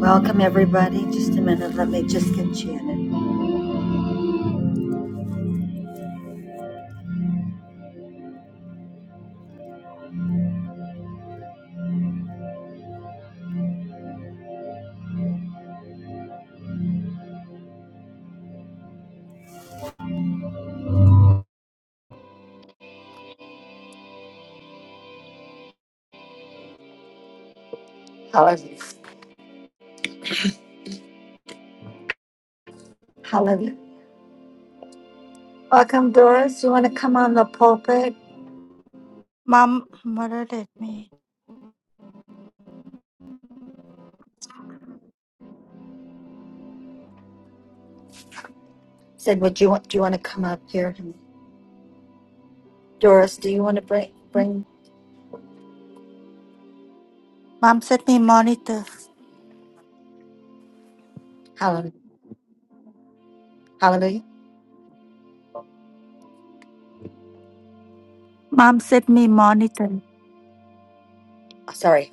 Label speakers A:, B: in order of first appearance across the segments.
A: Welcome, everybody. Just a minute. Let me just get Janet. Hallelujah. Hallelujah. Welcome, Doris. You want to come on the pulpit?
B: Mom murdered at me.
A: Said, would you want? Do you want to come up here, Doris? Do you want to bring bring
B: Mom sent me monitor.
A: Hallelujah? Hallelujah.
B: Mom sent me monitor.
A: Oh, Sorry,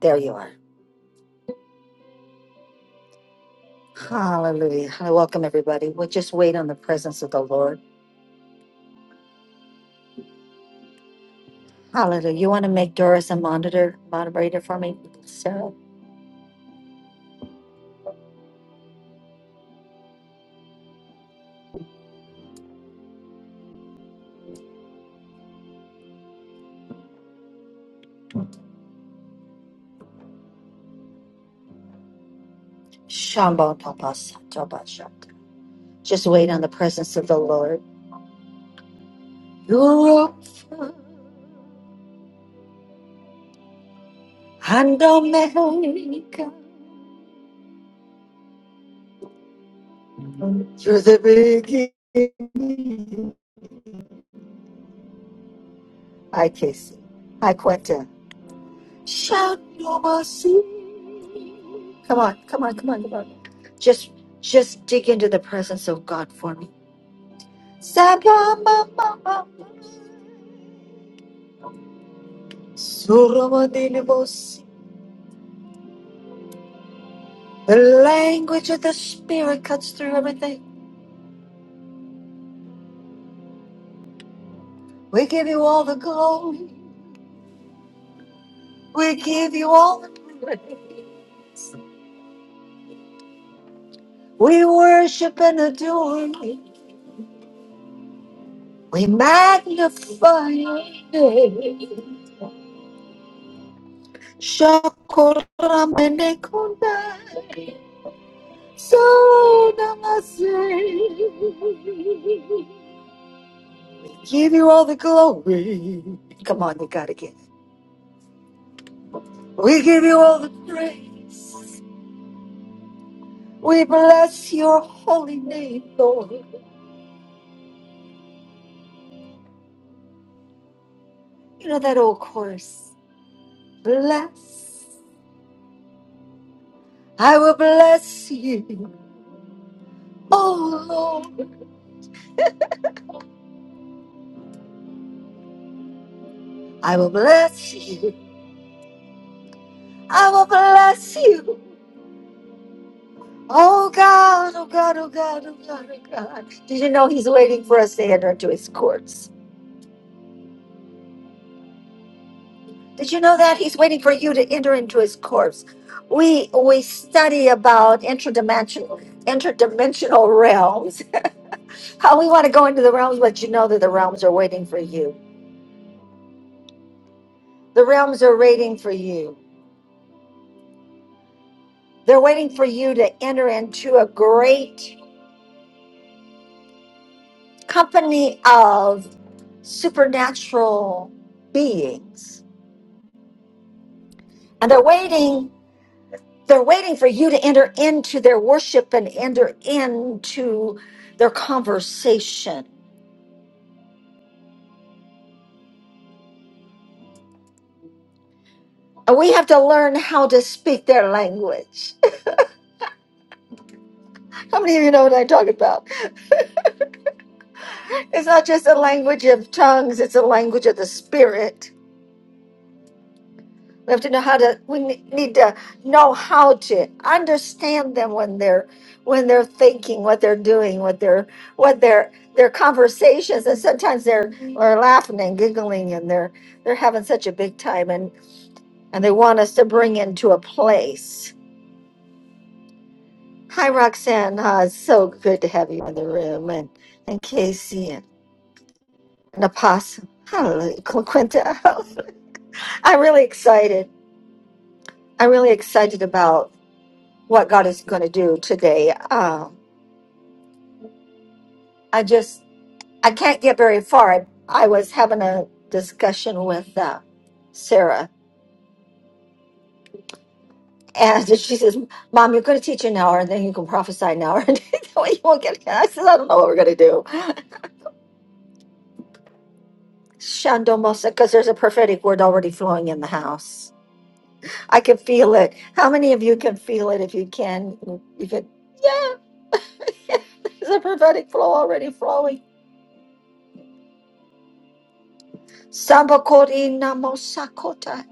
A: there you are. Hallelujah. Hi, Welcome, everybody. We'll just wait on the presence of the Lord. Hallelujah. You want to make Doris a monitor moderator for me, Sarah? Shambo tapas tabasha. Just wait on the presence of the Lord. You're up. And Omega through the beginning. Hi, Casey. Hi, Quentin. Shout your mercy. Come on, come on, come on, come on. Just, just dig into the presence of God for me. Sabamamama, Suramadinibos. The language of the Spirit cuts through everything. We give you all the glory. We give you all the praise. We worship and adore you. We magnify your name. Shakoramanekunda, Sodamase, We give you all the glory. Come on, we gotta get it. We give you all the praise. We bless your holy name, Lord. You know that old chorus. Bless. I will bless you. Oh Lord, I will bless you I will bless you. Oh God, oh God, oh God, oh God, oh God. Did you know he's waiting for us to enter into his courts? Did you know that? He's waiting for you to enter into his courts. We we study about interdimensional interdimensional realms. How we want to go into the realms, but you know that the realms are waiting for you. The realms are waiting for you. They're waiting for you to enter into a great company of supernatural beings And they're waiting, they're waiting for you to enter into their worship and enter into their conversation. And we have to learn how to speak their language. How many of you know what I'm talking about? It's not just a language of tongues, it's a language of the spirit. We have to know how to. We ne- need to know how to understand them when they're when they're thinking, what they're doing, what they're what their their conversations, and sometimes they're they're laughing and giggling, and they're they're having such a big time, and and they want us to bring into a place. Hi, Roxanne. Uh, it's so good to have you in the room, and and Casey and, and Apostle. Hallelujah, Quinta. I'm really excited. I'm really excited about. what God is going to do today. Um, I just I can't get very far. I, I was having a discussion with uh, Sarah, and she says, "Mom, you're going to teach an hour, and then you can prophesy an hour, and that way you won't get." It. I said, "I don't know what we're going to do." Shandomosa, because there's a prophetic word already flowing in the house. I can feel it. How many of you can feel it? If you can, you can. Yeah, there's a prophetic flow already flowing. Sambakori namosakota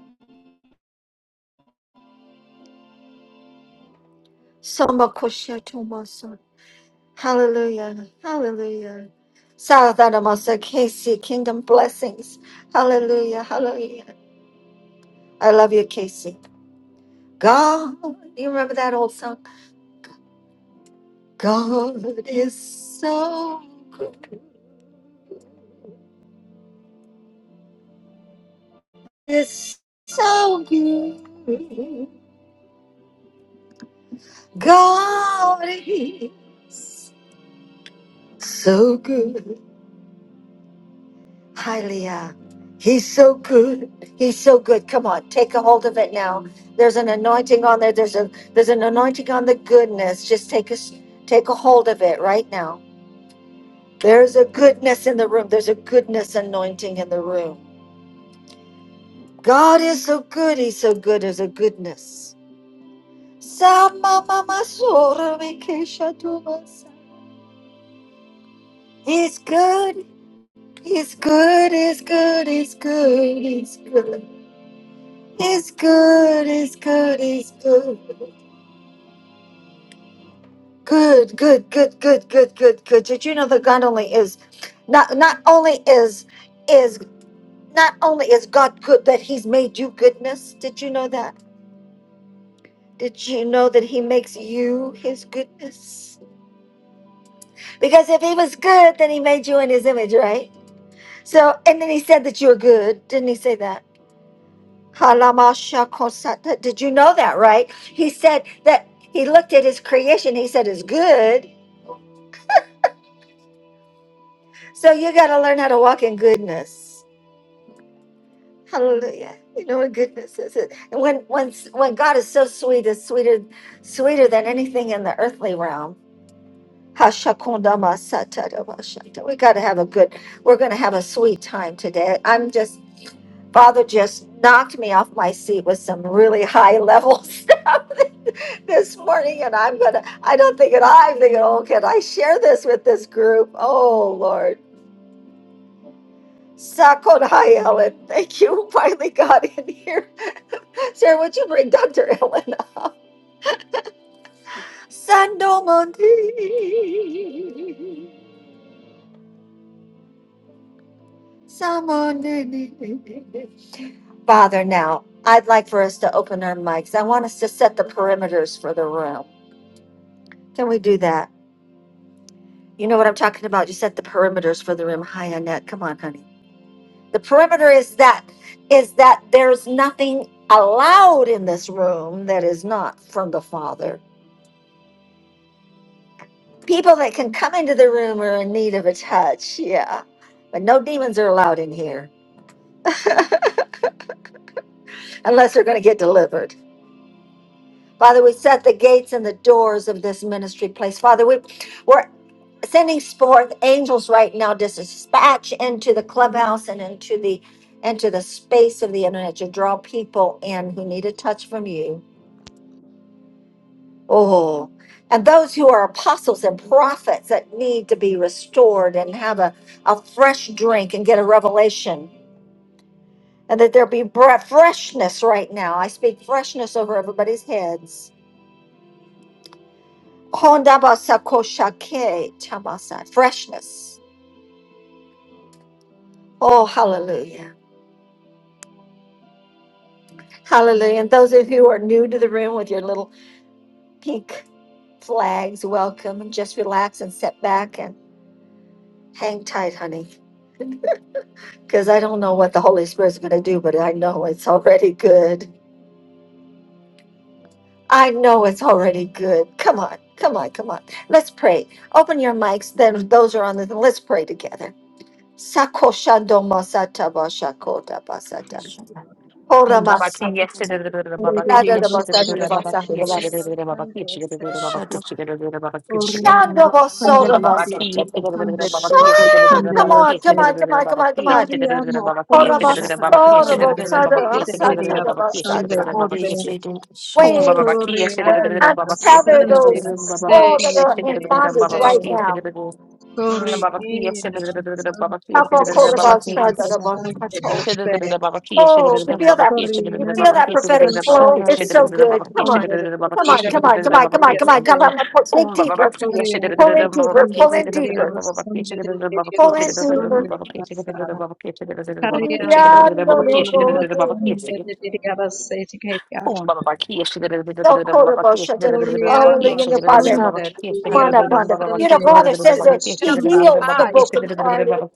A: Samba Koshia Tomasa. Hallelujah. Hallelujah. Saladanamasa, Casey, kingdom blessings. Hallelujah. Hallelujah. I love you, Casey. God, you remember that old song? God is so good. It's so good. God is so good. Hi, Leah. He's so good. He's so good. Come on, take a hold of it now. There's an anointing on there. There's a there's an anointing on the goodness. Just take a s- take a hold of it right now. There's a goodness in the room. There's a goodness anointing in the room. God is so good. He's so good. There's a goodness. He's good. He's good. He's good. He's good. He's good. It's good, it's good, it's good. Good, good, good, good, good, good, good. Did you know that God only is not not only is is not only is God good that He's made you goodness? Did you know that? Did you know that He makes you His goodness? Because if He was good, then He made you in His image, right? So and then He said that you're good. Didn't He say that? Halamasha Did you know that, right? He said that he looked at his creation. He said, It's good. So you got to learn how to walk in goodness. Hallelujah. You know what goodness is it? And when when when God is so sweet, it's sweeter sweeter than anything in the earthly realm. Hashakundama satadama shanta. We got to have a good. We're going to have a sweet time today. I'm just Father just knocked me off my seat with some really high levels this morning, and I'm gonna. I don't think it. I'm thinking, oh, can I share this with this group? Oh Lord. Sakon, hi, Ellen. Thank you. Finally got in here. Sarah, would you bring Dr. Ellen up? Sando Mundi. Samoni. Father, now, I'd like for us to open our mics. I want us to set the perimeters for the room. Can we do that? You know what I'm talking about. You set the perimeters for the room. Hi, Annette. Come on, honey. The perimeter is that is that there's nothing allowed in this room that is not from the Father People that can come into the room are in need of a touch. Yeah. But no demons are allowed in here unless they're going to get delivered. Father, we set the gates and the doors of this ministry place. Father, we,
C: Thank
A: we're sending forth angels right now to dispatch into the clubhouse and into the into the space of the internet to draw people in who need a touch from you Oh, and those who are apostles and prophets that need to be restored and have a, a fresh drink and get a revelation, and that there be bre- freshness right now. I speak freshness over everybody's heads. Hondabasakoshake tabasa. Freshness. Oh, hallelujah. Hallelujah. And those of you who are new to the room with your little pink flags, welcome and just relax and sit back and hang tight, honey. because I don't know what the Holy Spirit's going to do, but I know it's already good. I know it's already good. Come on, come on, come on. Let's pray. Open your mics. Then those are on the. Let's pray together. Sakoshando masata bashakota basata.
B: Shut
D: Dios,
B: up.
A: Ora
E: Baba
B: Buddhist.
E: ki
A: masata.
E: yesterday,
F: Sunday,
E: Baba ki
A: Nada da basata da
E: yesterday,
F: Sunday,
E: Baba ki
A: basata da basata.
E: yesterday, Baba ki yesterday, Baba
B: Shut
E: ki
B: up.
E: yesterday, Baba ki yesterday.
A: Shando
E: Om
A: basota
E: Baba ki
A: basata.
E: yesterday, Baba ki yesterday,
A: Sha- Come
E: Baba
A: on,
E: ki
A: come
E: yesterday,
A: on, come on, come
C: you,
E: Baba
A: on, come
E: ki
A: on.
E: yesterday, Baba ki
A: Ora
B: Shut
E: yesterday,
B: up.
E: Baba ki
A: basota
B: Shut
E: yesterday,
B: up.
E: Baba ki
A: basata
B: Baba.
E: yesterday,
A: basata da
E: Baba ki yesterday,
A: basata.
E: Baba ki
B: Buddhist.
E: yesterday.
B: Shut up.
C: Lord.
B: Shut
E: Om
A: we,
B: up.
E: Baba ki
A: wait,
E: yesterday, Baba ki
A: untether
B: Shut up. Shut
A: those
E: yesterday,
C: Thank
E: Baba
C: you,
A: all that
C: Lord.
A: are in bondage
B: up. Shut
A: right
B: up.
C: Oh,
A: now.
C: yes,
B: Shut up. Shut up.
E: ki yesterday,
A: Oh,
B: Shut up. Shut
E: Baba ki yesterday.
B: up.
F: Sunday,
B: Shut up. Shut up. Buddhist.
F: Sunday,
A: you feel that? You feel
F: Koreana
A: that prophetic
F: masandere
A: flow? It's
F: deri
A: so good. Come on,
F: abasandere
A: come on,
F: deri
A: come on, come on, come on,
F: abasandere
A: come on,
F: se
A: come on. Pull in deeper,
F: Koreana
A: pull in deeper, pull
F: masandere
A: in
F: deri
A: deeper,
F: abasandere deri
A: pull in deeper.
F: abasandere masa
A: So
F: Koreana Koreana masandere
E: Um,
F: deri abasete kaya
A: quotable,
F: Koreana
A: hallelujah, your Father.
F: masandere
A: Come
F: deri
A: on up, Wanda. You know,
F: abasandere
A: Father
F: se
A: says that He
F: shamba
A: heals the
F: hai shandere
A: brokenhearted.
F: deri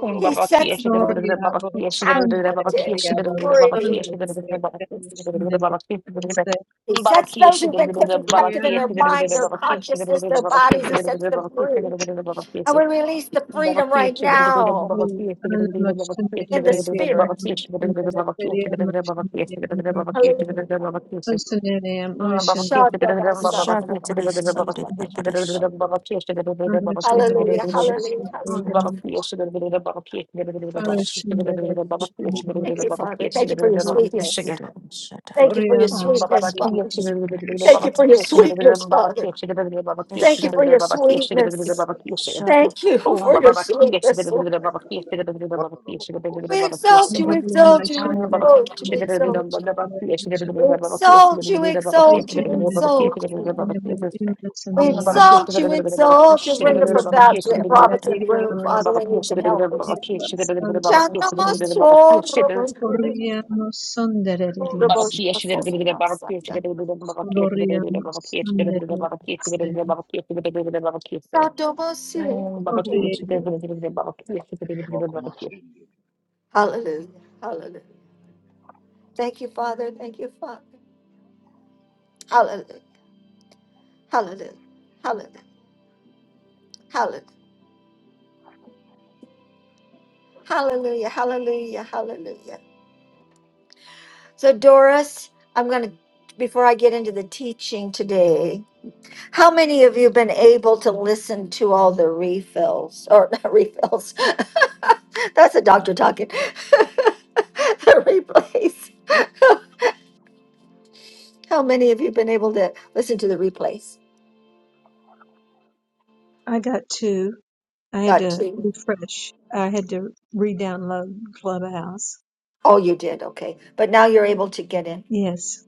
E: um,
A: He
E: Baba Kia,
A: sets
E: she got a
A: the
E: good
F: Koreana
E: Baba Kia, she got a good
F: masandere
E: Baba Kia,
F: deri
A: captive
E: she got a good Baba
A: free.
E: Kia, she
F: abasandere
E: got a
F: deri
E: good
F: abasandere
E: Baba Kia, she got a good
F: se
A: He
E: Baba
A: sets
E: Kia,
A: those
E: she
A: who've
E: got a
A: been taken
E: good Baba
A: captive in
E: Kia,
A: their
E: she
F: Rihanna
E: got a
A: mind,
E: good
A: their
E: Baba Kia, she got a
A: consciousness,
E: good
A: their
E: Baba Kia,
A: bodies.
E: she
A: He
E: got a good Baba Kia, she got a
A: sets
E: good
A: them
E: Baba
A: free.
E: Kia, she got a good Baba Kia,
A: And
E: she
A: we release the
E: Baba
A: freedom
E: Kia,
A: right
E: she got
A: now
E: a good Baba Kia, she
A: in
E: got
A: the
E: a good Baba
A: spirit.
E: Kia, she got a good
C: God.
E: Baba Kia, she got a good Baba Kia, she got a good Baba Kia, she got a good Baba Kia, she got a good Baba Kia, she
A: Hallelujah.
E: got a good Baba Kia, Ah, Baba Kesha, da- Baba Baba
B: Shut up.
E: Kesha, da- da-
B: Buddhist.
E: Baba Kesha, da- da- Baba Kesha, da- da- Baba Kesha, da- da-
A: Hallelujah.
E: da- da- da-
A: Hallelujah.
B: Buddhist. Shut up.
E: Mm,
B: Shut
C: Hallelujah.
E: Baba
B: up.
F: Rihanna
E: Kesha, da- da- Baba Kesha, da- da- Baba
B: Buddhist.
E: Kesha, da- da- Baba
C: Hallelujah.
E: Kesha, da- da-
A: Thank you,
E: Baba
A: Father.
E: Kesha,
A: Thank
E: da-
A: you
E: da-
A: for your
E: Baba
B: Holy
E: Kesha,
A: sweetness.
E: yeah.
B: Shudder, shudder,
A: Thank you for your
E: Mm, Baba Baba
A: sweetness, Father.
E: Kesha, da- da- da-
B: shudder,
E: da-
A: Thank you for
B: shudder,
A: your sweetness,
E: da- Baba
A: Father.
E: Kesha, da- da- da- Baba Kesha,
A: Thank
E: da-
A: you
B: shudder,
E: da-
A: for your
E: Baba Kesha, da- Baba
A: sweetness.
E: Baba
C: Yes,
E: Kesha,
C: God.
B: shudder,
A: Thank you
E: um,
A: for
E: ba- ba-
A: your
E: ba- kia shi- da-
A: sweetness,
E: da- da- da-
A: Lord.
C: Yes,
E: ba- ba-
C: God.
E: kia shi- da- da- da- da- ba- ba- kia shi- da- da- da- da-
A: We
E: ba- ba- kia shi-
A: exalt you,
E: eh.
A: exalt you,
E: Ah, ba- ba-
A: exalt you,
E: shi- da-
C: Come
E: da- da- da-
C: on,
A: exalt
E: ba- ba-
C: sweet.
E: ba-
A: you.
E: kia shi- da- da- da-
A: We
C: Come
E: da-
C: on.
E: ba- ba- kia shi- da-
A: exalt
E: da- da-
A: you,
E: da- ba- ba-
F: I
E: kia
C: Come on. Come
A: exalt
E: shi- da-
A: you,
C: on.
E: da- da- da- ba- ba- kia shi- da-
A: exalt
E: da- da- da-
A: you.
E: ba- ba- kia shi.
A: We
E: Um, ba- ba- kia shi-
A: exalt
E: da- da-
A: you,
E: da-
C: Yes, God.
E: da- da- ba- ba-
B: shudder,
A: exalt you.
E: kia shi- da-
A: Bring
E: da-
A: the
E: da- da- ba- ba- kia
A: prophets,
E: shi- da- da- da- da-
A: prophets in the room,
E: Mm,
C: Thank you, Lord.
A: Father.
E: Baba
A: We
E: Kia
A: need
E: should
A: some
E: have been Baba
A: helpers.
C: Thank you,
E: Kia
C: Lord.
E: should have been Baba Kia should have been Baba Kia should
A: Shandamasoro,
E: have Baba Kia should have been Baba Kia should
A: Roboshakasakasaka.
C: Mm,
E: have been Baba Kia
C: Thank
E: should
C: you,
E: have
C: Lord.
E: been Baba Kia should have been Baba Kia should have been Baba Kia should have been Baba Kia should have been Baba Kia should have been Baba Kia should have been
A: Sandomasi.
E: Mm, Baba P.
C: Thank you, Lord.
A: Hallelujah, hallelujah.
C: Hallelujah.
A: Thank you,
C: You
A: Father.
C: okay?
A: Thank you, Father. Hallelujah, hallelujah, hallelujah, hallelujah, hallelujah, hallelujah. Hallelujah. So, Doris, I'm going to, before I get into the teaching today, how many of you been able to listen to all the refills or not refills? That's a doctor talking. the replays. How many of you been able to listen to the replays?
F: got two. I had
A: Got
F: to
A: two.
F: refresh. I had to re-download Clubhouse.
A: Oh, you did. Okay. But now you're able to get in.
F: Yes.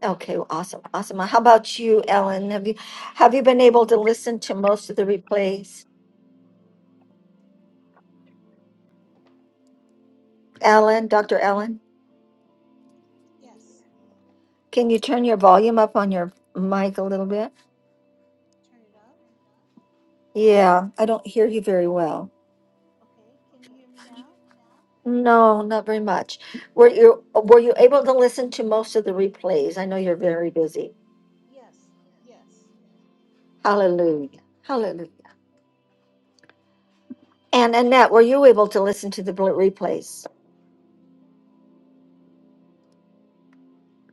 A: Okay, well, awesome. Awesome. How about you, Ellen? Have you have you been able to listen to most of the replays? Ellen, Dr. Ellen?
C: Yes.
A: Can you turn your volume up on your mic a little bit?
C: Turn it up.
A: Yeah, I don't hear you very well.
C: Okay. Can you hear me now?
A: No, not very much. Were you were you able to listen to most of the replays? I know you're very busy.
C: Yes. Yes.
A: Hallelujah. Hallelujah. And Annette, were you able to listen to the bl- replays?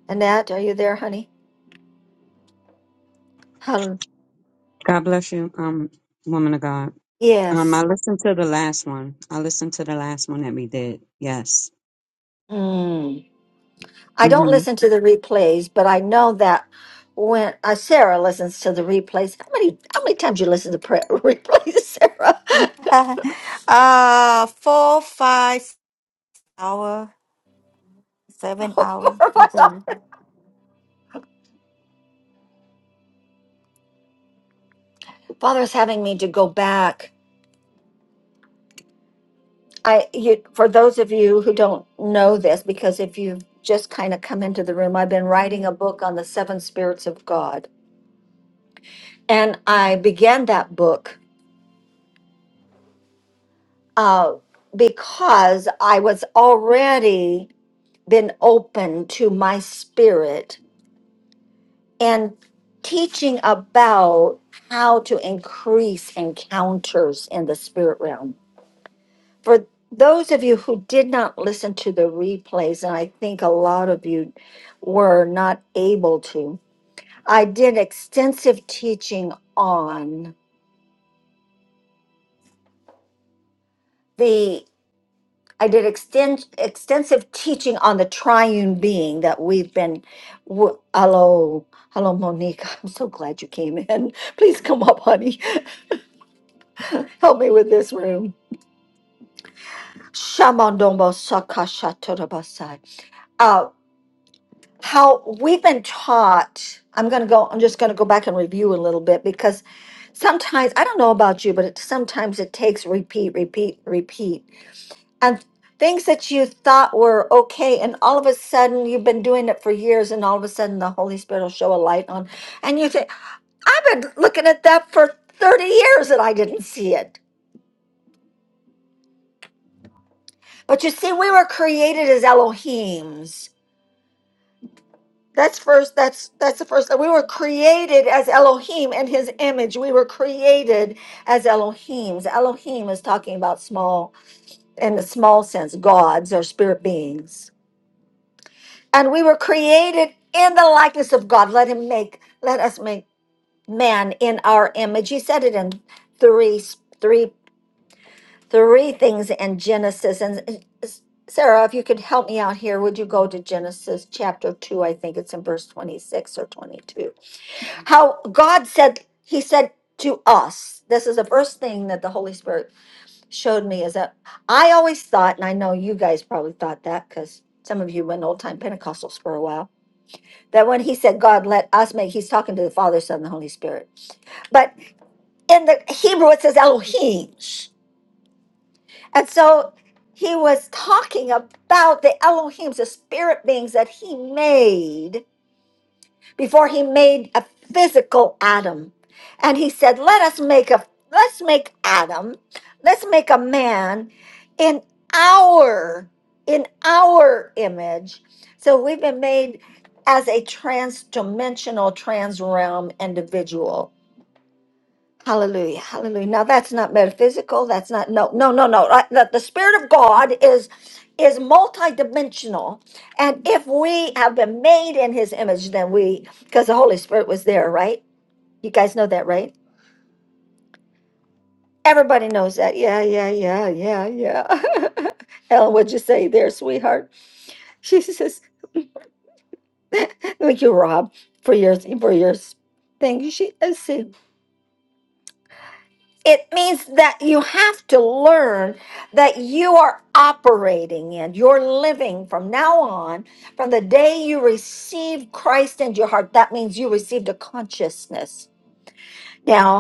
A: Annette, are you there, honey? Hallelujah.
G: God bless you, um, woman of God. Um, I
A: Yes.
G: listened to the last one. I listened to the last one that we did. Yes.
A: Mm. I don't
G: Mm-hmm.
A: listen to the replays, but I know that when uh, Sarah listens to the replays, how many how many times you listen to pre- replays, Sarah?
B: uh, four, five hour, seven hour a day.
A: Father is having me to go back. I you, for those of you who don't know this, because if you've just kind of come into the room, I've been writing a book on the seven spirits of God, and I began that book uh, because I was already been open to my spirit and teaching about how to increase encounters in the spirit realm for those of you who did not listen to the replays, and I think a lot of you were not able to, I did extensive teaching on the I did extend, extensive teaching on the triune being that we've been. w- Hello, hello, Monique. I'm so glad you came in. Please come up, honey. Help me with this room. Shamandombo sakashatorabasai how we've been taught i'm going to go i'm just going to go back and review a little bit because sometimes i don't know about you but it, sometimes it takes repeat repeat repeat and things that you thought were okay and all of a sudden you've been doing it for years and all of a sudden the holy spirit will show a light on and you think i've been looking at that for 30 years and i didn't see it but you see we were created as elohims That's first. That's that's the first. We were created as Elohim in His image. We were created as Elohims. Elohim is talking about small, in the small sense, gods or spirit beings. And we were created in the likeness of God. Let Him make. Let us make man in our image. He said it in three, three, three things in Genesis. And uh, Sarah, if you could help me out here, would you go to Genesis chapter two? I think it's in verse twenty-six or twenty-two. how God said, He said to us, this is the first thing that the Holy Spirit showed me is that I always thought, and I know you guys probably thought that because some of you went old time Pentecostals for a while, that when He said, God, let us make, He's talking to the Father, Son, and the Holy Spirit. But in the Hebrew, it says Elohim. And so he was talking about the Elohims, the spirit beings that he made before he made a physical Adam. And he said, "Let us make a let's make Adam, let's make a man in our in our image." So we've been made as a trans-dimensional, trans-realm individual Hallelujah. Hallelujah. Now that's not metaphysical. That's not no no no no. Right? The, the spirit of God is is multidimensional. And if we have been made in his image, then we because the Holy Spirit was there, right? You guys know that, right? Everybody knows that. Yeah, yeah, yeah, yeah, yeah. Ellen, what'd you say there, sweetheart? She says,
C: Yes.
A: thank you, Rob, for your for your thing. She let's see. It means that you have to learn that you are operating in, you're living from now on, from the day you received Christ into your heart. That means you received a consciousness. now.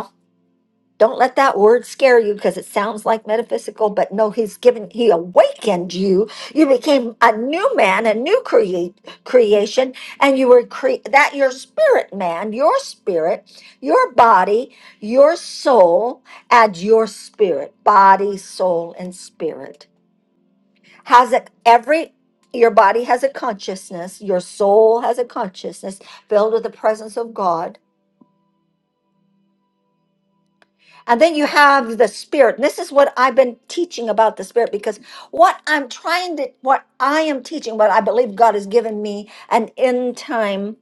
A: Don't let that word scare you because it sounds like metaphysical, but no, he's given, he awakened you. You became a new man, a new create, creation, and you were cre- that your spirit man, your spirit, your body, your soul, and your spirit, body, soul, and spirit has a, every your body has a consciousness, your soul has a consciousness filled with the presence of God And then you have the spirit. And this is what I've been teaching about the spirit because what I'm trying to, what I am teaching, what I believe God has given me an end time,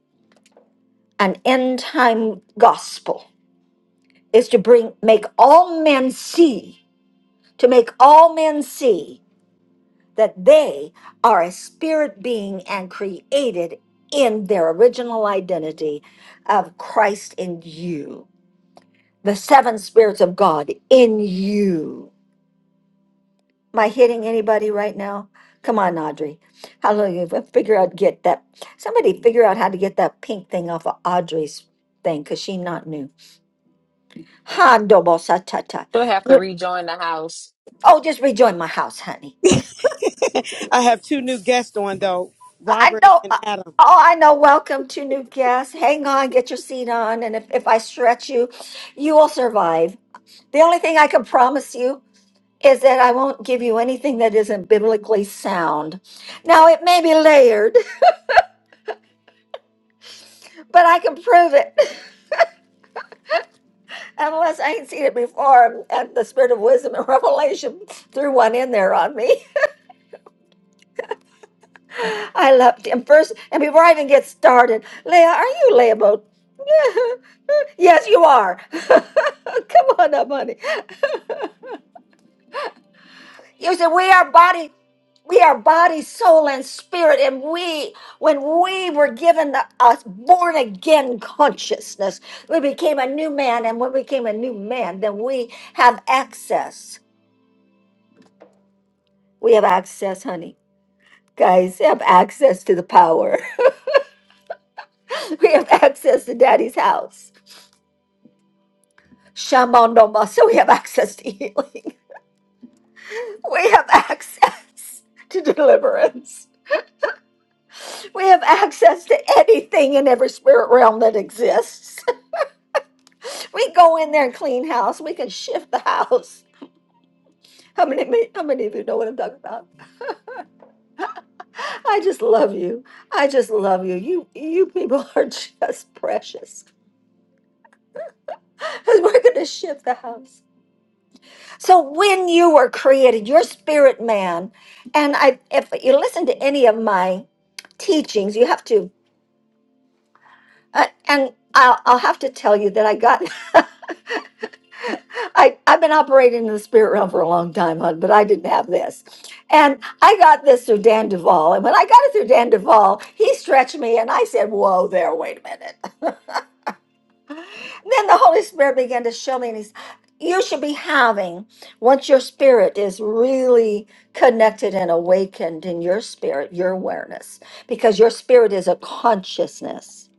A: an end time gospel is to bring, make all men see, to make all men see that they are a spirit being and created in their original identity of Christ in you, the seven spirits of God in you Am I hitting anybody right now? Come on, Audrey. Hallelujah. F- Figure out, get that. Somebody figure out how to get that pink thing off of Audrey's thing because she not new. Ha, dobo sa ta ta.
E: Don't have to
A: Good.
E: rejoin the house.
A: Oh, just rejoin my house, honey.
H: I have two new guests on though,
A: I
H: Robert
A: know.
H: and
A: uh,
H: Adam.
A: Oh, I know. Welcome to new guests. Hang on, get your seat on. And if, if I stretch you, you will survive. The only thing I can promise you is that I won't give you anything that isn't biblically sound. Now, it may be layered, but I can prove it. Unless I ain't seen it before, and the spirit of wisdom and revelation threw one in there on me. I loved him first, and before I even get started, Leah, are you Leah Yes, you are. Come on up, honey. You said we are body, we are body, soul, and spirit, and we, when we were given the, a born again consciousness, we became a new man, and when we became a new man, then we have access. We have access, honey. Guys, they have access to the power. We have access to daddy's house. Shamanoma, so we have access to healing. We have access to deliverance. We have access to anything in every spirit realm that exists. We go in there and clean house. We can shift the house. How many how many of you know what I'm talking about? I just love you. I just love you. You you people are just precious. We're gonna shift the house. So when you were created, your spirit man, and I, if you listen to any of my teachings, you have to, uh, and I'll, I'll have to tell you that I got, I, I've been operating in the spirit realm for a long time, hon, but I didn't have this. And I got this through Dan Duvall. And when I got it through Dan Duvall, he stretched me and I said, whoa there, wait a minute. Then the Holy Spirit began to show me, and he's, you should be having, once your spirit is really connected and awakened in your spirit, your awareness, because your spirit is a consciousness.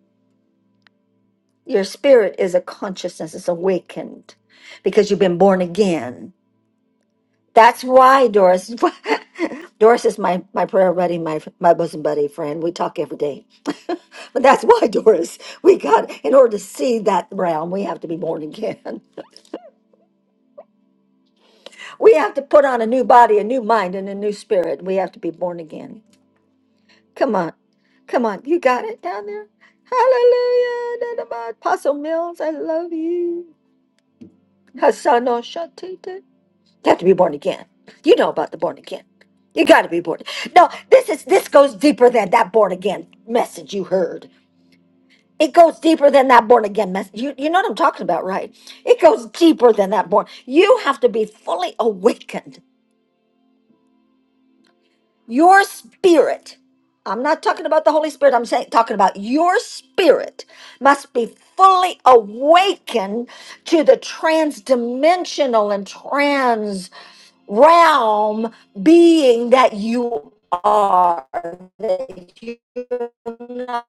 A: Your spirit is a consciousness, it's awakened because you've been born again. That's why, Doris. Doris is my, my prayer buddy, my, my bosom buddy friend. We talk every day. but that's why, Doris, we got, in order to see that realm, we have to be born again. We have to put on a new body, a new mind, and a new spirit. We have to be born again. Come on. Come on. You got it down there? Hallelujah. da, da, ba. Apostle Mills, I love you. Hassano Shatita. You have to be born again. You know about the born again. You got to be born. No, this is this goes deeper than that born again message you heard. It goes deeper than that born again message. You, you know what I'm talking about, right? It goes deeper than that born. You have to be fully awakened your spirit i'm not talking about the holy spirit i'm saying talking about your spirit must be fully awakened to the transdimensional and trans realm being that you are that you're not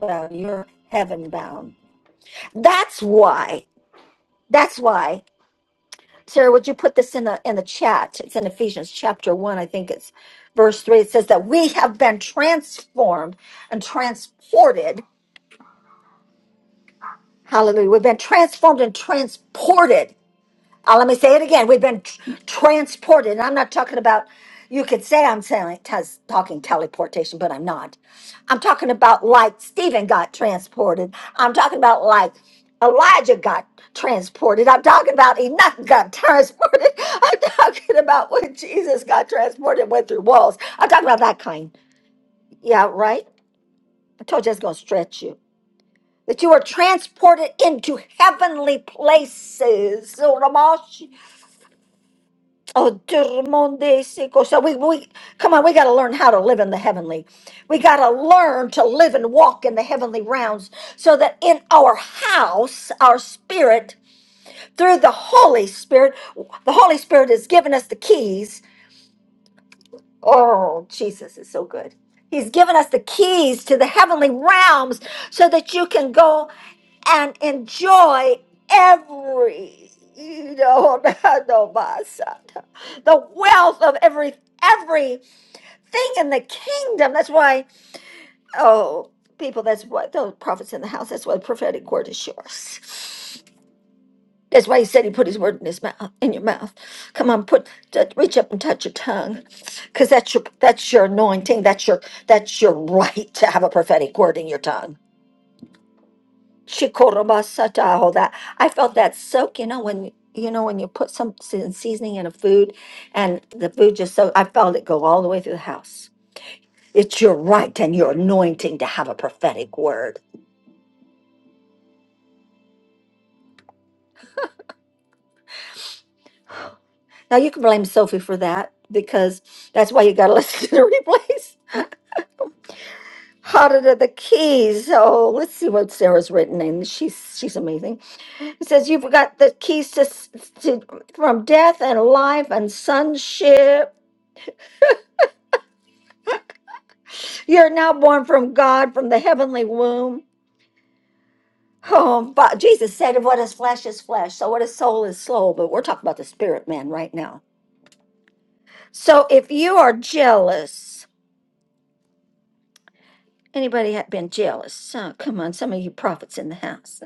A: bound, you're heaven bound that's why that's why Sarah, would you put this in the in the chat? It's in Ephesians chapter one, I think it's verse three. It says that we have been transformed and transported. Hallelujah. We've been transformed and transported uh, let me say it again. We've been tr- transported. And I'm not talking about, you could say I'm saying, tes- talking teleportation, but I'm not. I'm talking about like Stephen got transported. I'm talking about like Elijah got transported. I'm talking about Enoch got transported. I'm talking about when Jesus got transported and went through walls. I'm talking about that kind. Yeah, right? I told you it's going to stretch you. That you were transported into heavenly places. Oh, Durmonde Seco. So we, we come on, we got to learn how to live in the heavenly. We got to learn to live and walk in the heavenly realms so that in our house, our spirit, through the Holy Spirit, the Holy Spirit has given us the keys. Oh, Jesus is so good. He's given us the keys to the heavenly realms so that you can go and enjoy every you know the wealth of every everything in the kingdom that's why oh people that's what those prophets in the house that's why the prophetic word is yours that's why he said he put his word in his mouth in your mouth come on put t- reach up and touch your tongue because that's your that's your anointing that's your that's your right to have a prophetic word in your tongue Shikorobasata, all that. I felt that soak, you know, when you know when you put some se- seasoning in a food and the food just so I felt it go all the way through the house. It's your right and your anointing to have a prophetic word. Now you can blame Sophie for that because that's why you gotta listen to the replays. Harder to the keys. Oh, let's see what Sarah's written And She's she's amazing. It says you've got the keys to, s- to from death and life and sonship You're now born from God, from the heavenly womb. Oh, but Jesus said, What is flesh is flesh. So, what is soul is soul. But we're talking about the spirit man right now. So, if you are jealous, anybody have been jealous? Oh, come on, some of you prophets in the house.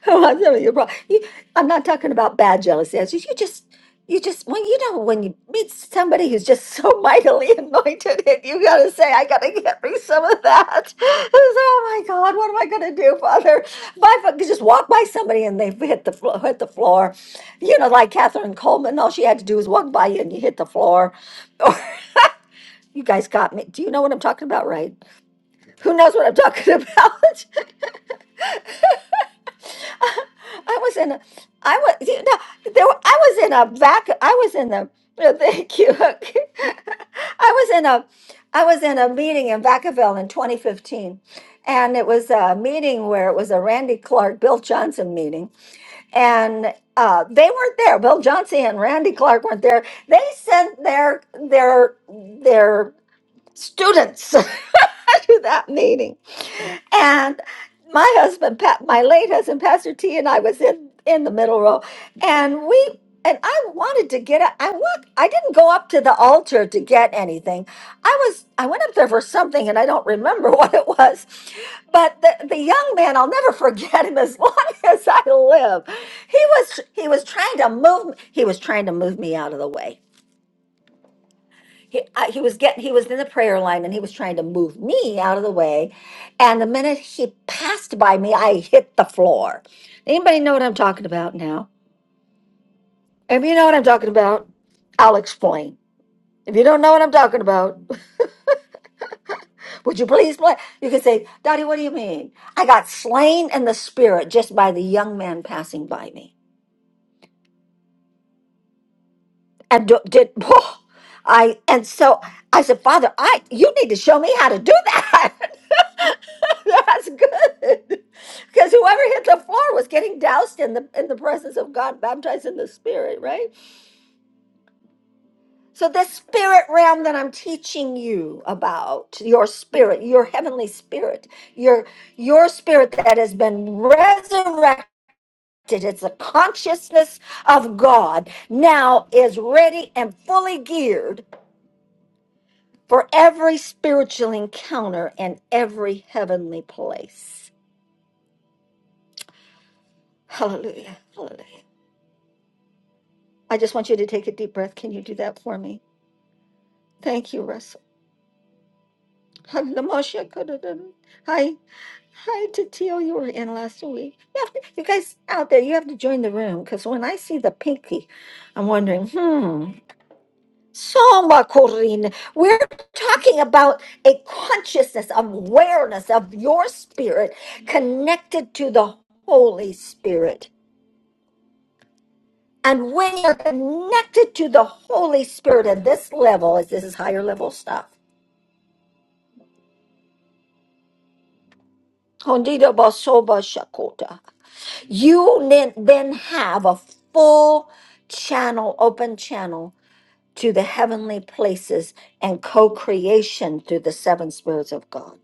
A: Oh, I'm telling you, bro. You, I'm not talking about bad jealousy. It's just- You just, you just, when you know, when you meet somebody who's just so mightily anointed, and you gotta say, I gotta get me some of that. It's, like, oh my God, what am I gonna do, Father? My fu- just walk by somebody and they've hit the floor, hit the floor. You know, like Catherine Coleman, all she had to do was walk by you and you hit the floor. Or you guys got me. Do you know what I'm talking about, right? Who knows what I'm talking about? I was in a, I was, you know, there, were- I was in a vacuum. I was in a, no, thank you. I was in a, I was in a meeting in Vacaville in 2015, and it was a meeting where it was a Randy Clark, Bill Johnson meeting, and uh, they weren't there. Bill Johnson and Randy Clark weren't there. They sent their their their students to that meeting and my husband, pa- my late husband, Pastor T, and I was in in the middle row, and we and I wanted to get up. I want. I didn't go up to the altar to get anything. I was. I went up there for something, and I don't remember what it was. But the, the young man, I'll never forget him as long as I live. He was. He was trying to move. He was trying to move me out of the way he, I, he was getting he was in the prayer line and he was trying to move me out of the way and the minute he passed by me i hit the floor anybody know what i'm talking about now if you know what i'm talking about i'll explain if you don't know what i'm talking about would you please play you can say daddy what do you mean i got slain in the spirit just by the young man passing by me and do- did I and so I said, Father, I you need to show me how to do that. That's good. Because whoever hit the floor was getting doused in the in the presence of God, baptized in the spirit, right? So this spirit realm that I'm teaching you about, your spirit, your heavenly spirit, your your spirit that has been resurrected. It's the consciousness of God now is ready and fully geared for every spiritual encounter and every heavenly place. Hallelujah. Hallelujah. I just want you to take a deep breath. Can you do that for me? Thank you, Russell. Hi. Hi, Tatil. You were in last week. You, have to- you guys out there, you have to join the room because when I see the pinky, I'm wondering, hmm. Soma Korin. We're talking about a consciousness, awareness of your spirit connected to the Holy Spirit. And when you're connected to the Holy Spirit at this level, as this is higher level stuff, Hondido Basoba Shakota, you then then have a full channel, open channel to the heavenly places and co creation through the seven spirits of God.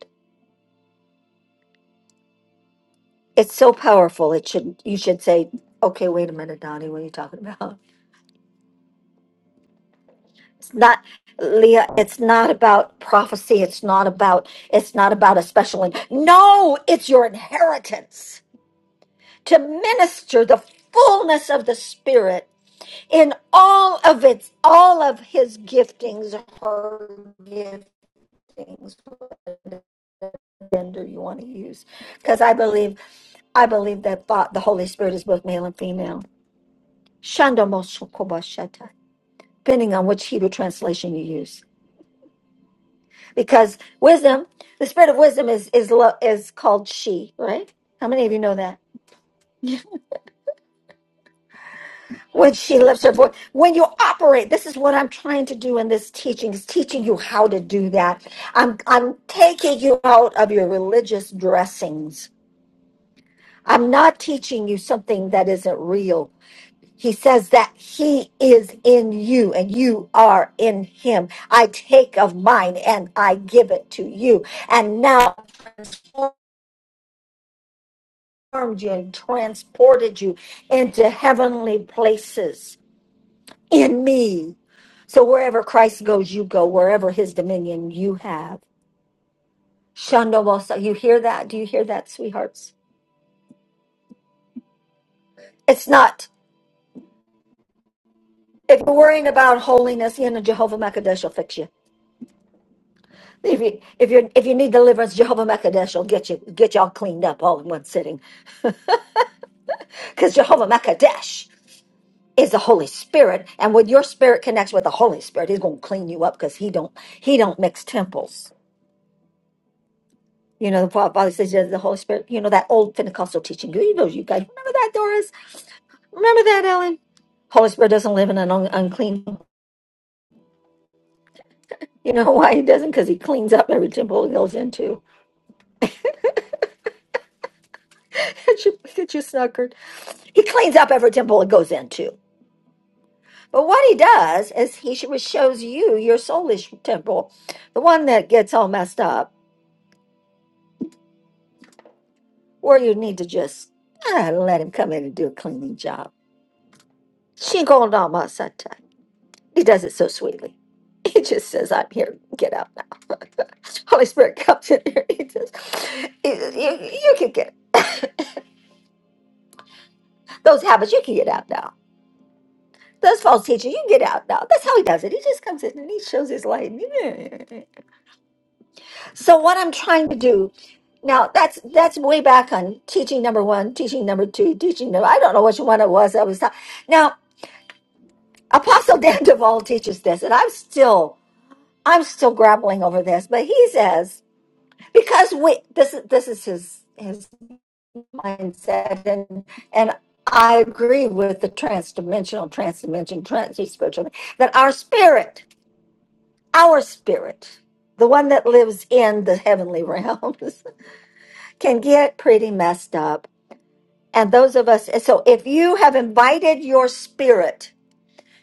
A: it's so powerful. It should you should say, okay, wait a minute, Donnie, what are you talking about? It's not Leah, it's not about prophecy, it's not about it's not about a special in- No, it's your inheritance to minister the fullness of the spirit in all of its all of his giftings her giftings whatever gender you want to use because i believe i believe that thought the holy spirit is both male and female Shanda depending on which Hebrew translation you use. Because wisdom, the spirit of wisdom is is lo- is called she, right? How many of you know that? When she lifts her voice, when you operate, this is what I'm trying to do in this teaching is teaching you how to do that. I'm I'm taking you out of your religious dressings. I'm not teaching you something that isn't real. He says that he is in you and you are in him. I take of mine and I give it to you. And now formed you and transported you into heavenly places in me. So wherever Christ goes, you go. Wherever his dominion you have. Shandomosa. You hear that? Do you hear that, sweethearts? It's not. If you're worrying about holiness, you know, Jehovah Makadesh will fix you. If you if you if you need deliverance, Jehovah Makadesh will get you get y'all cleaned up all in one sitting. Because Jehovah Makadesh is the Holy Spirit, and when your spirit connects with the Holy Spirit, He's going to clean you up because He don't He don't mix temples. You know, the Fa- Father says "Yeah, the Holy Spirit. You know that old Pentecostal teaching. You know, you guys remember that, Doris? Remember that, Ellen? Holy Spirit doesn't live in an un- unclean. You know why He doesn't? Because He cleans up every temple He goes into. Get you get you suckered. He cleans up every temple He goes into. But what he does is he sh- shows you your soulish temple, the one that gets all messed up, where you need to just ah, let him come in and do a cleaning job. sata. He does it so sweetly. He just says, I'm here, get out now. Holy Spirit comes in here. He says, you, you, you can get those habits, you can get out now. Those false teachers, you can get out now. That's how he does it. He just comes in and he shows his light. So what I'm trying to do now that's that's way back on teaching number one, teaching number two, teaching number I don't know which one it was I was ta- now Apostle Dan Duvall teaches this, and I'm still I'm still grappling over this, but he says because we this is this is his his mindset and and I agree with the transdimensional, transdimension, trans-spiritual that our spirit, our spirit, the one that lives in the heavenly realms can get pretty messed up. And those of us, so if you have invited your spirit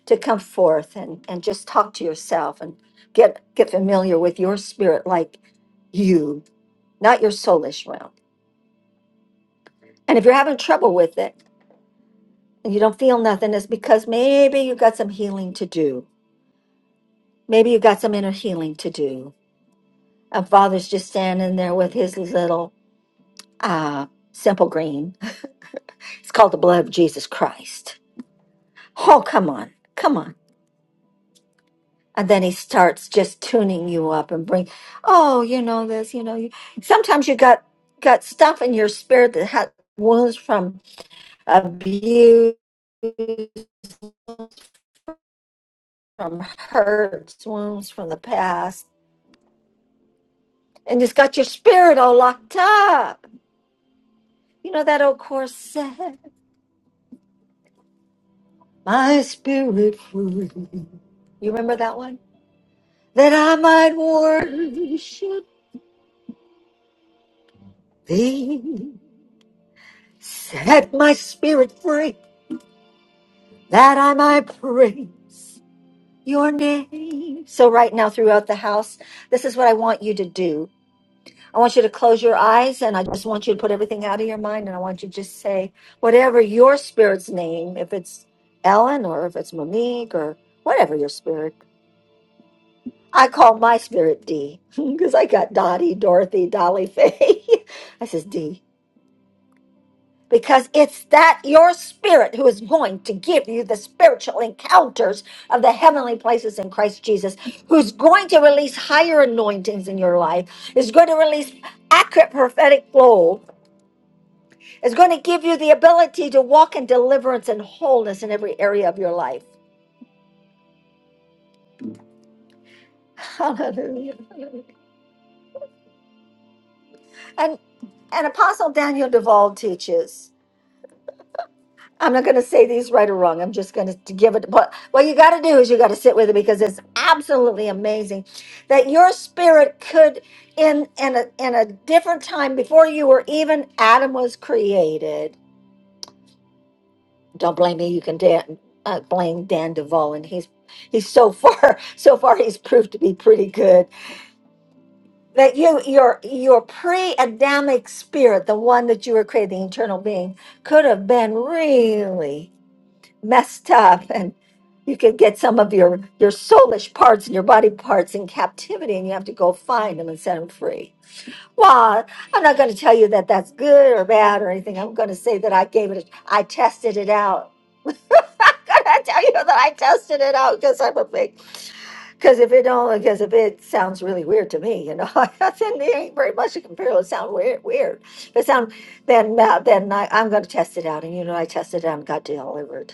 A: to come forth and, and just talk to yourself and get, get familiar with your spirit, like you, not your soulish realm. And if you're having trouble with it and you don't feel nothing, it's because maybe you got some healing to do. Maybe you got some inner healing to do. And Father's just standing there with his little uh, simple green. It's called the blood of Jesus Christ. Oh, come on. Come on and then he starts just tuning you up and bring oh you know this you know you sometimes you got got stuff in your spirit that had wounds from abuse from hurts wounds from the past and it's got your spirit all locked up you know that old chorus said my spirit free you remember that one that i might worship thee set my spirit free that I might praise your name. So, right now, throughout the house, this is what I want you to do. I want you to close your eyes and I just want you to put everything out of your mind and I want you to just say whatever your spirit's name, if it's Ellen or if it's Monique or whatever your spirit. I call my spirit D because I got Dottie, Dorothy, Dolly, Faye. I says D. because it's that your spirit who is going to give you the spiritual encounters of the heavenly places in Christ Jesus, who's going to release higher anointings in your life, is going to release accurate prophetic flow, is going to give you the ability to walk in deliverance and wholeness in every area of your life. Hallelujah. And and Apostle Daniel Duvall teaches. I'm not going to say these right or wrong. I'm just going to give it. But what you got to do is you got to sit with it because it's absolutely amazing that your spirit could, in in a in a different time before you were even Adam was created. Don't blame me. You can Dan, uh, blame Dan Duvall, and he's he's so far so far he's proved to be pretty good. That you your your pre-Adamic spirit, the one that you were created, the eternal being, could have been really. messed up and you could get some of your your soulish parts and your body parts in captivity and you have to go find them and set them free well i'm not going to tell you that that's good or bad or anything i'm going to say that i gave it a, i tested it out i'm going to tell you that i tested it out because i'm a big because if it only because if it sounds really weird to me you know then it ain't very much to compare it sound weird weird if it sound then uh, then I, i'm going to test it out and you know i tested it out and got delivered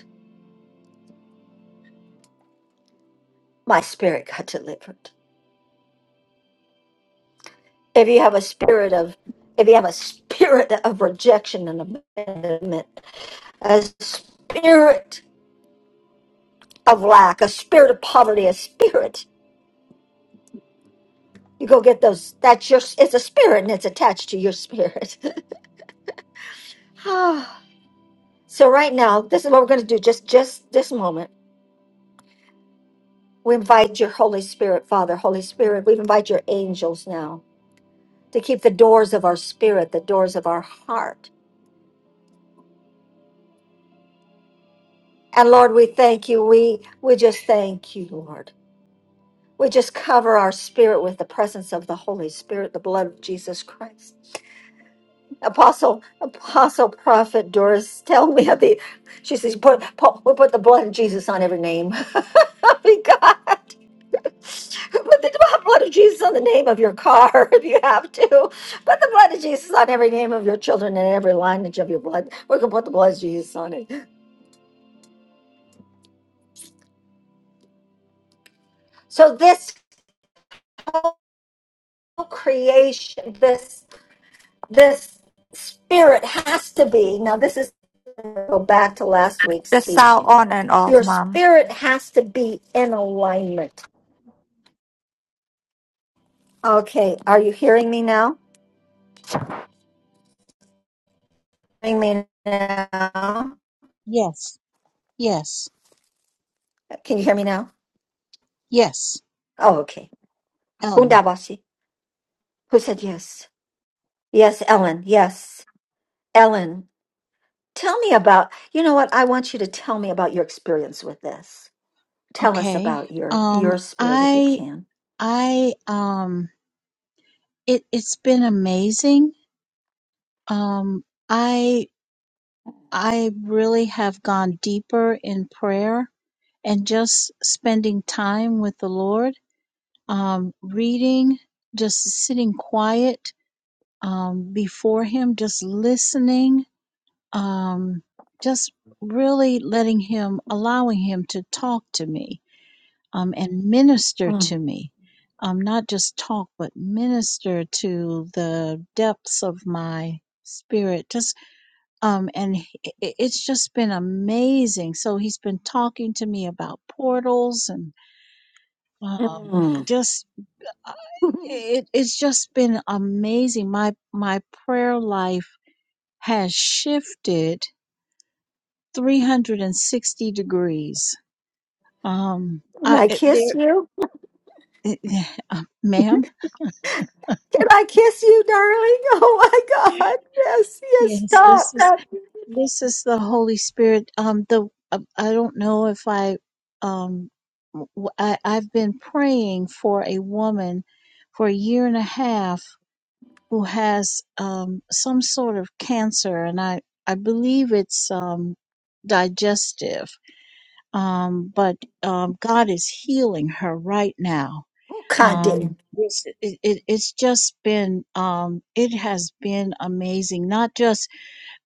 A: my spirit got delivered. If you have a spirit of, if you have a spirit of rejection and abandonment, a spirit of lack, a spirit of poverty, a spirit, you go get those. That's your. It's a spirit and it's attached to your spirit. Ah. so right now, this is what we're going to do. Just, just this moment, we invite your Holy Spirit, Father, Holy Spirit. We invite your angels now to keep the doors of our spirit, the doors of our heart And Lord, we thank you. We we just thank you, Lord. We just cover our spirit with the presence of the Holy Spirit, the blood of Jesus Christ. Apostle, Apostle, Prophet Doris, tell me of the. She says, put, Paul, we put the blood of Jesus on every name. God, We put the blood of Jesus on the name of your car if you have to. Put the blood of Jesus on every name of your children and every lineage of your blood. We can put the blood of Jesus on it. So this creation, this this spirit has to be now this is go back to last week's
B: The sound
A: teaching
B: on and off,
A: your
B: mom.
A: spirit has to be in alignment okay are you hearing me now hearing me now
C: Yes, yes,
A: can you hear me now
C: yes.
A: oh okay
C: Ellen.
A: Hundabasi. who said yes yes ellen yes ellen tell me about you know what i want you to tell me about your experience with this tell us
C: Okay.
A: about your
C: Um
A: your spirit if you
C: I
A: can
C: I um it it's been amazing. Um I I really have gone deeper in prayer and just spending time with the Lord, um reading, just sitting quiet um before him, just listening, um just
A: Mm.
C: really letting him allowing him to talk to me um, and minister
A: Mm.
C: to me. Um, not just talk, but minister to the depths of my spirit. Just um, and he- i- it's just been amazing. So he's been talking to me about portals and um,
A: Mm.
C: just uh, it, it's just been amazing. My my prayer life has shifted 360 degrees. Um,
A: Can
C: I
A: I
C: it-
A: kiss
C: there,
A: you?
C: ma'am.
A: Can I kiss you, darling? Oh my God. Yes, yes,
C: Yes, this
A: stop.
C: is.
A: that.
C: This is the Holy Spirit. Um, the uh, I don't know if I, um, w- w- I have been praying for a woman for a year and a half who has um some sort of cancer, and I I believe it's um digestive. Um, but um, God is healing her right now.
A: Oh, Condi.
C: Um, this- it, it, it's just been um, it has been amazing. Not just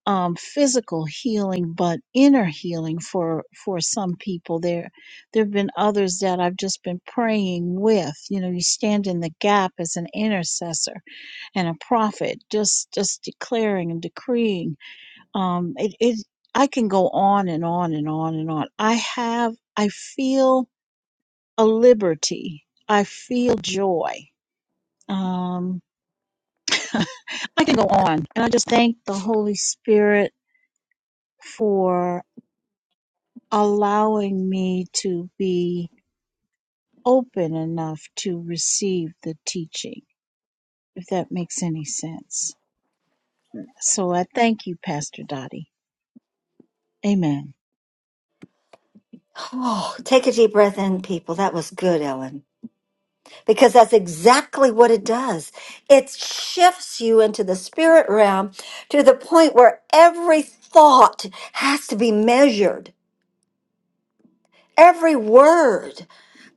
C: um, physical healing, but inner healing for for some people. There, there have been others that I've just been praying with. You know, you stand in the gap as an intercessor and a prophet, just just declaring and decreeing. Um, it, it I can go on and on and on and on. I have, I feel a liberty. I feel joy. Um, I can go on, and I just thank the Holy Spirit for. allowing me to be open enough to receive the teaching, if that makes any sense. So I thank you, Pastor Dottie. Amen.
A: Oh, take a deep breath in, people. That was good, Ellen. because that's exactly what it does. It shifts you into the spirit realm to the point where every thought has to be measured, every word.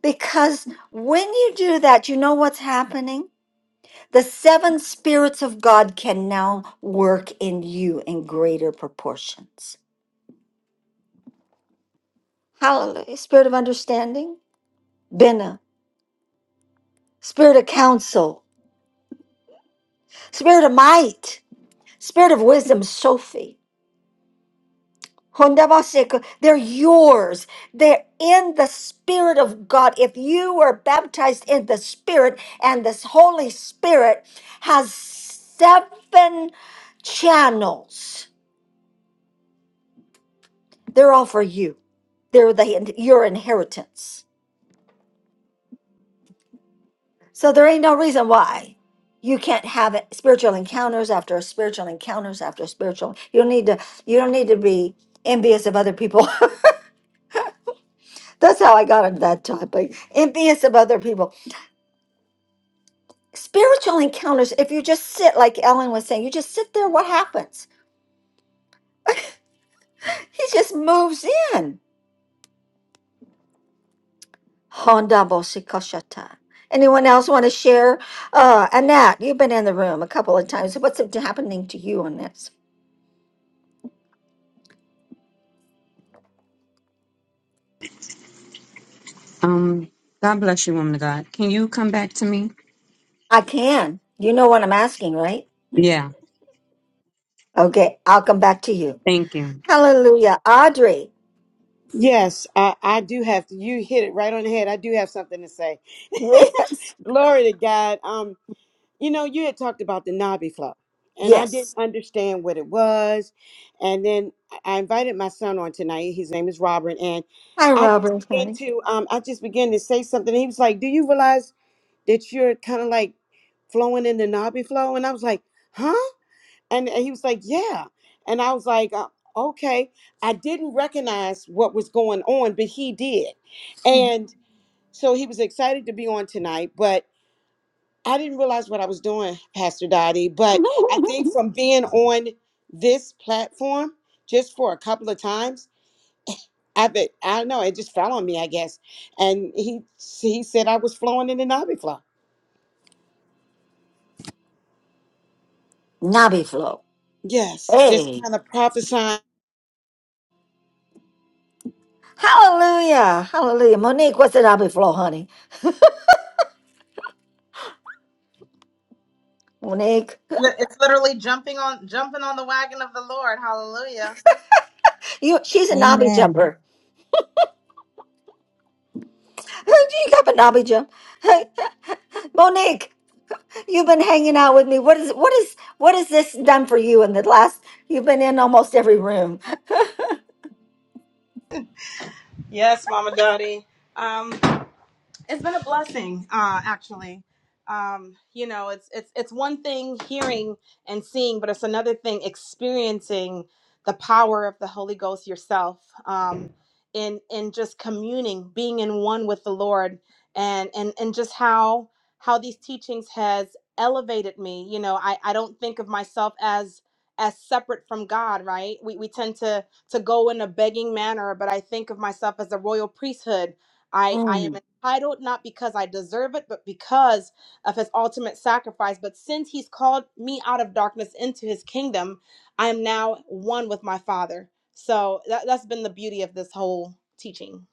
A: Because when you do that, you know what's happening? The seven spirits of God can now work in you in greater proportions. Hallelujah. Spirit of understanding, Bina. Spirit of counsel, spirit of might, spirit of wisdom, Sophie. Hondabaseku, They're yours. They're in the Spirit of God. If you were baptized in the Spirit, and this Holy Spirit has seven channels, they're all for you. They're the, your inheritance. So there ain't no reason why you can't have it, spiritual encounters after spiritual encounters after spiritual. You don't need to. You don't need to be envious of other people. That's how I got into that topic. Envious of other people. Spiritual encounters, if you just sit, like Ellen was saying, you just sit there, what happens? He just moves in. Honda Boshikoshata. Anyone else want to share? Uh, Annette, you've been in the room a couple of times. What's happening to you on this?
G: Um, God bless you, woman of God. Can you come back to me?
A: I can. You know what I'm asking, right?
G: Yeah.
A: Okay, I'll come back to you.
G: Thank you.
A: Hallelujah. Audrey.
H: Yes, I, I do have to. You hit it right on the head. I do have something to say.
A: Yes.
H: Glory to God. Um. You know, you had talked about the knobby flow, and I didn't
A: Yes.
H: understand what it was. And then I invited my son on tonight. His name is Robert, and
A: Hi,
H: I just
A: Robert.
H: began
A: honey.
H: to um, I just began to say something. And he was like, "Do you realize that you're kind of like flowing in the knobby flow?" And I was like, "Huh?" And, and he was like, "Yeah." And I was like, uh, "Okay." I didn't recognize what was going on, but he did, and so he was excited to be on tonight, but. I didn't realize what I was doing, Pastor Dottie, but I think from being on this platform just for a couple of times, I bet I don't know, it just fell on me, I guess. And he he said I was flowing in the Navi flow.
A: Nabi flow.
H: Yes, just
A: Hey.
H: kind of prophesying.
A: Hallelujah. Hallelujah. Monique, what's the knobby flow, honey? Monique.
I: Li- It's literally jumping on jumping on the wagon of the Lord. Hallelujah.
A: You she's a knobby
C: Amen.
A: jumper. you got a knobby jump. Monique, you've been hanging out with me. What is what is what has this done for you in the last you've been in almost every room?
I: Yes, Mama Dottie. Um, it's been a blessing uh actually um you know it's it's it's one thing hearing and seeing but it's another thing experiencing the power of the holy ghost yourself um in in just communing being in one with the lord and and and just how how these teachings has elevated me you know i i don't think of myself as as separate from god right we we tend to to go in a begging manner but i think of myself as a royal priesthood I I am
A: Mm.
I: titled not because I deserve it, but because of his ultimate sacrifice. But since he's called me out of darkness into his kingdom, I am now one with my Father. So that, that's been the beauty of this whole teaching.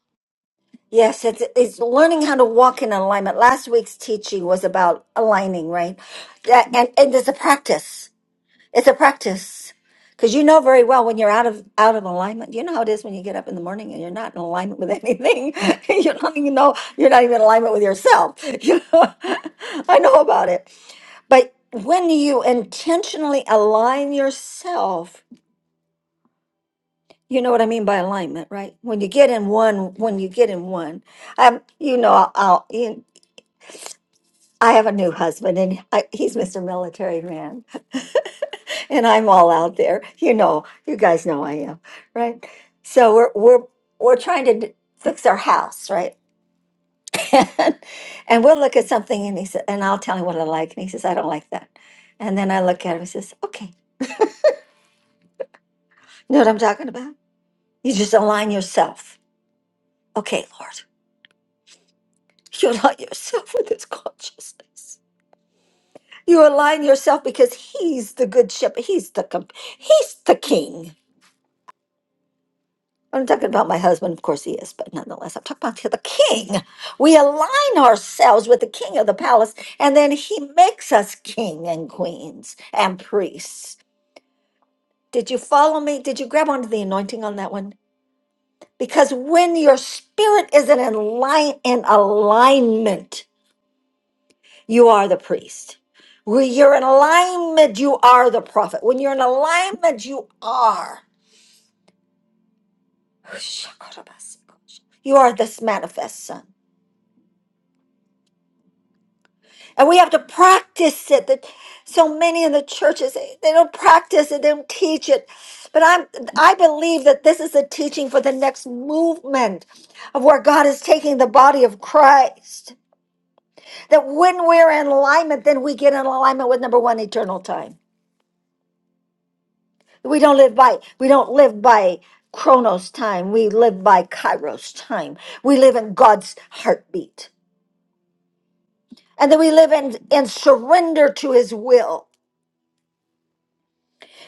A: Yes, it's it's learning how to walk in alignment. Last week's teaching was about aligning, right? That, and, and there's a practice. It's a practice. Because you know very well when you're out of out of alignment. You know how it is when you get up in the morning and you're not in alignment with anything. you don't even know you're not even in alignment with yourself. You know, I know about it. But when you intentionally align yourself, you know what I mean by alignment, right? When you get in one, when you get in one, um, you know, I'll, I'll you, I have a new husband, and I, he's Mr. Military Man and I'm all out there. You know, you guys know I am, right? So we're we're we're trying to d- fix our house, right? and, and we'll look at something, and he said, and I'll tell him what I like, and he says, I don't like that. And then I look at him, he says, Okay, you know what I'm talking about? You just align yourself. Okay, Lord, you align yourself with His consciousness. You align yourself because He's the good shepherd. He's the comp- He's the King. I'm talking about my husband, of course he is, but nonetheless, I'm talking about the king. We align ourselves with the king of the palace, and then he makes us king and queens and priests. Did you follow me? Did you grab onto the anointing on that one? Because when your spirit is in, align- in alignment, you are the priest. When you're in alignment, you are the prophet. When you're in alignment, you are. You are this manifest son. And we have to practice it. That so many in the churches they they don't practice it, they don't teach it. But I'm I believe that this is a teaching for the next movement of where God is taking the body of Christ. That when we're in alignment, then we get in alignment with number one, eternal time. We don't live by we don't live by chronos time. We live by kairos time. We live in God's heartbeat. And then we live in, in surrender to his will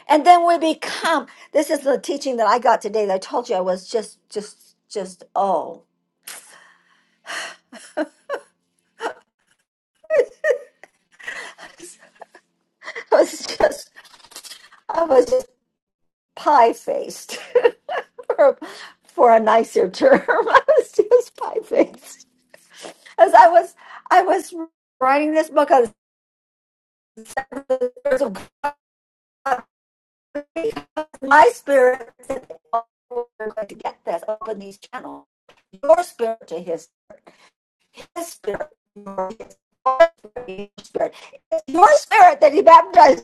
A: and then we become this is the teaching that i got today that i told you i was just just just oh i was just i was just pie faced for, for a nicer term i was just pie faced as i was i was writing this book on the words of God, because my spirit said, "Oh, we're going to get this open these channels your spirit to his, his spirit your spirit, your spirit. It's your spirit that he baptized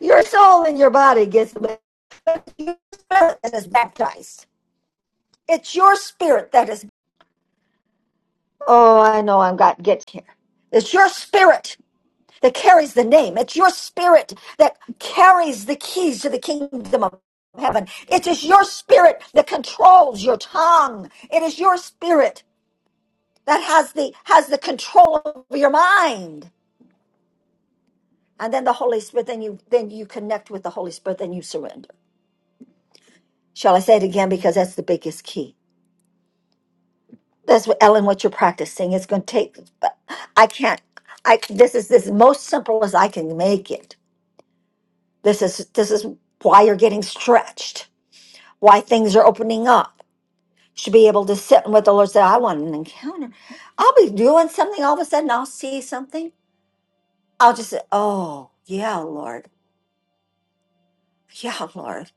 A: Your soul and your body gets wet, but it's your spirit that is baptized. It's your spirit that is. Oh, I know I've got to get here. It's your spirit that carries the name. It's your spirit that carries the keys to the kingdom of heaven. It is your spirit that controls your tongue. It is your spirit that has the has the control over your mind. And then the Holy Spirit, then you then you connect with the Holy Spirit, then you surrender. Shall I say it again? Because that's the biggest key. That's what Ellen, what you're practicing. It's going to take, but I can't, I, this is this is most simple as I can make it. This is, this is why you're getting stretched, why things are opening up. You Should be able to sit and with the Lord say, I want an encounter. I'll be doing something. All of a sudden I'll see something. I'll just say, Oh yeah, Lord. Yeah, Lord.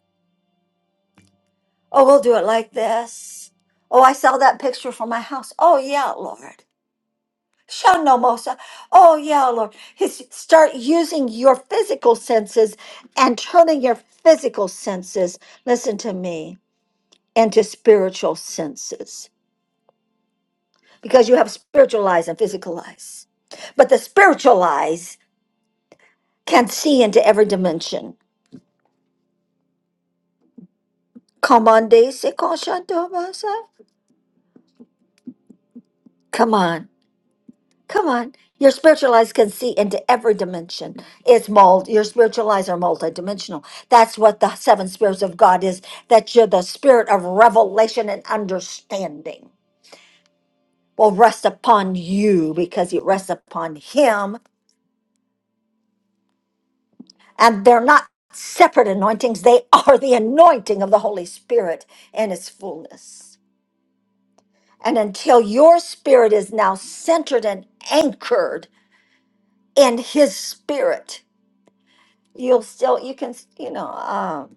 A: Oh, we'll do it like this. Oh, I saw that picture from my house. Oh yeah, Lord. Shannomosa. Oh, yeah, Lord. His, start using your physical senses and turning your physical senses, listen to me, into spiritual senses because you have spiritual eyes and physical eyes. But the spiritual eyes can see into every dimension. Come on, Daisy. Come on. Come on. Your spiritual eyes can see into every dimension. It's mold. Your spiritual eyes are multidimensional. That's what the seven spirits of God is, that you're the spirit of revelation and understanding will rest upon you because it rests upon him. And they're not separate anointings. They are the anointing of the Holy Spirit in its fullness. And until your spirit is now centered and anchored in his spirit, you'll still you can you know um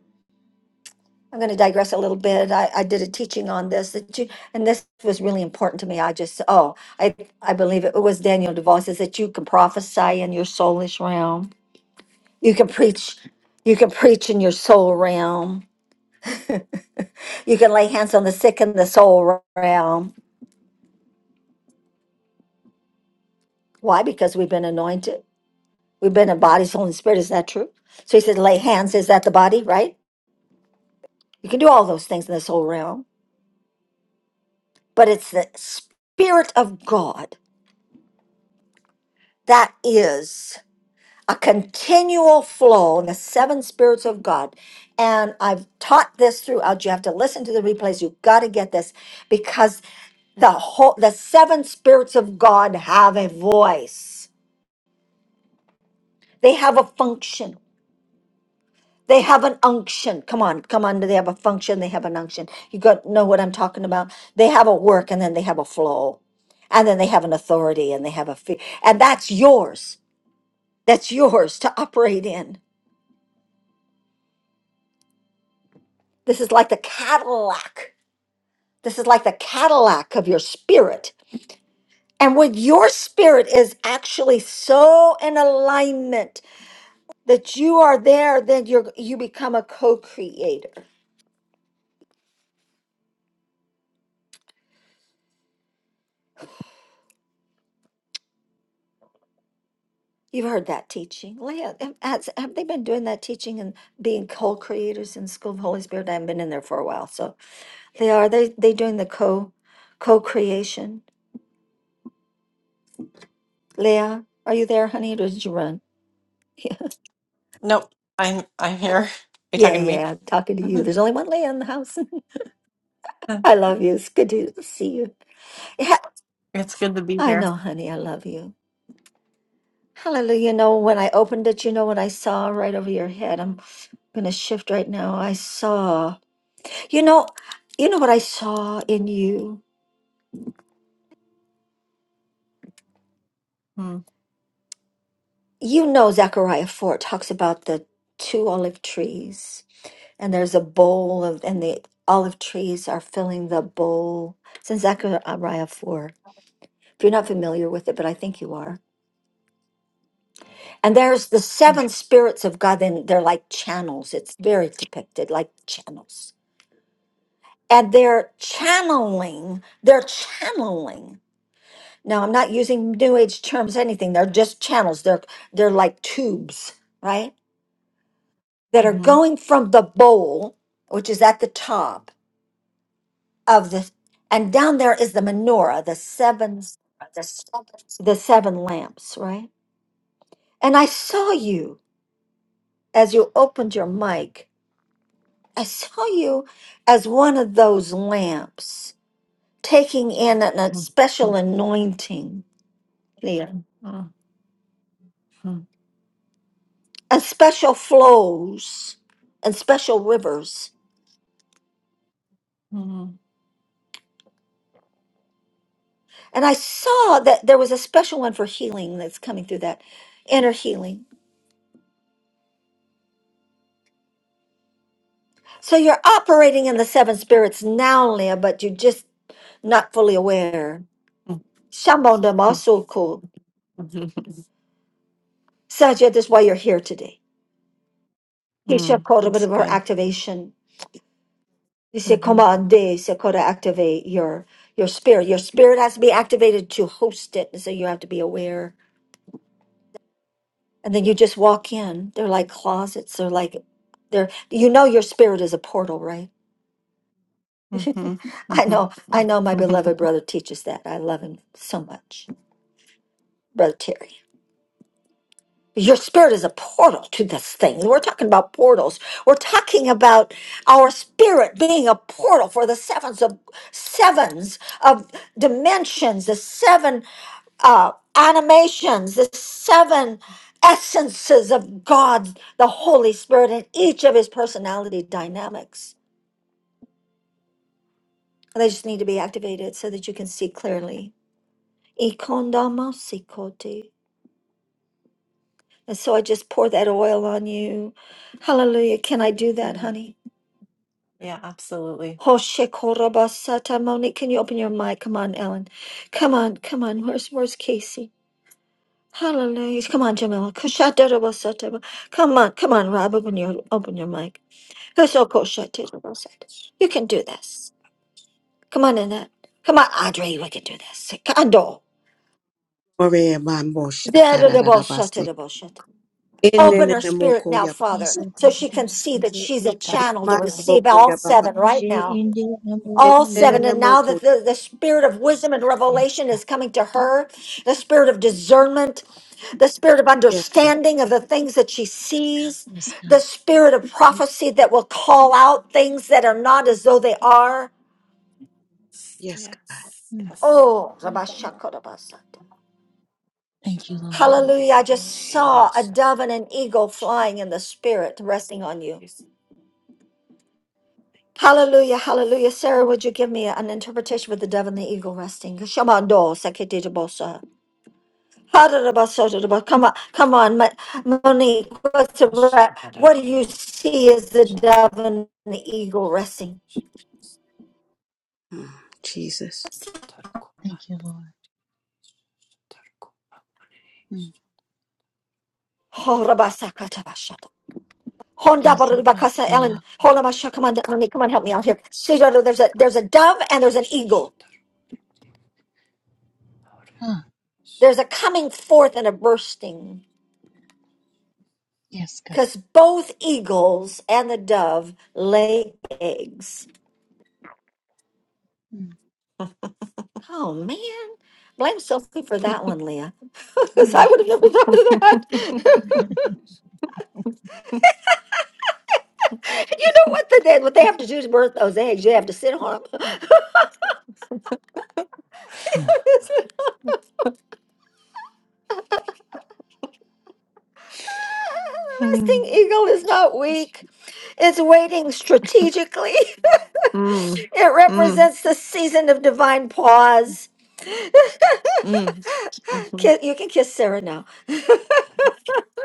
A: i'm going to digress a little bit I, I did a teaching on this that you and this was really important to me i just oh i i believe it was daniel devoe says that you can prophesy in your soulish realm you can preach you can preach in your soul realm you can lay hands on the sick in the soul realm why because we've been anointed we've been in body soul and spirit is that true so he said lay hands is that the body right you can do all those things in the soul realm but it's the spirit of god that is a continual flow in the seven spirits of God. And I've taught this throughout. You have to listen to the replays. You've got to get this because the whole the seven spirits of God have a voice. They have a function. They have an unction. Come on, come on. They have a function. They have an unction. You got know what I'm talking about. They have a work and then they have a flow. And then they have an authority and they have a fear. And that's yours. That's yours to operate in. This is like the Cadillac. This is like the Cadillac of your spirit. And when your spirit is actually so in alignment that you are there, then you are you become a co-creator. You've heard that teaching, Leah. Have, has- have they been doing that teaching and being co-creators in School of Holy Spirit? I haven't been in there for a while, so they are. They they doing the co co-creation. Leah, are you there, honey? Or did you run?
J: Nope, I'm I'm here. Are you
A: Yeah,
J: talking to me?
A: yeah. I'm talking to you. There's only one Leah in the house. I love you. It's good to see you. Yeah,
J: It's good to be
A: I
J: here.
A: know, honey. I love you. Hallelujah. You know, when I opened it, you know what I saw right over your head? I'm going to shift right now. I saw, you know, you know what I saw in you?
J: Mm-hmm.
A: You know, Zechariah 4 talks about the two olive trees, and there's a bowl of, and the olive trees are filling the bowl. It's in Zechariah 4. If you're not familiar with it, but I think you are And there's the seven spirits of God, and they're like channels. It's very depicted like channels. And they're channeling, they're channeling. Now I'm not using new age terms, anything. They're just channels. They're they're like tubes, right? That are
J: Mm,
A: going from the bowl, which is at the top of the and down there is the menorah, the seven
J: it's
A: the seven lamps, right? And I saw you as you opened your mic I saw you as one of those lamps taking in an, a special anointing there, and special flows and special rivers. And I saw that there was a special one for healing that's coming through that inner healing. So you're operating in the seven spirits now, Leah, but you're just not fully aware. Shambhodamasuku. Sajid, that's why you're here today. He shall call a bit of her
J: good.
A: activation You Dice
J: Mm-hmm.
A: commande, se called to activate your your spirit. Your spirit has to be activated to host it, and so you have to be aware. And then you just walk in. They're like closets. They're like they're you know your spirit is a portal, right? I
J: Mm-hmm.
A: know, I know my beloved
J: Mm-hmm.
A: brother teaches that. I love him so much. Brother Terry. Your spirit is a portal to this thing. We're talking about portals. We're talking about our spirit being a portal for the sevens of sevens of dimensions, the seven. uh, animations, the seven essences of God, the Holy Spirit, and each of his personality dynamics. And they just need to be activated so that you can see clearly. Ikondamasikoti. And so I just pour that oil on you. Hallelujah. Can I do that, honey?
J: Yeah, absolutely.
A: Hoshekorobasata Moni. Can you open your mic? Come on, Ellen. Come on, come on. Where's where's Casey? Hallelujah. Come on, Jamila. Kushatarabasata. Come on, come on, Rob. Open your open your mic. Hoshoko Shatero said, You can do this. Come on, Annette. Come on, Audrey. We can do this. Kando.
H: Ore mambo shakara
A: Zerubbabel
H: rarabase.
A: Shatero Shat-
C: Thank
A: Open her
C: you. Lord.
A: spirit now,
H: yaba.
A: Father, so
C: Isabel
A: she can see that
C: Uskebe
A: she's a
C: Uta.
A: channel to
H: Shamane
A: receive
H: boko
A: all
H: yaba.
A: seven right
C: She
A: now.
C: India number
A: All
C: Uyu.
A: seven. And now that the, the spirit of wisdom and
C: Yes,
A: revelation
C: God.
A: is coming to her, the spirit of discernment, the spirit of
H: Yes, God.
A: understanding of the things that she sees,
C: Yes, God.
A: the spirit of prophecy that will call out things that are not as though they are.
H: Yes, God.
J: Yes.
C: Mm.
A: Oh, Rabashakarabasata.
C: Thank you, Lord.
A: Hallelujah. I just saw a dove and an eagle flying in the spirit, resting on
J: Yes.
A: you.
J: Yeah. Thank you,
A: Hallelujah, hallelujah.
J: Jesus.
A: Sarah, would you give me an interpretation with the dove and the eagle resting? Shamando, sekedidibosa. Hadadabasodadaba. Come on, come on, Ma- Monique. What's the
J: Yes,
A: re-
J: that I
A: what do you see as the dove and the eagle resting?
H: Mm, Jesus.
C: Thank you, Lord. Mm.
A: Oh, Rabasakatabasha. Honda barada
C: Isabel
A: bakasa Ellen.
C: Eaku.
A: Hold on, Masha. Come on, Ellen. Come on, help me out here. See, Dodo, There's a there's a dove and there's an eagle.
C: Huh.
A: There's a coming forth and a bursting,
C: Yes,
A: because both eagles and the dove lay eggs.
C: God.
A: Oh man, blame Sophie for that one, Leah. 'Cause I
J: Mm.
A: would have never thought of that. you know what they did? What they have to do is birth those eggs. You have to sit on them.
C: Mm.
A: the resting
J: Mm.
A: eagle is not
J: Mm.
A: weak. It's waiting strategically. It
J: Mm.
A: represents the season of divine pause.
J: Mhm.
A: Ki- You can kiss Sarah now.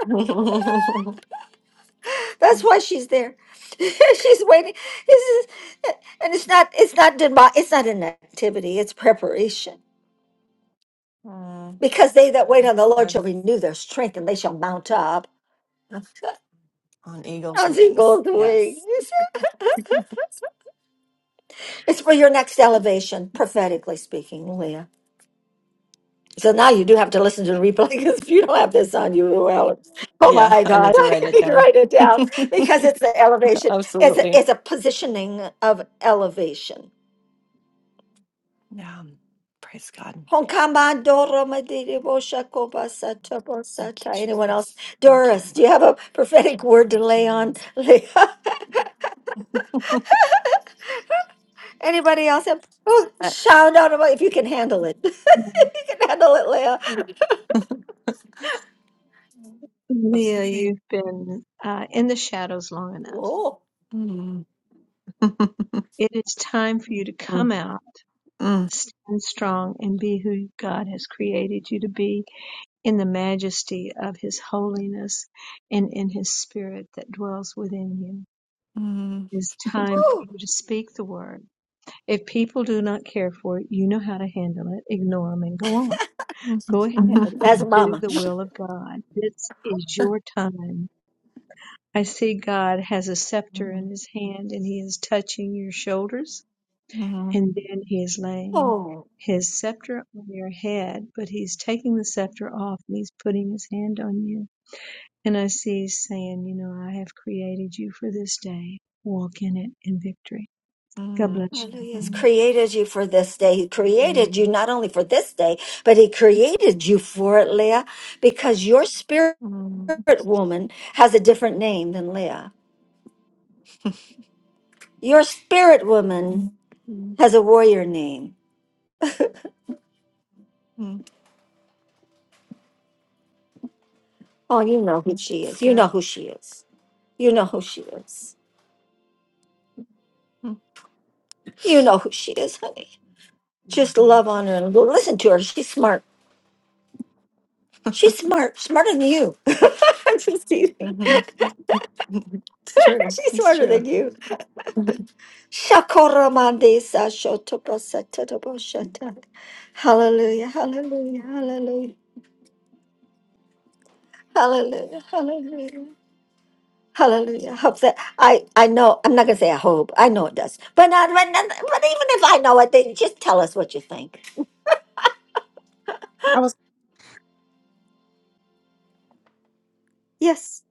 J: Mm,
A: That's why she's there. she's waiting. This is, and it's not. It's not. demi- It's not an activity. It's preparation. Because they that wait on
J: That's
A: the Lord shall
J: good.
A: renew their strength, and they shall mount up
J: On eagle's
A: as
J: wings.
A: eagles' wings.
J: Yes.
A: It's for your next elevation, prophetically speaking, Leah. So now you do have to listen to the replay because if you don't have this on you, well, oh
J: Yeah,
A: my
J: I need
A: God,
J: to write
A: you
J: it
A: need to
J: down.
A: write it down because it's the elevation. It's a,
J: Absolutely.
A: it's a positioning of elevation.
J: Yeah. Praise God.
A: Honkama doro madiri bosha koba sata
J: Thank you,
A: bosata. Anyone else?
J: Jesus. Thank you,
A: Doris, do
J: Lord.
A: you have a prophetic word to
J: Thank you,
A: lay on?
J: Lord.
A: Lay- Anybody else? have- Oh,
J: Yes.
A: shout out about if you can handle it. you can handle it, Leah.
F: Leah, you've been uh, in the shadows long enough.
A: Oh,
J: Mm. Mm.
F: It is time for you to come out
J: Mm.
F: Stand strong and be who God has created you to be in the majesty of His holiness and in His spirit that dwells within you.
J: Mm. Mm.
F: It's
J: Mm.
F: time for
A: oh,
F: you to speak the word. If people do not care for it, you know how to handle it. Ignore them and go on. Go ahead
J: Mm.
A: that's
F: and do
A: mama.
F: the will of God. This is your time. I see God has a scepter in his hand and he is touching your shoulders
J: Mm.
F: And then he is laying
A: Oh.
F: his scepter on your head, but he's taking the scepter off and he's putting his hand on you. And I see he's saying, You know, I have created you for this day. Walk in it in victory. God
J: Mm.
F: bless you.
A: Hallelujah has
F: Yeah.
J: Mm.
A: created you for this day. He created
J: Mm.
A: you not only for this day, but he created you for it, Leah, because your spirit
J: Mm.
A: woman has a different name than Leah. Your spirit woman
J: Mm.
A: has a warrior name.
J: Mm.
A: Oh, you know who she
J: It's
A: is. You know
J: good.
A: who she is. You know who she is.
J: Mm.
A: You know who she is, honey. Just
J: Mhm.
A: love on her and listen to her. She's smart. She's smart, smarter than you. I'm just teasing.
J: Mhm. It's true.
A: She's
J: It's
A: smarter
J: true.
A: than you. Shakoramandesa shotopasatabashata. Hallelujah, hallelujah, hallelujah, hallelujah, hallelujah. Hallelujah. Hope that I, I know I'm not gonna say I hope. I know it does. But not, but, not- but even if I know it, then just tell us what you think.
I: I was
A: Yes.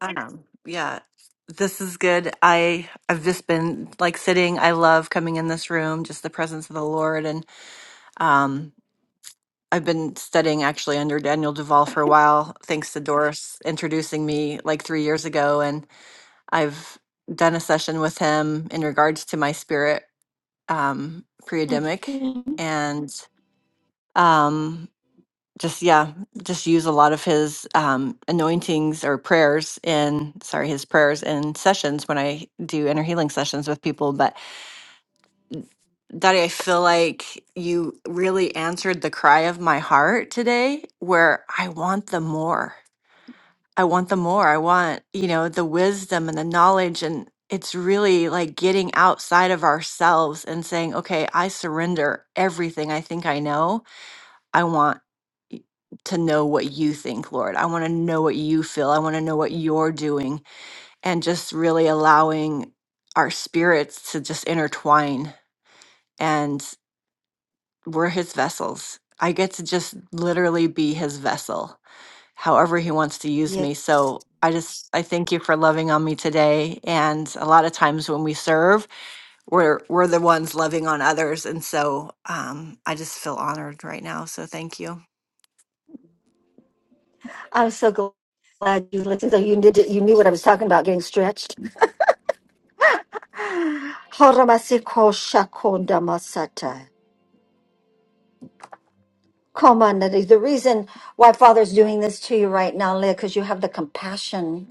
J: Um, yeah, this is good. I I've just been like sitting. I love coming in this room, just the presence of the Lord, and um, I've been studying actually under Daniel Duval for a while, thanks to Doris introducing me like three years ago, and I've done a session with him in regards to my spirit um, pre-edemic,
A: Mhm.
J: and um, just yeah just use a lot of his um anointings or prayers in sorry his prayers in sessions when i do inner healing sessions with people but daddy i feel like you really answered the cry of my heart today where i want the more i want the more i want you know the wisdom and the knowledge and it's really like getting outside of ourselves and saying okay i surrender everything i think i know I want y- to know what you think, Lord. I want to know what you feel. I want to know what you're doing and just really allowing our spirits to just intertwine. And we're his vessels. I get to just literally be his vessel, however he wants to use
A: Yeah.
J: me. So I just I thank you for loving on me today. And a lot of times when we serve, we're we're the ones loving on others. And so um, I just feel honored right now. So thank you.
A: I'm so glad you listened. So you did it, you knew what I was talking about, getting stretched. Horomasiko shakonda Horomasikoshakondamasata. Come on, Nadine. The reason why Father's doing this to you right now, Leah, because you have the compassion.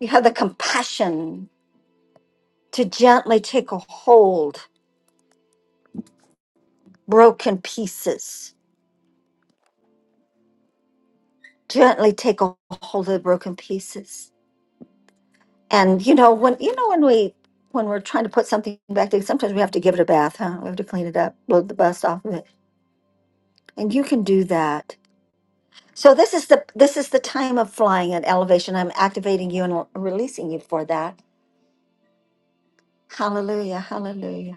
A: You have the compassion to gently take a hold, broken pieces. Gently take a hold of the broken pieces. And you know when you know when we when we're trying to put something back together, sometimes we have to give it a bath, huh? We have to clean it up, blow the dust off of it, and you can do that. So this is the this is the time of flying at elevation. I'm activating you and releasing you for that. Hallelujah, hallelujah.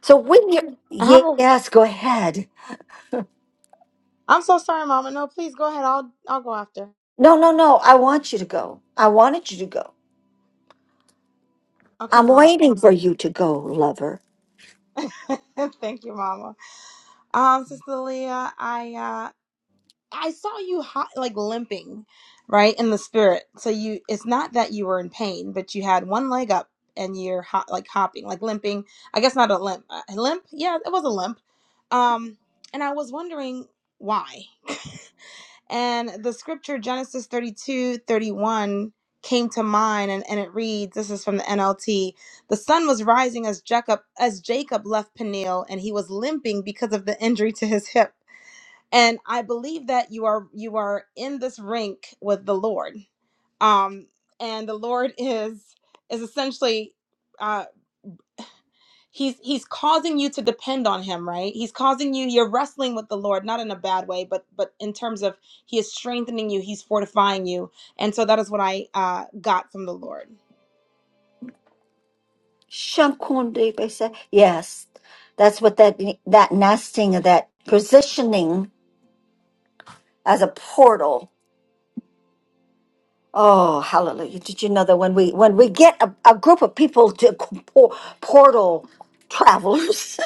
A: So when you
I: I have a
A: yes, go ahead.
I: I'm so sorry, Mama. No, please go ahead. I'll I'll go after.
A: No, no, no. I want you to go. I wanted you to go.
I: Okay,
A: I'm
I: Mom.
A: waiting for you to go, lover.
I: Thank you, Mama. Um, Sister Leah, I uh I saw you hot, like limping, right in the spirit. So you, it's not that you were in pain, but you had one leg up and you're hot, like hopping, like limping. I guess not a limp, uh, a limp. Yeah, it was a limp. Um, and I was wondering why. and the scripture Genesis 32 31 came to mind, and, and it reads, "This is from the NLT. The sun was rising as Jacob as Jacob left Peniel, and he was limping because of the injury to his hip." and i believe that you are you are in this rink with the lord um and the lord is is essentially uh he's he's causing you to depend on him right he's causing you you're wrestling with the lord not in a bad way but but in terms of he is strengthening you he's fortifying you and so that is what i uh got from the lord
A: Shamkunde besa. Yes, that's what that that nesting of that positioning as a portal. Oh, hallelujah! Did you know that when we when we get a, a group of people to por- portal travelers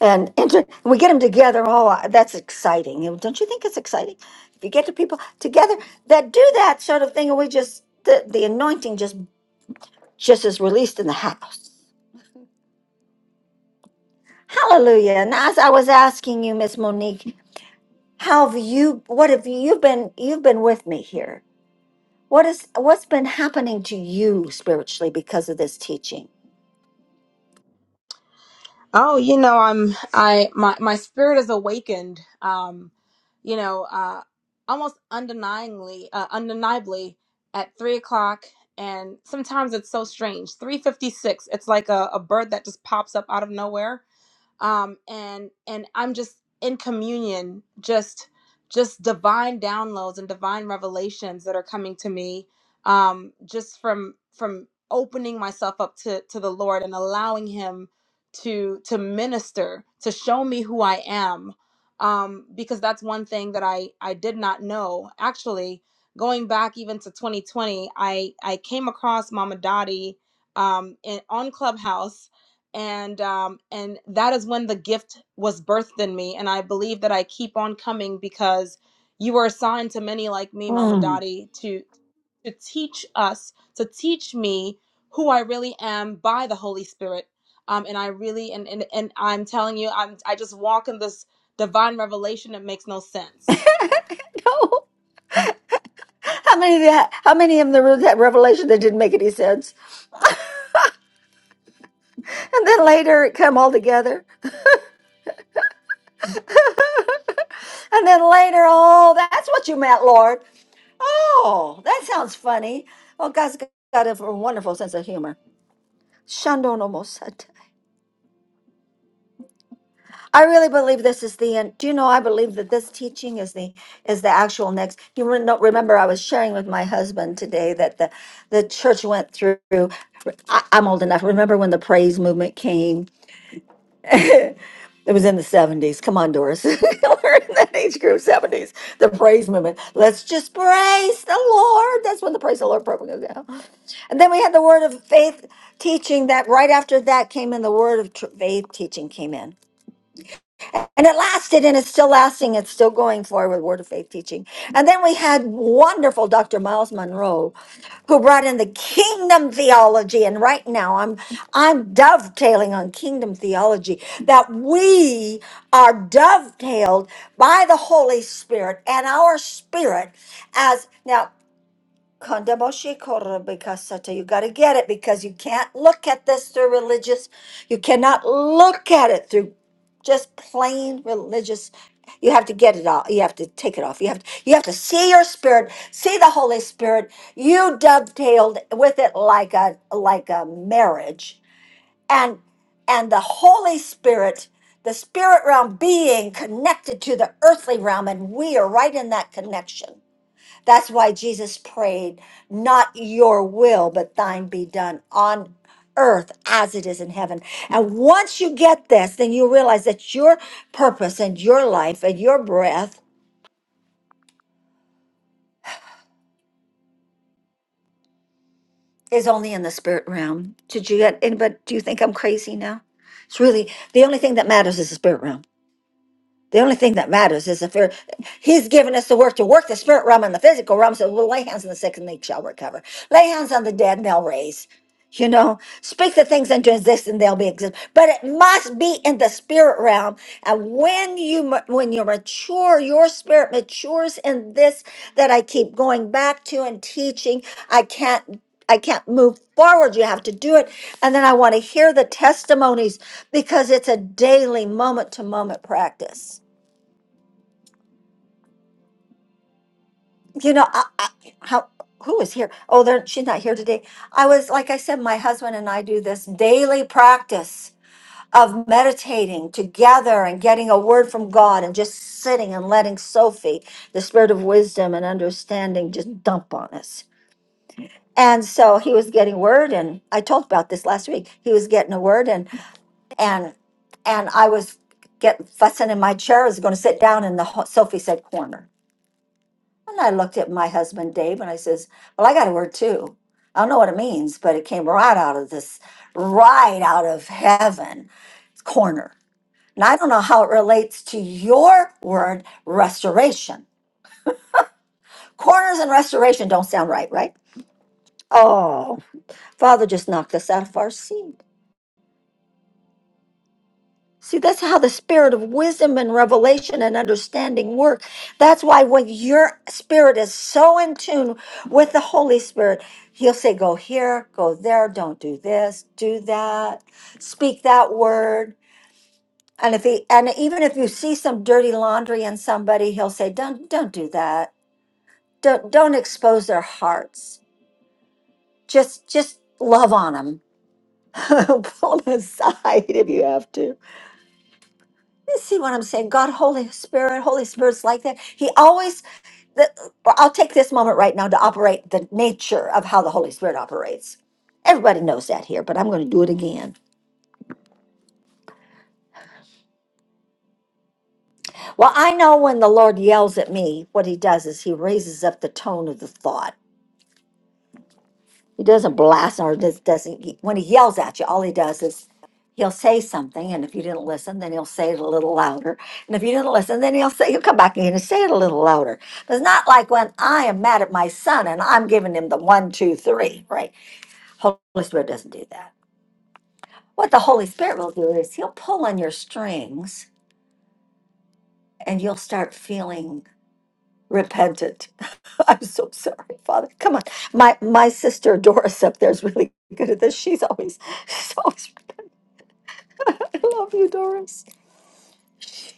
A: and inter- we get them together. Oh, I- that's exciting! You know, Don't you think it's exciting if you get the people together that do that sort of thing? And we just the, the anointing just just is released in the house. Hallelujah! And as I was asking you, Miss Monique, how have you? What have you you've been? You've been with me here. What is what's been happening to you spiritually because of this teaching?
I: Oh, you know, I'm I my my spirit is awakened. Um, you know, uh, almost undeniably, uh, undeniably at three o'clock, and sometimes it's so strange. Three fifty six. It's like a, a bird that just pops up out of nowhere um, and and I'm just in communion, just just divine downloads and divine revelations that are coming to me, um, just from from opening myself up to to the Lord and allowing Him to to minister, to show me who I am, um, because that's one thing that I I did not know actually. Going back even to 2020, I I came across Mama Dottie um, in, on Clubhouse and um, and that is when the gift was birthed in me and i believe that i keep on coming because you were assigned to many like me mama
A: Mm.
I: dottie to to teach us to teach me who i really am by the holy spirit um, and i really and, and and i'm telling you i'm i just walk in this divine revelation that makes no sense
A: No. How many of that, how many of them there was that revelation that didn't make any sense? And then later it come all together. And then later, oh, that's what you meant, Lord. Oh, that sounds funny. Well, God's got a wonderful sense of humor. Shandon almost said. I really believe this is the end. Do you know? I believe that this teaching is the is the actual next. You re- no- remember, I was sharing with my husband today that the the church went through. I, I'm old enough. Remember when the praise movement came? It was in the 70s. Come on, Doris. We're in that age group, 70s. The praise movement. Let's just praise the Lord. That's when the praise the Lord program goes down. And then we had the word of faith teaching that right after that came in, the word of tr- faith teaching came in And it lasted and it's still lasting. It's still going forward with Word of Faith teaching. And then we had wonderful Dr. Miles Monroe who brought in the kingdom theology. And right now I'm I'm dovetailing on kingdom theology that we are dovetailed by the Holy Spirit and our spirit as now Kondaboshe korobikasata. You got to get it because you can't look at this through religious. You cannot look at it through just plain religious. You have to get it off. You have to take it off. You have to, you have to see your spirit, see the Holy Spirit. You dovetailed with it like a like a marriage, and and the Holy Spirit, the spirit realm being connected to the earthly realm, and we are right in that connection. That's why Jesus prayed, Not your will, but thine be done on earth as it is in heaven. And once you get this, then you realize that your purpose and your life and your breath is only in the spirit realm. Did you get anybody? Do you think I'm crazy now? It's really the only thing that matters is the spirit realm. The only thing that matters is the fear. He's given us the work to work the spirit realm and the physical realm. So we'll lay hands on the sick and they shall recover. Lay hands on the dead and they'll raise. You know, speak the things into existence and they'll be exist. But it must be in the spirit realm. And when you ma- when you mature, your spirit matures in this that I keep going back to and teaching. I can't I can't move forward. You have to do it. And then I want to hear the testimonies because it's a daily moment to moment practice. you know, I, I, how who is here? Oh, they're, she's not here today. I was like I said, my husband and I do this daily practice of meditating together and getting a word from God and just sitting and letting Sophie, the spirit of wisdom and understanding, just dump on us. And so he was getting word, and I told about this last week. He was getting a word, and and and I was get fussing in my chair. I was going to sit down in the ho- Sophie said corner and I looked at my husband, Dave, and I says, Well, I got a word too. I don't know what it means, but it came right out of this, right out of heaven corner. And I don't know how it relates to your word, restoration. Corners and restoration don't sound right, right? Oh, Father just knocked us out of our seat. See, that's how the spirit of wisdom and revelation and understanding work. That's why when your spirit is so in tune with the Holy Spirit, He'll say, Go here, go there, don't do this, do that, speak that word. And if he and even if you see some dirty laundry in somebody, he'll say, Don't don't do that. Don't don't expose their hearts. Just just love on them. Pull them aside if you have to. You see what I'm saying? God, Holy Spirit, Holy Spirit's like that. He always, the, well, I'll take this moment right now to operate the nature of how the Holy Spirit operates. Everybody knows that here, but I'm going to do it again. Well, I know when the Lord yells at me, what he does is he raises up the tone of the thought. He doesn't blast or just doesn't. he- When he yells at you, all he does is he'll say something, and if you didn't listen, then he'll say it a little louder. And if you didn't listen, then he'll say he'll come back in and say it a little louder. But it's not like when I am mad at my son and I'm giving him the one, two, three, right? Holy Spirit doesn't do that. What the Holy Spirit will do is he'll pull on your strings, and you'll start feeling repentant. I'm so sorry, Father. Come on, my my sister Doris up there is really good at this. She's always, she's always. I love you, Doris. She,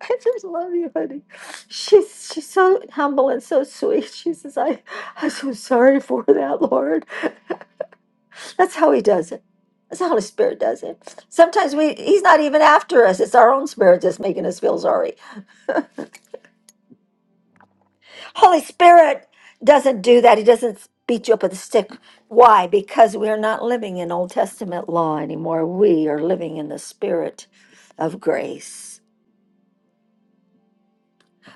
A: I just love you, honey. She's she's so humble and so sweet. She says, I, I'm so sorry for that, Lord. That's how he does it. That's how the Spirit does it. Sometimes we he's not even after us. It's our own spirit that's making us feel sorry. Holy Spirit doesn't do that. He doesn't beat you up with a stick. Why? Because we're not living in Old Testament law anymore. We are living in the spirit of grace.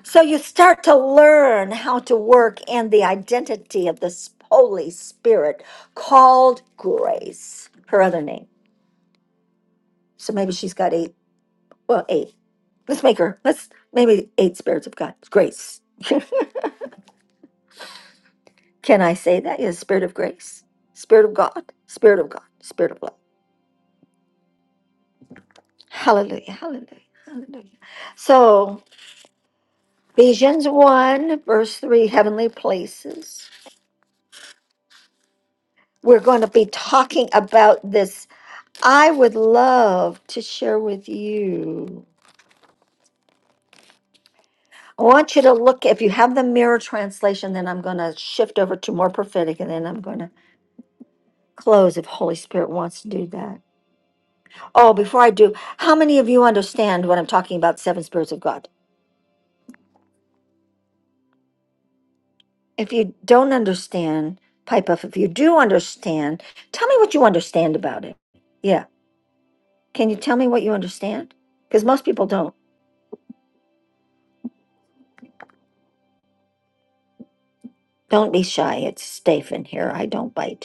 A: So you start to learn how to work in the identity of this Holy Spirit called grace, her other name. So maybe she's got eight, well, eight. Let's make her, let's maybe eight spirits of God, grace. Can I say that? Yes, spirit of grace, spirit of God, spirit of God, spirit of love. Hallelujah, hallelujah, hallelujah. So, Ephesians 1, verse 3, heavenly places. We're going to be talking about this I would love to share with you. I want you to look, if you have the mirror translation, then I'm going to shift over to more prophetic and then I'm going to close if Holy Spirit wants to do that. Oh, before I do, how many of you understand what I'm talking about, seven spirits of God? If you don't understand, pipe up. If you do understand, tell me what you understand about it. Yeah. Can you tell me what you understand? Because most people don't. Don't be shy. It's safe in here. I don't bite.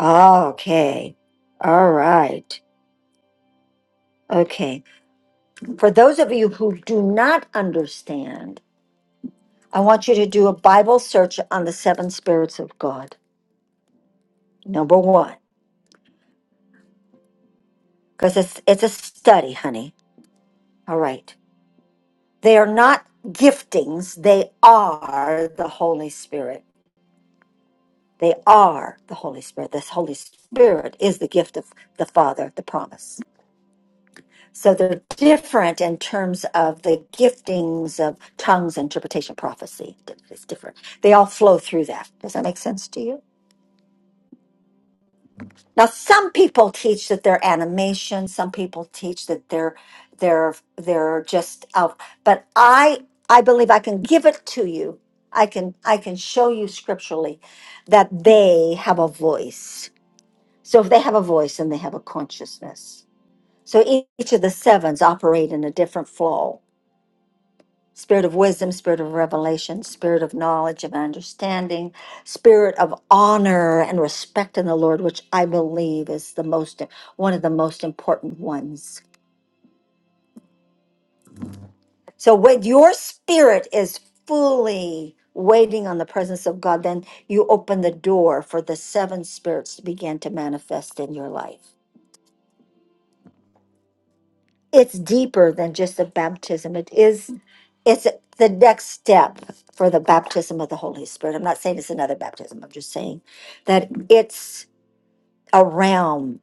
A: Okay. All right. Okay. For those of you who do not understand, I want you to do a Bible search on the seven spirits of God. Number one, because it's it's a study, honey. All right. They are not giftings, they are the Holy Spirit. They are the Holy Spirit. This Holy Spirit is the gift of the Father, the promise. So they're different in terms of the giftings of tongues, interpretation, prophecy. It's different. They all flow through that. Does that make sense to you? Now, some people teach that they're animation. Some people teach that they're they're they're just out. But I I believe I can give it to you. I can I can show you scripturally that they have a voice. So if they have a voice, then they have a consciousness. So each of the sevens operate in a different flow spirit of wisdom, spirit of revelation, spirit of knowledge and understanding, spirit of honor and respect in the Lord, which I believe is the most one of the most important ones. So when your spirit is fully waiting on the presence of God, then you open the door for the seven spirits to begin to manifest in your life. It's deeper than just a baptism. It is it's the next step for the baptism of the Holy Spirit. I'm not saying it's another baptism. I'm just saying that it's a realm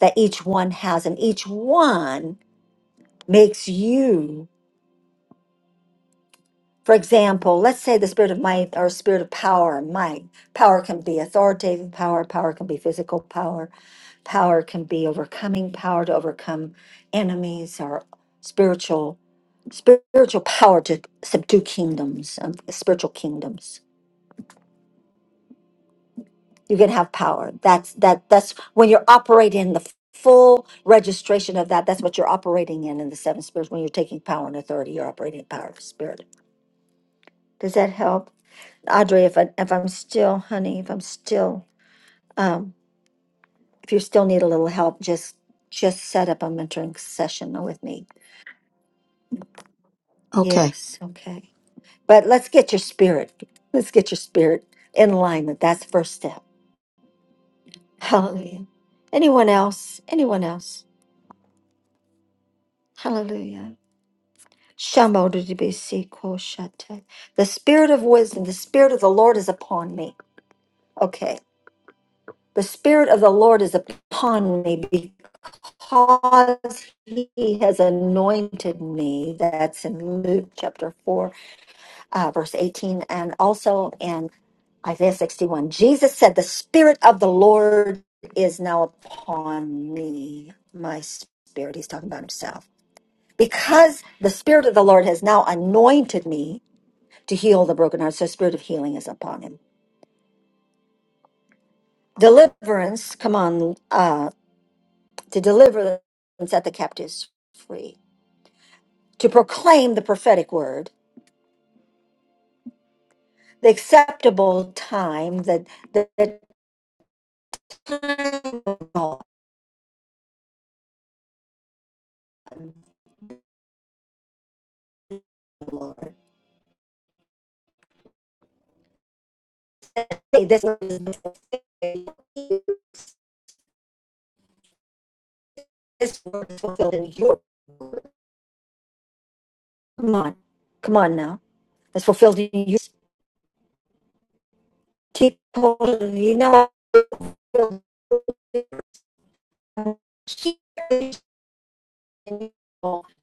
A: that each one has, and each one makes you. For example, let's say the spirit of might or spirit of power and might. Power can be authoritative power, power can be physical power, power can be overcoming power to overcome enemies or spiritual spiritual power to subdue kingdoms, um, spiritual kingdoms you can have power that's that that's when you're operating in the full registration of that that's what you're operating in in the seven spirits when you're taking power and authority you're operating in power of the spirit does that help audrey if, I, if i'm still honey if i'm still um if you still need a little help just just set up a mentoring session with me
H: Okay.
A: yes okay but let's get your spirit let's get your spirit in alignment that's the first step hallelujah anyone else anyone else hallelujah Shamodibisikoshate. The spirit of wisdom, the spirit of the Lord is upon me. Okay. The spirit of the Lord is upon me because he has anointed me. That's in Luke chapter 4, uh, verse 18, and also in Isaiah 61. Jesus said, The spirit of the Lord is now upon me. My spirit. He's talking about himself. Because the spirit of the Lord has now anointed me to heal the broken heart. So spirit of healing is upon him. Deliverance, come on, uh, to deliver and set the captives free, to proclaim the prophetic word, the acceptable time that the, the time of God. Hey, this word is fulfilled. This word is fulfilled in your word. Come on, come on now. It's fulfilled in you. Keep hold of you know. Keep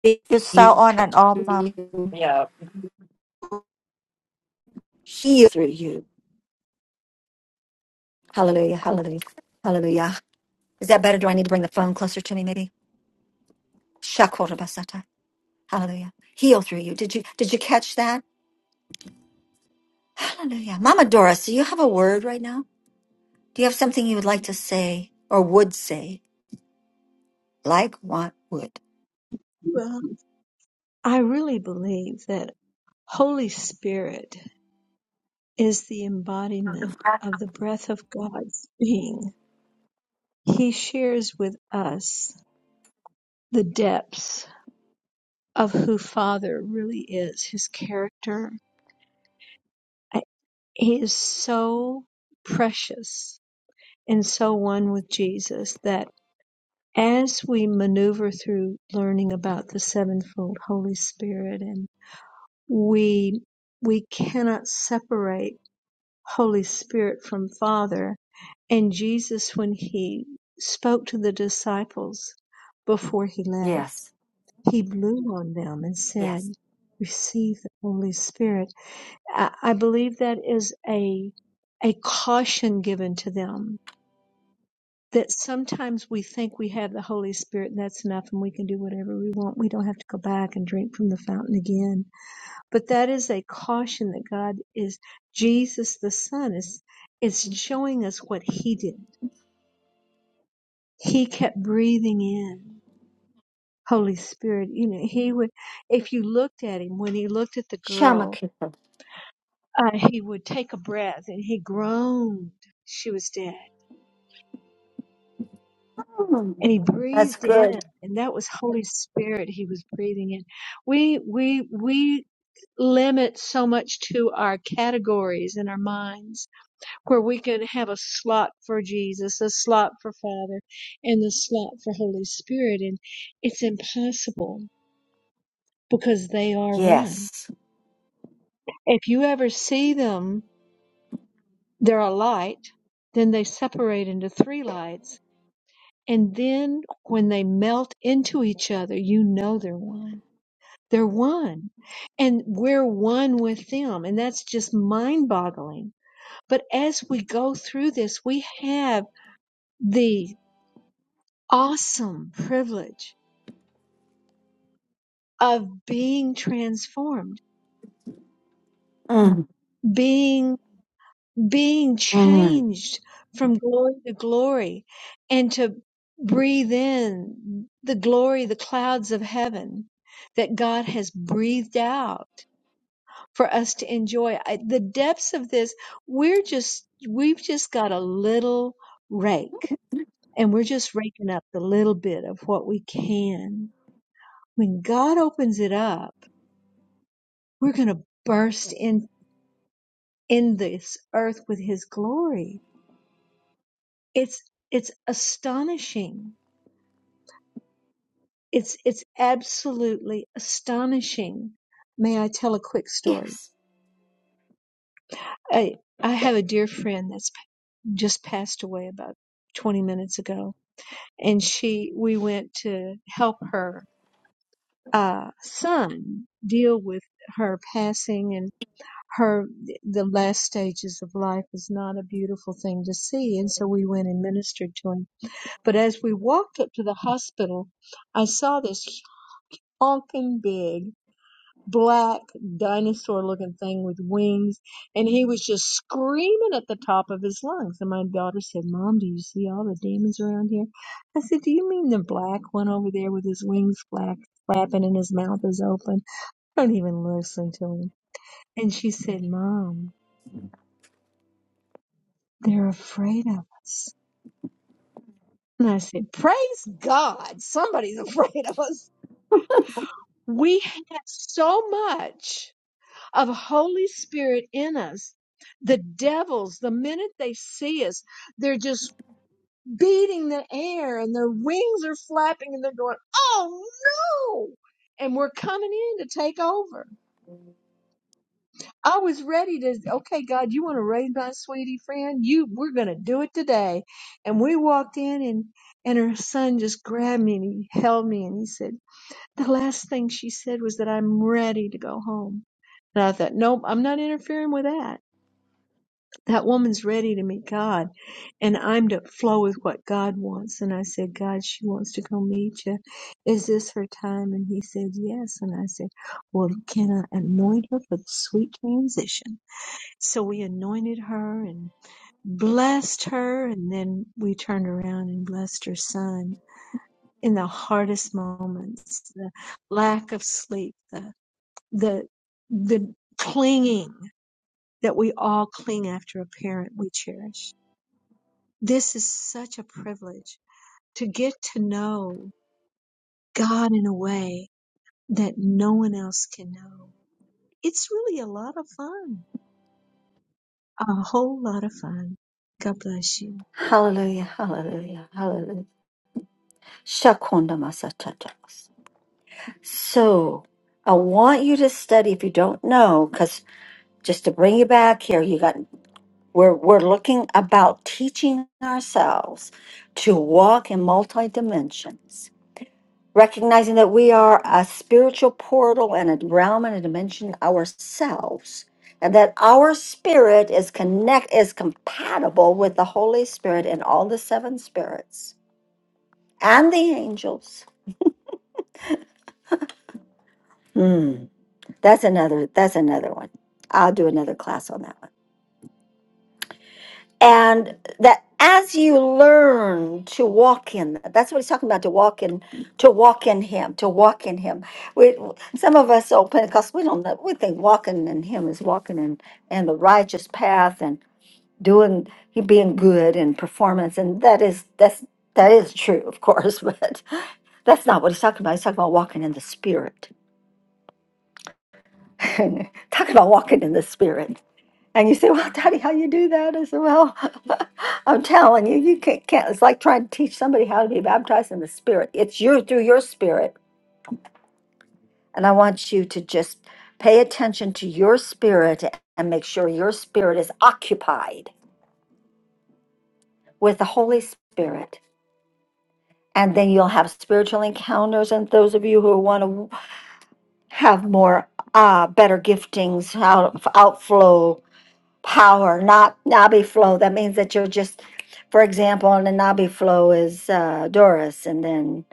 A: speak
B: You
A: through
B: sound
A: you,
B: on and
A: touch
B: off,
A: through
B: mom.
A: you, heal through you. Hallelujah, hallelujah, hallelujah. Is that better? Do I need to bring the phone closer to me? Maybe. Shakora basata. Hallelujah. Heal through you. Did you did you catch that? Hallelujah. Mama Doris, do you have a word right now? Do you have something you would like to say or would say? Like want would.
F: Well, I really believe that Holy Spirit is the embodiment of the breath of God's being. He shares with us the depths of who Father really is, his character, he is so precious and so one with Jesus that as we maneuver through learning about the sevenfold Holy Spirit and we we cannot separate Holy Spirit from Father and Jesus when he spoke to the disciples before he left
A: Yes.
F: he blew on them and said
A: Yes.
F: receive the Holy Spirit I I believe that is a a caution given to them that sometimes we think we have the Holy Spirit and that's enough and we can do whatever we want. We don't have to go back and drink from the fountain again. But that is a caution that God is Jesus the Son is is showing us what he did. He kept breathing in Holy Spirit. You know, he would if you looked at him when he looked at the girl,
A: Shamakita.
F: uh, he would take a breath and he groaned. She was dead
A: Mm,
F: and he
A: That's
F: breathed in
A: good.
F: and that was holy spirit he was breathing in we we we limit so much to our categories in our minds where we can have a slot for jesus a slot for father and the slot for holy spirit and it's impossible because they are one
A: Yes.
F: if you ever see them they're a light then they separate into three lights and then when they melt into each other you know they're one They're one. And we're one with them. And that's just mind boggling. But as we go through this, we have the awesome privilege of being transformed,
A: Mm.
F: being, being
A: Mm.
F: changed from glory to glory and to breathe in the glory, the clouds of heaven that God has breathed out. for us to enjoy. I, the depths of this, we're just, we've just got a little rake and we're just raking up the little bit of what we can. When God opens it up, we're going to burst in, in this earth with his glory. It's, it's astonishing. It's, it's absolutely astonishing. May I tell a quick story?
A: Yes.
F: I, I have a dear friend that's just passed away about 20 minutes ago and she we went to help her uh, son deal with her passing and her the last stages of life is not a beautiful thing to see and so we went and ministered to him but as we walked up to the hospital i saw this honking big black dinosaur looking thing with wings and he was just screaming at the top of his lungs and my daughter said mom do you see all the demons around here i said do you mean the black one over there with his wings flap, flapping and his mouth is open don't even listen to him and she said mom they're afraid of us and i said praise god somebody's afraid of us we have so much of Holy Spirit in us. The devils, the minute they see us, they're just beating the air and their wings are flapping and they're going, Oh no! And we're coming in to take over. I was ready to, okay, God, you want to raise my sweetie friend? You, we're going to do it today. And we walked in and, and her son just grabbed me and he held me and he said, the last thing she said was that I'm ready to go home. And I thought, nope, I'm not interfering with that. That woman's ready to meet God, and I'm to flow with what God wants. And I said, God, she wants to go meet you. Is this her time? And he said, Yes. And I said, Well, can I anoint her for the sweet transition? So we anointed her and blessed her, and then we turned around and blessed her son in the hardest moments, the lack of sleep, the the the clinging that we all cling after a parent we cherish this is such a privilege to get to know God in a way that no one else can know. It's really a lot of fun, a whole lot of fun. God bless you.
A: Hallelujah, hallelujah, hallelujah. Shakunda masatatas. So I want you to study if you don't know, because just to bring you back here, you got we're we're looking about teaching ourselves to walk in multi dimensions, recognizing that we are a spiritual portal and a realm and a dimension ourselves. And that our spirit is connect is compatible with the Holy Spirit and all the seven spirits and the angels. Hmm, that's another. That's another one. I'll do another class on that one. And that as you learn to walk in, that- that's what he's talking about. To walk in, to walk in Him, to walk in Him. We, some of us old Pentecost, we don't know. We think walking in Him is walking in in the righteous path and doing, being good and performance, and that is that's that is true, of course, but that's not what he's talking about. He's talking about walking in the Spirit Talk about walking in the spirit. And you say, Well, Daddy, how you do that? I said, Well, I'm telling you, you can't, can't. It's like trying to teach somebody how to be baptized in the spirit. It's you through your spirit. And I want you to just pay attention to your spirit and make sure your spirit is occupied with the Holy Spirit. And then you'll have spiritual encounters. And those of you who want to have more uh, better giftings, out, outflow, power, not Nabi flow. That means that you're just, for example, and the Nabi flow is uh, Doris, and then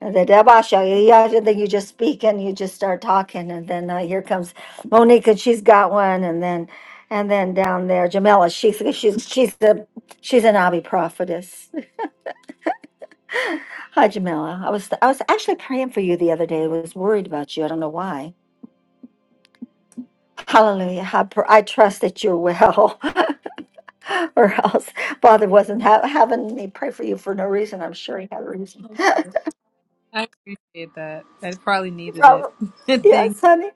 A: the Debasha, yeah, then you just speak and you just start talking, and then uh, here comes Monique, and she's got one, and then and then down there Jamila, she's she's she's the she's a Nabi prophetess. Hi Jamila, I was I was actually praying for you the other day. I was worried about you. I don't know why. Hallelujah. I, pr- I trust that you're well. or else Father wasn't ha- having me pray for you for no reason. I'm sure he had a reason.
K: you. I appreciate that. I probably needed it.
A: Probably.
K: Thank
A: Yes,
K: you.
A: honey.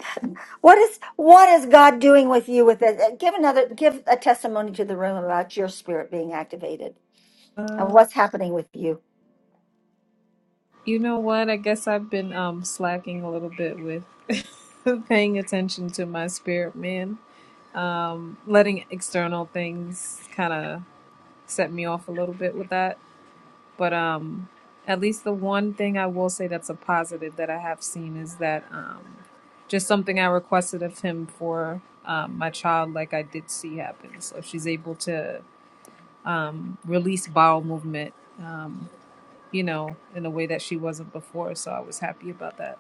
A: What is what is God doing with you with it? Uh, Give another give a testimony to the room about your spirit being activated and
K: Um,
A: what's happening with you.
K: you know what? I guess I've been um slacking a little bit with paying attention to my spirit man. Um, letting external things kind of set me off a little bit with that. But um, at least the one thing I will say that's a positive that I have seen is that um, just something I requested of him for um, my child, like I did see happen. So she's able to release bowel movement, um, you know, in a way that she wasn't before. So I was happy about that.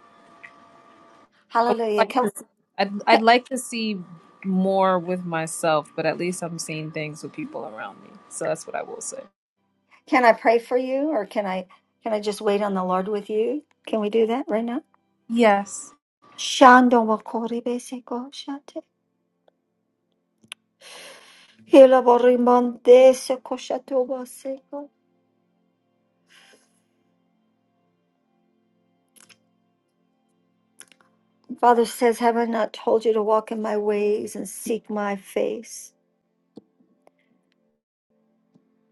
K: I would
A: Hallelujah.
K: like
A: Can
K: to see, I'd, I'd like to see more with myself, but at least I'm seeing things with people around me. So that's what I will say.
A: can I pray for you or can I can I just wait on the Lord with you? Can we do that right now?
K: Yes.
A: Shando mokori beseko shate. Hila borimonde seko shato Father says, Have I not told you to walk in my ways and seek my face?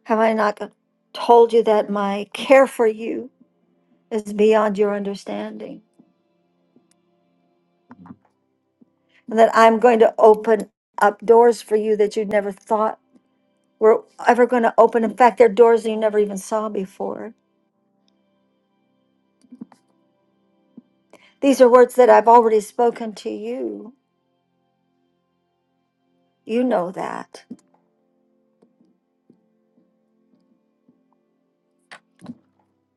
A: Have I not told you that my care for you is beyond your understanding? And that I'm going to open up doors for you that you never thought were ever going to open. In fact, they're doors that you never even saw before. These are words that I've already spoken to you. You know that.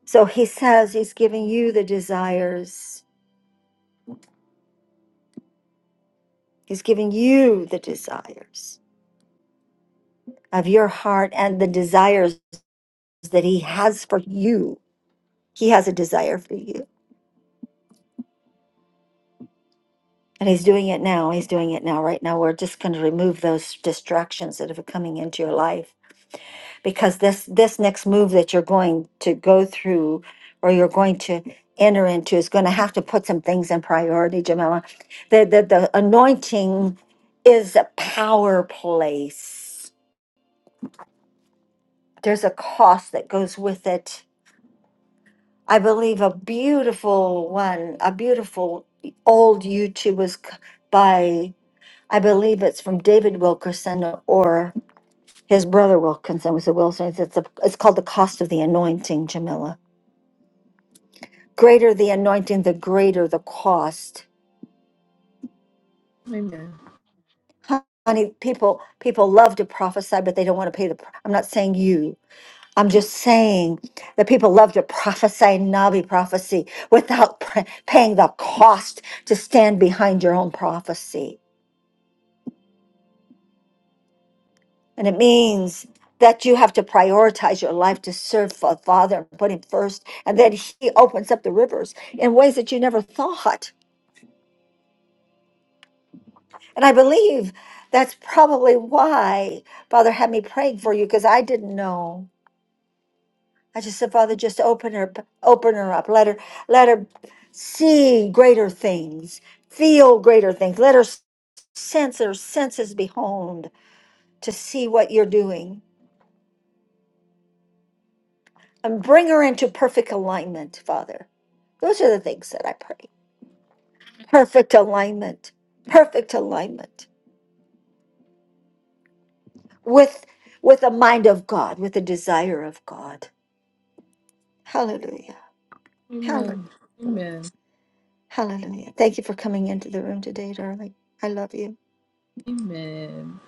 A: So he says he's giving you the desires. He's giving you the desires of your heart and the desires that he has for you. He has a desire for you. And he's doing it now. He's doing it now. Right now, we're just going to remove those distractions that are coming into your life because this this next move that you're going to go through or you're going to enter into is going to have to put some things in priority, Jamila. The the, the anointing is a power place. There's a cost that goes with it I believe a beautiful one, a beautiful old YouTube was c- by, I believe it's from David Wilkerson or his brother Wilkinson was the Wilson. It's, a, it's called The Cost of the Anointing, Jamila. Greater the anointing, the greater the cost.
K: Amen.
A: Honey, people people love to prophesy, but they don't want to pay the. pr- I'm not saying you. I'm just saying that people love to prophesy Navi prophecy without pr- paying the cost to stand behind your own prophecy. And it means that you have to prioritize your life to serve the Father and put Him first. And then He opens up the rivers in ways that you never thought. And I believe that's probably why Father had me praying for you because I didn't know. I just said, Father, just open her, open her up. Let her, let her see greater things, feel greater things. Let her sense her senses be honed to see what you're doing, and bring her into perfect alignment, Father. Those are the things that I pray. Perfect alignment, perfect alignment with with the mind of God, with the desire of God. Hallelujah.
K: Amen.
A: Hallelujah.
K: Amen.
A: Hallelujah. Thank you for coming into the room today, darling. I love you.
K: Amen.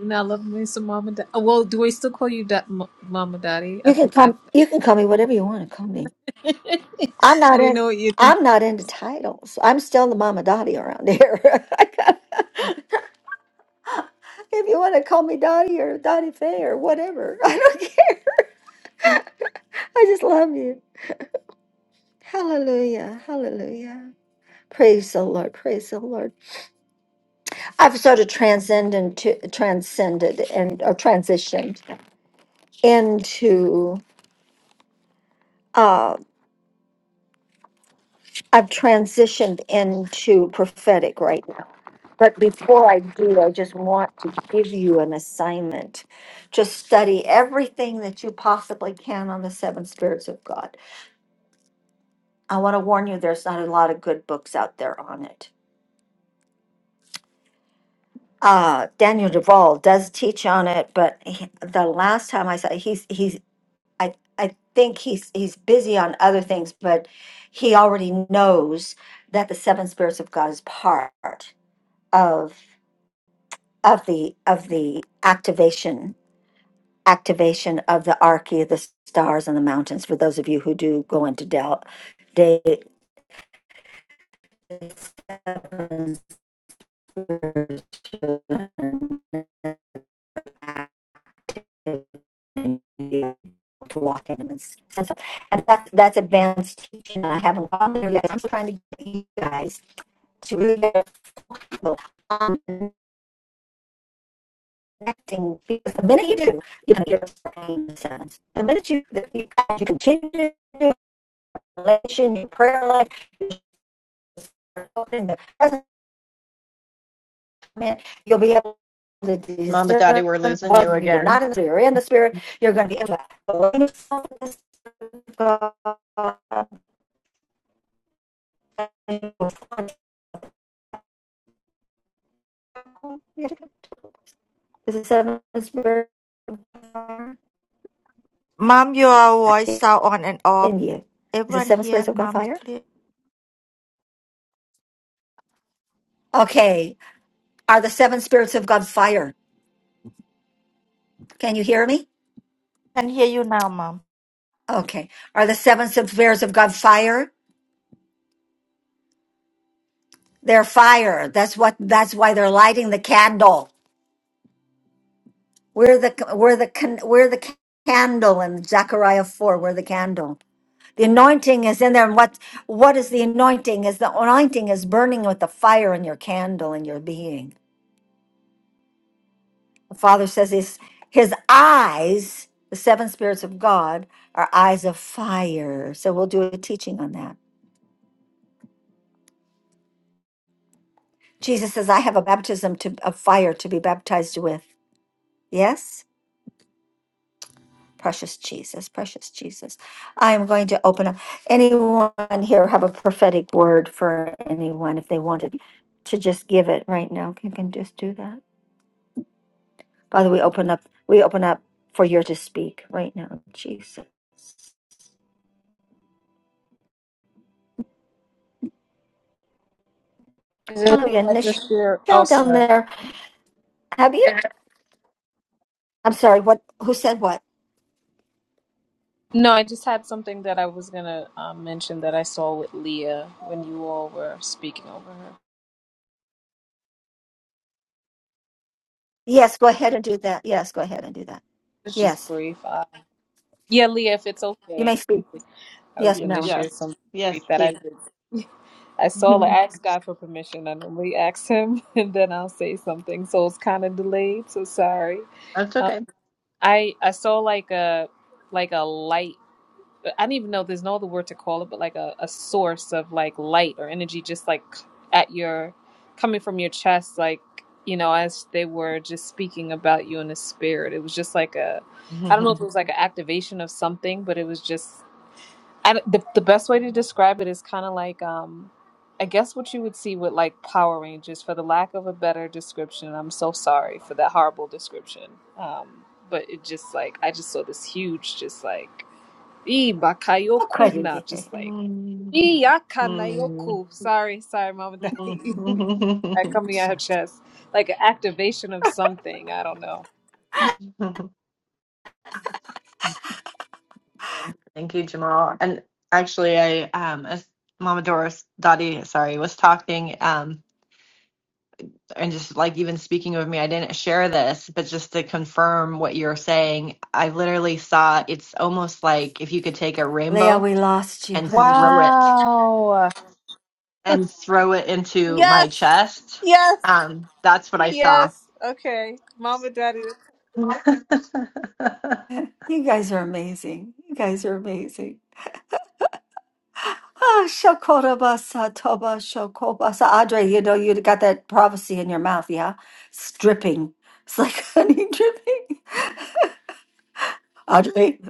K: And I love me some mom and dad. Oh, well, do we still call you da- M- mom daddy? I
A: You can
K: think I,
A: come. You can call me whatever you want to call me. I'm
K: I
A: not
K: didn't
A: in.
K: know what you.
A: I'm not into titles. I'm still the mama Dottie around here. if you want to call me Dottie or Dottie Faye or whatever, I don't care. I just love you. Hallelujah! Hallelujah! Praise the Lord! Praise the Lord! I've sort of transcended to transcended and or transitioned into. um, I've transitioned into prophetic right now. But before I do, I just want to give you an assignment. Just study everything that you possibly can on the seven spirits of God. I want to warn you, there's not a lot of good books out there on it. Uh, Daniel Duvall does teach on it, but he- the last time I saw he's he's I I think he's he's busy on other things, but he already knows that the seven spirits of God is part of of the of the activation activation of the archy of the stars and the mountains for those of you who do go into del day seven to walk in and sense of- and that's that's advanced teaching i haven't gone there yet i'm trying to get you guys to really get people on connecting because the minute you do you're going to get a sense the minute you, that you, you continue revelation, your prayer life, in the present moment, you'll be able to discern whether you're not in the spirit, you're in the spirit, you're going to be able to align yourself with the Spirit of God. And you seven spirits of fire.
B: Mom, your voice
A: Asking
B: sound on and off.
A: you. Is the
B: Everyone
A: seven spirits
B: here,
A: of God
B: mom's
A: fire?
B: clear.
A: Okay. Are the seven spirits of God fire? Can you hear me?
B: Can hear you now, mom.
A: Okay. Are the seven spirits of God fire? They're fire. That's what that's why they're lighting the candle. We're the we're the can- we're the ca- candle in Zechariah four. We're the candle. The anointing is in there, and what what is the anointing? Is the anointing is burning with the fire in your candle in your being. The Father says his his eyes, the seven spirits of God, are eyes of fire. So we'll do a teaching on that. Jesus says, "I have a baptism to, of fire to be baptized with." Yes. Precious Jesus, precious Jesus. I am going to open up. Anyone here have a prophetic word for anyone if they wanted to just give it right now? Can can just do that. Father, we open up. We open up for you to speak right now, Jesus.
K: Is it okay
A: Hallelujah.
K: if I just share? Oh,
A: Nichelle down
K: sorry.
A: there, have you? I'm sorry. What? Who said what?
K: No, I just had something that I was gonna um, mention that I saw with Leah when you all were speaking over her.
A: Yes. Go ahead and do that. Yes. Go ahead and do that.
K: It's just
A: Yes.
K: brief. Uh, yeah, Leah, if it's
A: You
K: okay,
A: may speak.
K: I was
A: Yes.
J: Y-
K: gonna
A: No.
K: share
J: yes,
K: something brief
J: yes,
K: that I
J: please.
K: did. I saw. like, I asked God for permission. I normally ask Him, and then I'll say something. So it's kind of delayed. So sorry.
J: That's
K: Um,
J: okay.
K: I I saw like a like a light. I don't even know. There's no other word to call it, but like a, a source of like light or energy, just like at your coming from your chest, like you know, as they were just speaking about you in the spirit. It was just like a, I don't know if it was like an activation of something, but it was just. I, the the best way to describe it is kind of like um, I guess what you would see with like Power Rangers, for the lack of a better description. I'm so sorry for that horrible description. Um, but it just like I just saw this huge, just like E
A: Oh,
K: bakayoku
A: crazy.
K: na just like
J: Mm,
K: E
J: mm,
K: yakanayoku. Sorry, sorry, mom and
J: mm,
K: daddy. I
J: mm.
K: coming out of chest. Like an activation of something. I don't know.
J: Thank you, Jamal. And actually, I um, as Mama Doris Dottie, sorry, was talking um, and just like even speaking with me, I didn't share this, but just to confirm what you're saying, I literally saw it's almost like if you could take a
A: Leah,
J: rainbow
A: we lost you,
J: and
A: honey.
J: throw it
K: Wow.
J: and throw it into my
K: Yes.
J: chest.
K: Yes.
J: Um, that's what I saw.
K: Yes. Okay. Mama daddy.
J: Right.
A: You guys are amazing. You guys are amazing. Ah, shakorabasa toba shokobasa. Audrey, you know, you got that prophecy in your mouth, yeah? Stripping. It's like honey dripping. Audrey.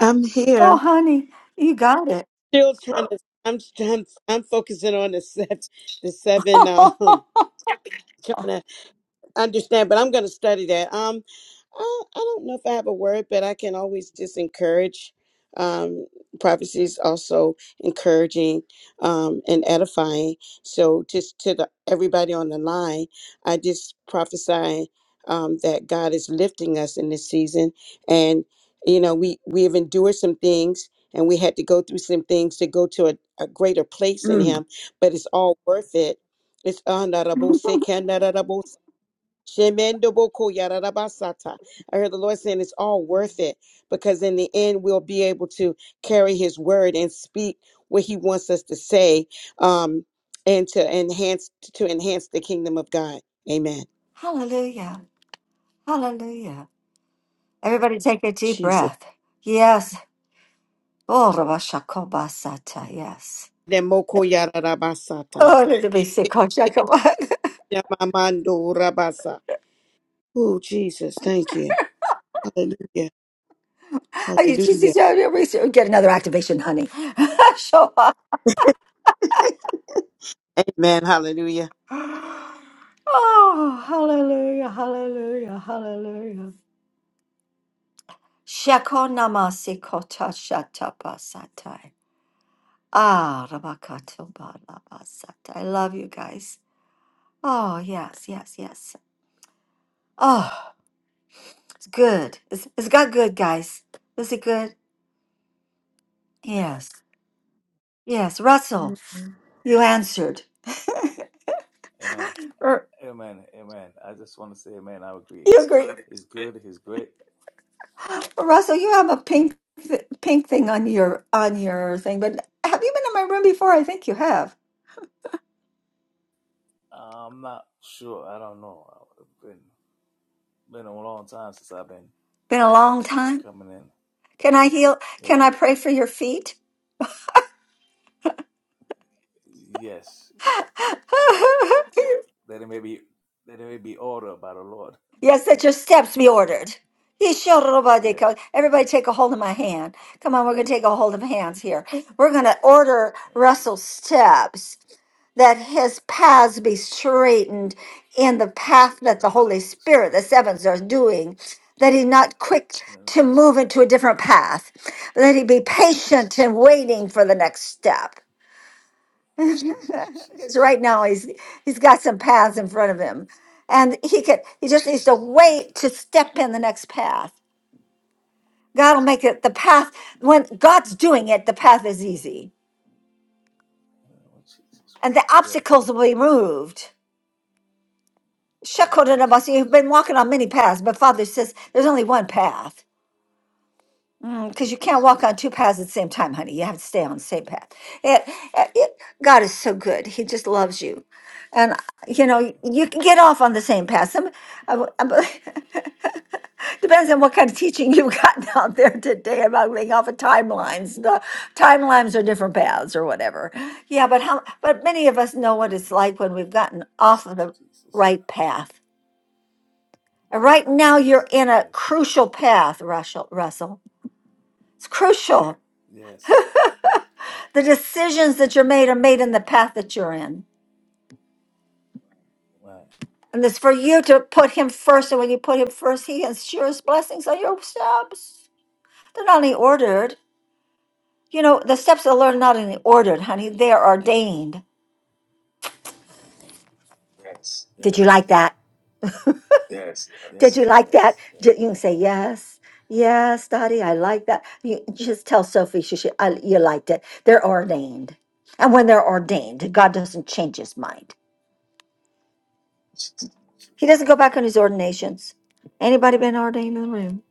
H: I'm
A: Oh,
H: here.
A: honey, you got it.
H: Still trying to. I'm trying. I'm focusing on the seven. The seven. Um, trying understand, but I'm going to study that. Um, I, I don't know if I have a word, but I can always just encourage. Um, prophecy is also encouraging um, and edifying. So, just to the, everybody on the line, I just prophesy um, that God is lifting us in this season, and you know we we have endured some things. And we had to go through some things to go to a, a greater place in
A: Mm.
H: Him, but it's all worth it. It's honorable, Shemendo boko yararabasata. I heard the Lord saying it's all worth it because in the end we'll be able to carry His word and speak what He wants us to say, um, and to enhance to enhance the kingdom of God. Amen.
A: Hallelujah. Hallelujah. Everybody take a deep
H: Jesus.
A: breath. Yes. Oh, rabashakobasata. Yes.
H: Then moko yararabasata.
A: Oh, let me see.
H: Yamamando rabasa. Oh Jesus, thank you. Hallelujah.
A: I use
H: Hallelujah.
A: GCW research. Get another activation, honey. Show up.
H: Amen. Hallelujah.
A: Oh, hallelujah, hallelujah, hallelujah. Shakonama sikota shatapa satai. Ah, rabakato balaba satai. I love you guys. Oh, yes, yes, yes. Oh, it's good. It's, it's got good, guys. Is it good? Yes. Yes, Russell, you answered.
L: Amen.
A: Er,
L: Amen. Amen. I just want to say amen. I agree.
A: you
L: He's
A: agree.
L: good. He's great.
A: Russell, you have a pink th- pink thing on your on your thing, but have you been in my room before? I think you have.
L: I'm not sure. I don't know. I've been been a long time since I've been
A: Been a long time.
L: coming in.
A: Can I heal? Can
L: Yeah.
A: I pray for your feet?
L: Yes. That that it may be that it may be ordered by the Lord.
A: Yes, that your steps be ordered.
L: Yes.
A: Yeshorodobadeko. Everybody take a hold of my hand. Come on, we're going to take a hold of hands here. We're going to order
L: Oh, Jesus.
A: Russell's steps that his paths be
L: Yeah.
A: straightened in the path
L: In
A: that
L: the
A: the
L: name of
A: Holy
L: Jesus Christ.
A: Spirit, the sevens, are doing, that he not quick
L: In the name
A: to
L: of
A: move
L: Jesus.
A: into a different path, that he be
L: In the
A: patient
L: name
A: and
L: of Jesus
A: waiting for
L: Christ.
A: the next step
L: In the name of
A: because
L: Jesus
A: right now
L: Christ.
A: he's he's got some paths in front of him and he could he just
L: In
A: needs
L: the
A: to
L: name of
A: wait
L: Jesus.
A: to step in the next path
L: In
A: god
L: the
A: will
L: name of
A: make it the
L: Jesus
A: path
L: Christ.
A: when god's doing it the path is easy
L: In the name of Jesus
A: and the
L: Christ. Yes.
A: obstacles will be moved
L: In the name of
A: shekinah you've
L: Jesus
A: been walking on many paths but father says there's only one path because you can't
L: Oh,
A: walk on two
L: Jesus.
A: paths at
L: Christ.
A: the same time honey you have to stay on the same path It- it- god is so good he just loves you and you know
L: Oh,
A: you can get
L: Jesus.
A: off on the same path some I, Depends on what kind of teaching you've gotten out there today about being off of timelines. The timelines are different paths or whatever. Yeah, but how? But many of us know what it's like when we've gotten off of the
L: Jesus
A: right
L: Christ.
A: path. And right now,
L: Jesus
A: you're
L: Christ.
A: in a
L: Yes.
A: crucial path, Russell. Russell, it's crucial.
L: Yes.
A: The decisions that you're made are made in the path that you're in,
L: Why?
A: and it's for you to put Him first. And when you put Him first, He ensures blessings on your steps. They're not only ordered. You know, the steps of the Lord are not only ordered, honey,
L: Yes.
A: they are ordained. Did you
L: Yes.
A: like that? Did you
L: Yes.
A: like that?
L: Yes.
A: Ju-
L: Yes.
A: You can say, yes, yes, Daddy, I like that. You just tell Sophie she should, I, you liked it. They're ordained. And when they're ordained, God doesn't change his mind. He doesn't
L: Jesus.
A: go back on his ordinations. Anybody been ordained in the room?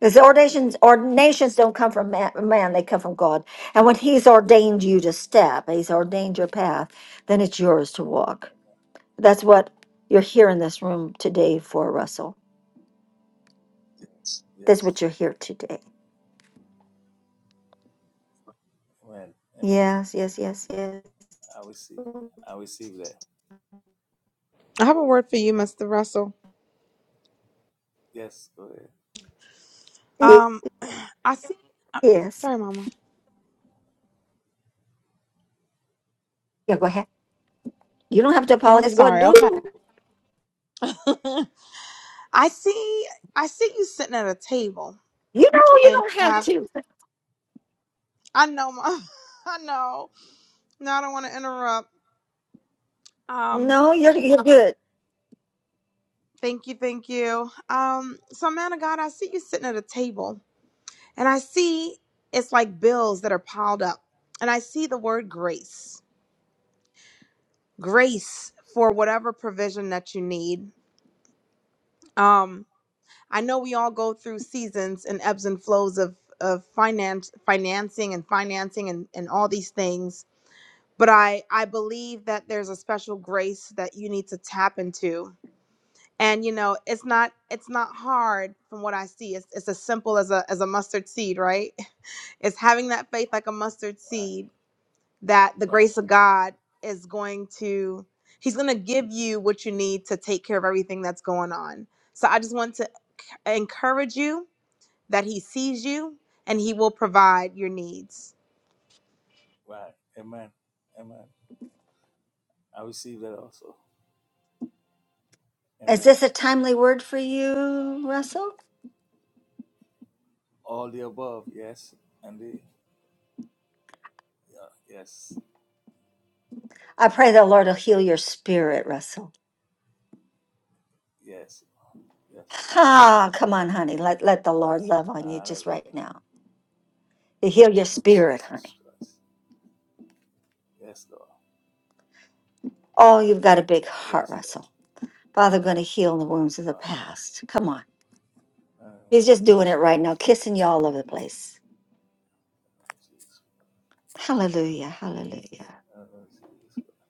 A: Because ordinations, ordinations don't come from man, man, they come from God. And when he's ordained you to step, he's ordained your path, then it's yours to
L: Amen.
A: walk.
L: Amen.
A: That's what you're here in this room today for, Russell. That's
L: Yes.
A: what you're here today.
L: Amen. Amen.
A: Yes, yes, yes, yes.
L: I receive. I receive that.
I: I have a word for you, Mr. Russell.
L: Yes. Go ahead.
A: Ye-
I: Um, I see. uh,
A: Yes.
I: Sorry, Mama.
A: Yeah, go ahead. You don't have to
I: Oh, I'm
A: apologize. Go and
I: sorry.
A: do.
I: Okay.
A: You
I: I see. I see you sitting at a table,
A: know, you
I: and
A: don't
I: you
A: have
I: have.
A: to.
I: I know, Mom. I know. No, I don't want to interrupt. Um,
A: No, you're, you're good.
I: thank you, thank you. Um, so, man of God, I see you sitting at a table, and I see it's like bills that are piled up, and I see the word grace, grace for whatever provision that you need. Um, I know we all go through seasons and ebbs and flows of of finance financing and financing and, and all these things. But I, I believe that there's a special grace that you need to tap into. And you know, it's not it's not hard from what I see. It's it's as simple as a as a mustard seed, right? It's having that faith like a mustard
L: Why?
I: seed that the
L: Why?
I: grace of God is going to He's gonna give you what you need to take care of everything that's going on. So I just want to encourage you that He sees you and He will provide your needs.
L: Why? Amen. Amen. I receive that also.
A: Is
L: Amen.
A: this a timely word for you, Russell?
L: All the above. Yes. And the yeah. Yes.
A: I pray the Lord will heal your spirit, Russell.
L: Yes. Yes.
A: Ah, come on, honey. Let, let the Lord love on you just
L: Hallelujah.
A: right now. You
L: In
A: heal
L: the
A: your
L: name of
A: spirit,
L: Jesus
A: honey.
L: Christ. Yes, Lord.
A: Oh, you've got a big heart,
L: Yes, Lord.
A: Russell. Father, going to heal the wounds of the
L: Honor.
A: past. Come on.
L: Honor of
A: He's just doing it
L: Jesus
A: right now,
L: Christ.
A: kissing you all over the place.
L: Honor of Jesus.
A: Hallelujah. Hallelujah.
L: Christ. Honor of Jesus Christ.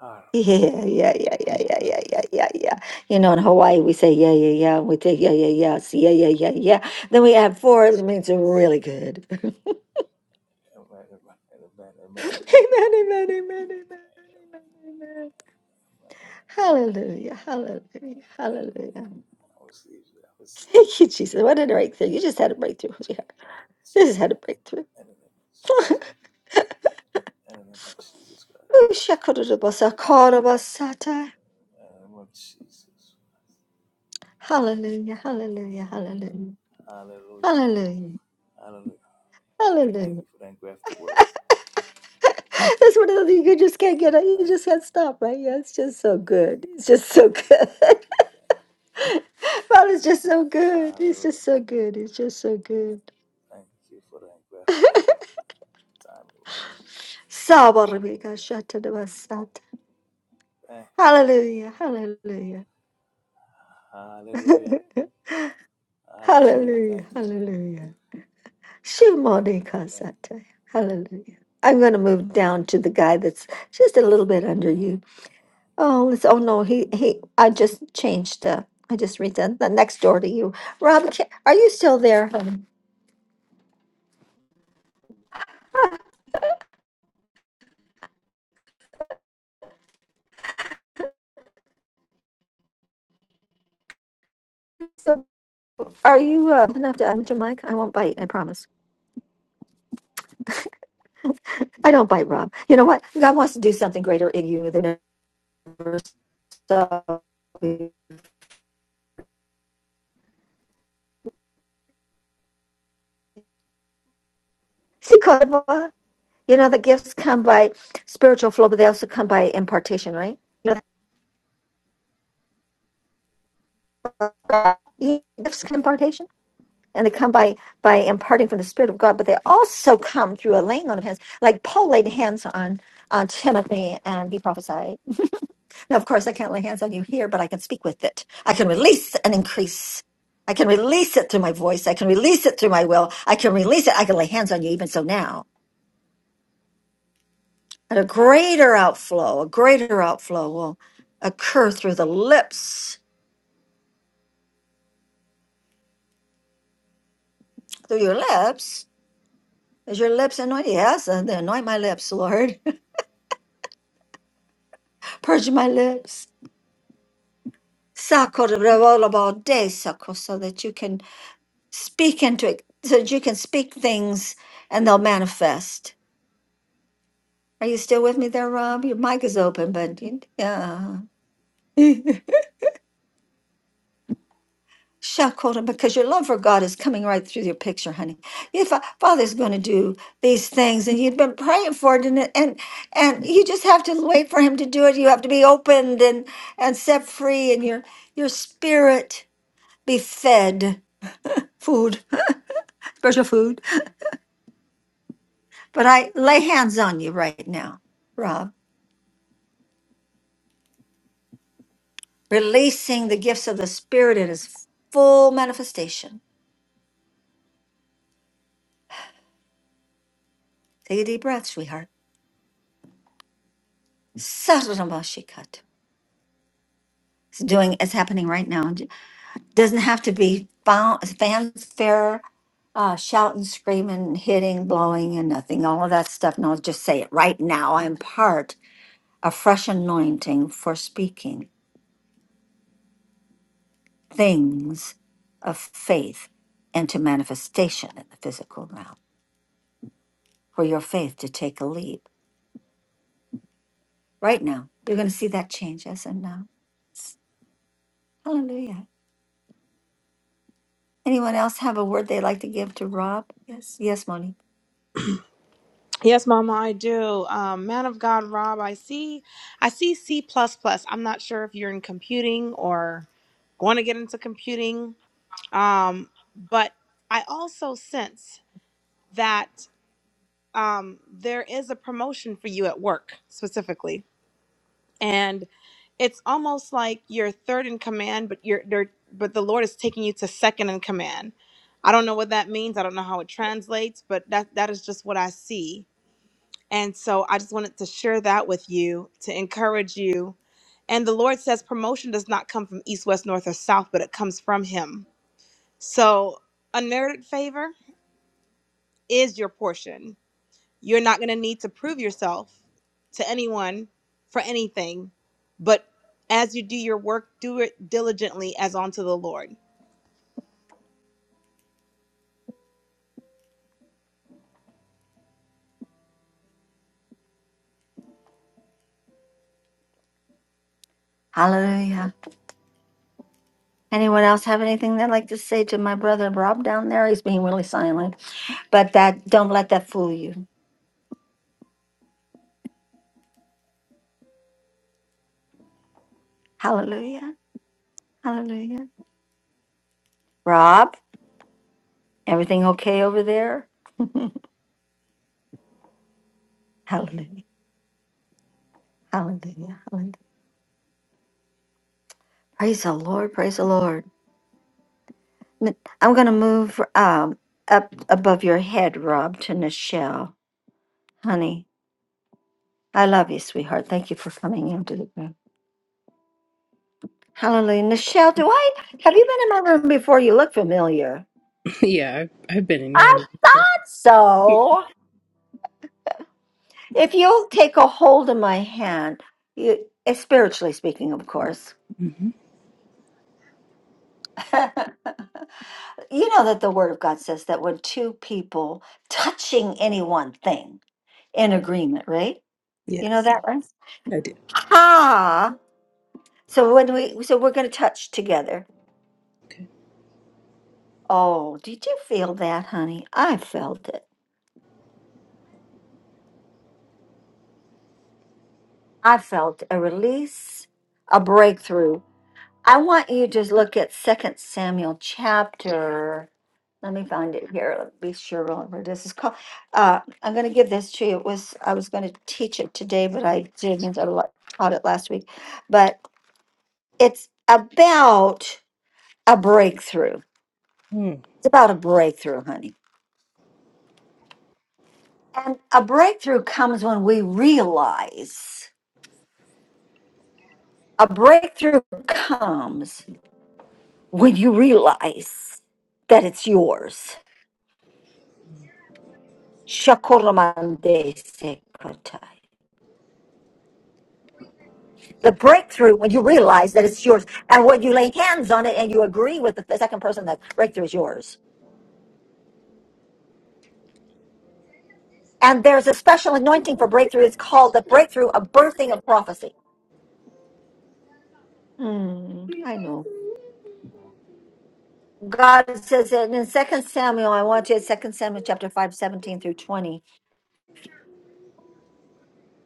L: Honor, Lord.
A: Yeah, yeah, yeah,
L: In the
A: yeah,
L: name
A: yeah, yeah,
L: of
A: yeah, yeah,
L: Jesus
A: yeah.
L: Christ.
A: yeah. You know, in Hawaii we say yeah, yeah, yeah, and we take yeah, yeah, yes, yeah, yeah, yeah, yeah. Then we add four, it means they're
L: Yes.
A: really good. amen,
L: Amen. Amen. Amen. Amen. Amen.
A: amen, amen, amen, amen, amen.
L: Amen. Amen. Amen.
A: Hallelujah, hallelujah, hallelujah.
L: I receive you. I receive
A: Thank
L: you.
A: you, Jesus. What a breakthrough. You just had a breakthrough, sweetheart. You just
L: Jesus.
A: had a breakthrough.
L: In the name of Jesus. In the name of Jesus Christ. I receive you. I receive you. In the name of Jesus Christ.
A: Hallelujah, hallelujah, hallelujah,
L: Hallelujah.
A: hallelujah,
L: Hallelujah. Thank
A: hallelujah.
L: you for that graph the word.
A: That's one of those things you just can't get, you
L: Thank
A: just can't stop, right? Yeah, it's just so
L: you. Thank
A: good.
L: you.
A: It's just
L: Thank
A: so good.
L: you. Thank you. Thank you.
A: God just so good. It's
L: Hallelujah.
A: just so good. It's just so good.
L: Thank you for the aggressive word. Thank you for the timely word.
A: Sabarabika shatadabasat.
L: Thank you. Thank you.
A: Hallelujah, hallelujah,
L: Hallelujah. Hallelujah.
A: hallelujah,
L: Thank you.
A: hallelujah. Shimonika
L: Thank
A: sata. Hallelujah. I'm going to move down to the guy that's just a little bit underused. Oh, it's, oh no, he, he, I just changed, uh, I just redone the next door to you. Rob, ca- are you still there? hon? So, are you, uh, enough to unmute your mic? I won't bite, I promise. I don't bite, Rob. You know what? God wants to do something greater in you than ever. So, see, Kodwa, you know, the gifts come by spiritual flow, but they also come by impartation, right? You know, uh, gifts come impartation. and they come by by imparting from the Spirit of God, but they also come through a laying on of hands, like Paul laid hands on on Timothy and he prophesied. Now, of course, I can't lay hands on you here, but I can speak with it. I can release and increase. I can release it through my voice. I can release it through my will. I can release it. I can lay hands on you even so now. And a greater outflow, a greater outflow will occur through the lips, through your lips. Is your lips anointed? Yes, and then anoint my lips, Lord. Purge my lips Sakorabolabodesako, so that you can speak into it, so that you can speak things and they'll manifest. Are you still with me there, Rob? Your mic is open, but you- yeah. Shakota, because your love for God is coming right through your picture, honey. Your fa- Father's going to do these things, and you've been praying for it, and it- and and you just have to wait for Him to do it. You have to be opened and and set free, and your your spirit be fed food, special food. But I lay hands on you right now, Rob, releasing the gifts of the Spirit in its full manifestation. Take a deep breath, sweetheart. Sarabashikata. It's doing, it's happening right now. It doesn't have to be fan- fanfare, uh, shouting, screaming, hitting, blowing, and nothing. All of that stuff. No, just say it right now. I impart a fresh anointing for speaking things of faith into manifestation in the physical realm. for your faith to take a leap. Right now, you're going to see that change. Yes and no. Hallelujah. Anyone else have a word they'd like to give to Rob? Yes. Yes, Moni.
I: Yes, Mama, I do. Um, man of God, Rob, I see. I see C plus plus. I'm not sure if you're in computing or going to get into computing, um, but I also sense that um, there is a promotion for you at work specifically, and. it's almost like you're third in command, but you're they're- but the Lord is taking you to second in command. I don't know what that means. I don't know how it translates, but that that is just what I see. And so I just wanted to share that with you to encourage you. And the Lord says promotion does not come from east, west, north, or south, but it comes from Him. So unmerited favor is your portion you're not going to need to prove yourself to anyone for anything, but as you do your work, do it diligently as unto the Lord.
A: Hallelujah. Anyone else have anything they'd like to say to my brother Rob down there? He's being really silent, but that don't let that fool you. Hallelujah. Hallelujah. Rob, everything okay over there? hallelujah. Hallelujah. Hallelujah. Praise the Lord. Praise the Lord. N- I'm gonna move um up above your head, Rob, to Nichelle. Honey, I love you, sweetheart. Thank you for coming into the room. Hallelujah. Nichelle, do I have you been in my room before? You look familiar.
M: Yeah, I've, I've been in your
A: I
M: room before.
A: thought so. If you'll take a hold of my hand, you eh, spiritually speaking, of course.
M: hmm
A: you know that the word of God says that when two people touching any one thing in agreement, right? You know
M: Yes.
A: that, right?
M: I did.
A: Ha! So when we, so we're going to touch together.
M: Okay.
A: Oh, did you feel that, honey? I felt it. I felt a release, a breakthrough. I want you to look at Second Samuel chapter. Let me find it here. Let me be sure where this is called. Uh, I'm going to give this to you. It was I was going to teach it today, but I didn't. I lo- taught it last week. But it's about a breakthrough.
M: Mm.
A: It's about a breakthrough, honey And a breakthrough comes when we realize. A breakthrough comes when you realize that it's yours. Shakoramande sekatai. The breakthrough when you realize that it's yours, and when you lay hands on it and you agree with the, the second person that breakthrough is yours. And there's a special anointing for breakthrough. It's called the breakthrough of birthing of prophecy. Hmm, I know. God says it in Second Samuel, I want you at Second Samuel chapter 5, 17 through 20.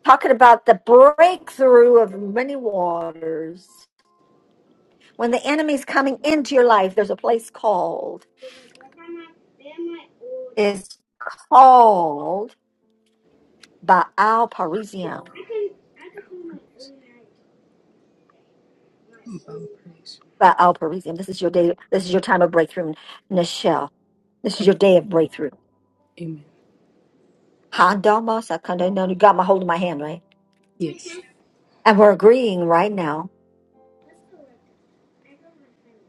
A: talking about the breakthrough of many waters. When the enemy's coming into your life, there's a place called, it's called Baal Parisium. Baal Parisium. This is your day, this is your time of breakthrough, Nichelle. This is your day of breakthrough.
M: Amen.
A: Handama sakanda no, You got my hold of my hand, right?
M: Yes.
A: And we're agreeing right now.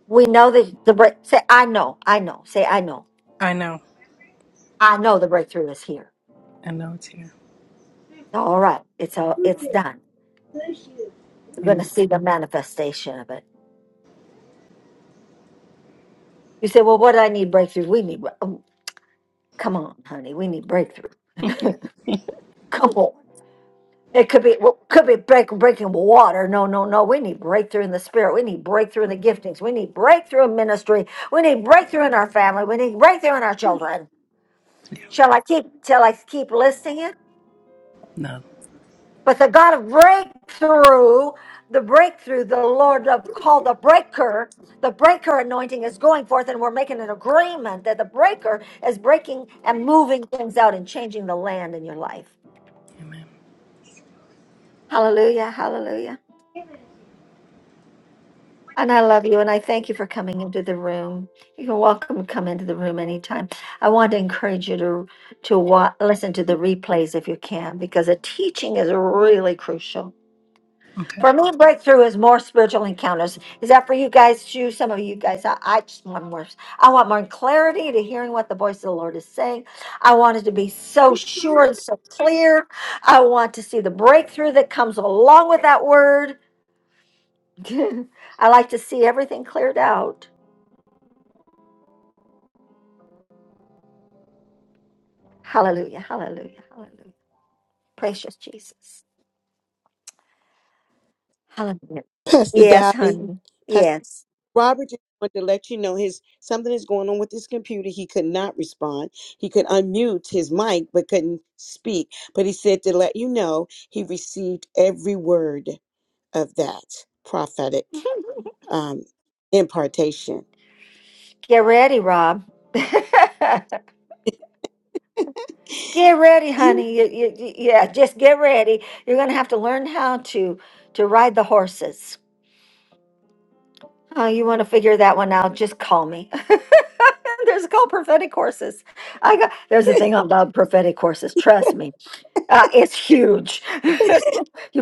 A: We know that the break say I know, I know, say I know.
M: I know.
A: I know the breakthrough is here.
M: I know it's here.
A: All right. It's all it's done. We're going
M: Amen.
A: to see the manifestation of it. You say, well, what do I need breakthrough? We need, bre- oh, come on, honey, we need breakthrough. come on. It could be well, could be break, breaking water. No, no, no. We need breakthrough in the spirit. We need breakthrough in the giftings. We need breakthrough in ministry. We need breakthrough in our family. We need breakthrough in our children. Shall I keep? Shall I keep listing
M: No.
A: But the God of breakthrough, the breakthrough, the Lord of called the breaker, the breaker anointing is going forth, and we're making an agreement that the breaker is breaking and moving things out and changing the land in your life.
M: Amen.
A: Hallelujah, hallelujah. And I love you, and I thank you for coming into the room. You're welcome to come into the room anytime. I want to encourage you to to wa- listen to the replays if you can, because the teaching is really crucial
M: Okay.
A: For me, breakthrough is more spiritual encounters. Is that for you guys too? Some of you guys, I, I just want more. I want more clarity to hearing what the voice of the Lord is saying. I want it to be so sure and so clear. I want to see the breakthrough that comes along with that word. I like to see everything cleared out. Hallelujah, hallelujah, hallelujah. Precious Jesus. Hallelujah.
H: Pastor
A: Yes,
H: Daddy.
A: honey. Yes.
H: Robert just wanted to let you know his something is going on with his computer. He could not respond. He could unmute his mic but couldn't speak. But he said to let you know he received every word of that prophetic um, impartation.
A: Get ready, Rob. Get ready, honey. You, you, you- yeah, just get ready. You're gonna have to learn how to to ride the horses. Oh, you want to figure that one out? Just call me. there's a called prophetic courses. I got there's a thing about prophetic courses. Trust me, uh, it's huge. you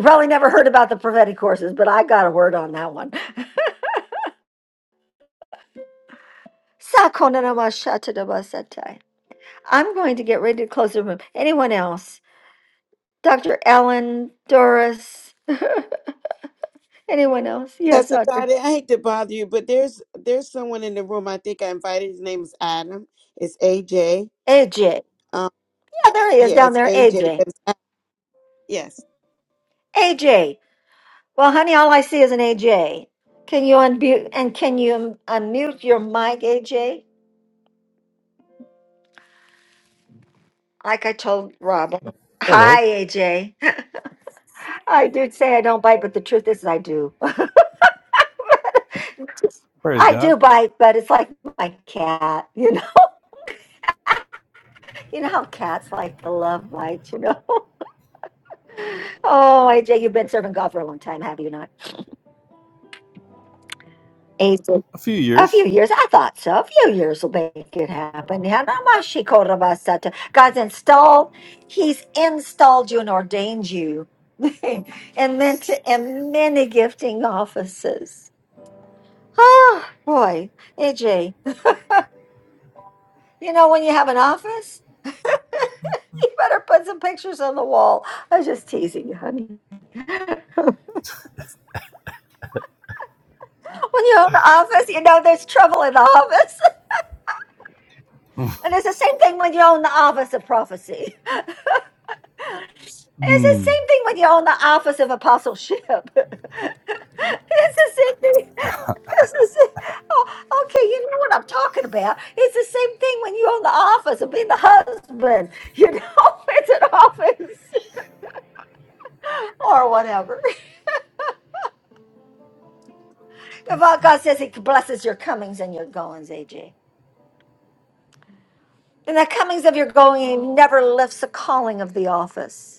A: probably never heard about the prophetic courses, but I got a word on that one. Sakonanamashatadabasatai. I'm going to get ready to close the room. Anyone else? Dr. Ellen, Doris, anyone else? Yes,
H: Pastor
A: Audrey.
H: Dottie, I hate to bother you, but there's there's someone in the room. I think I invited. His name is Adam. It's AJ.
A: AJ. Yeah,
H: Um,
A: there he is
H: yeah,
A: down
H: it's
A: there.
H: AJ.
A: AJ.
H: But it's Adam. Yes.
A: AJ. Well, honey, all I see is an AJ. Can you unmute and can you unmute your mic, AJ? Like I told Robin. Hi,
N: Hello.
A: AJ. I do say I don't bite, but the truth is I do.
N: Praise
A: I do
N: God.
A: bite, but it's like my cat, you know. You know how cats like to love bites, you know. Oh, AJ, you've been serving God for a long time, have you not? AJ.
N: A few
A: A few
N: years.
A: years, I thought so. A few years will make it happen. Yanamashikoravasata. God's installed, He's installed you and ordained you, and then to in many gifting offices. Oh boy, AJ, you know when you have an office, you better put some pictures on the wall. I was just teasing you, honey. when you own the office, you know there's trouble in the office, and it's the same thing when you own the office of prophecy. It's the
N: Mm.
A: same thing when you're on the office of apostleship. it's the same thing. It's the same. Oh, okay, you know what I'm talking about. It's the same thing when you're on the office of being the husband. You know, it's an office or whatever. If all God says He blesses your comings and your goings, AJ. And the comings of your going never lifts the calling of the office.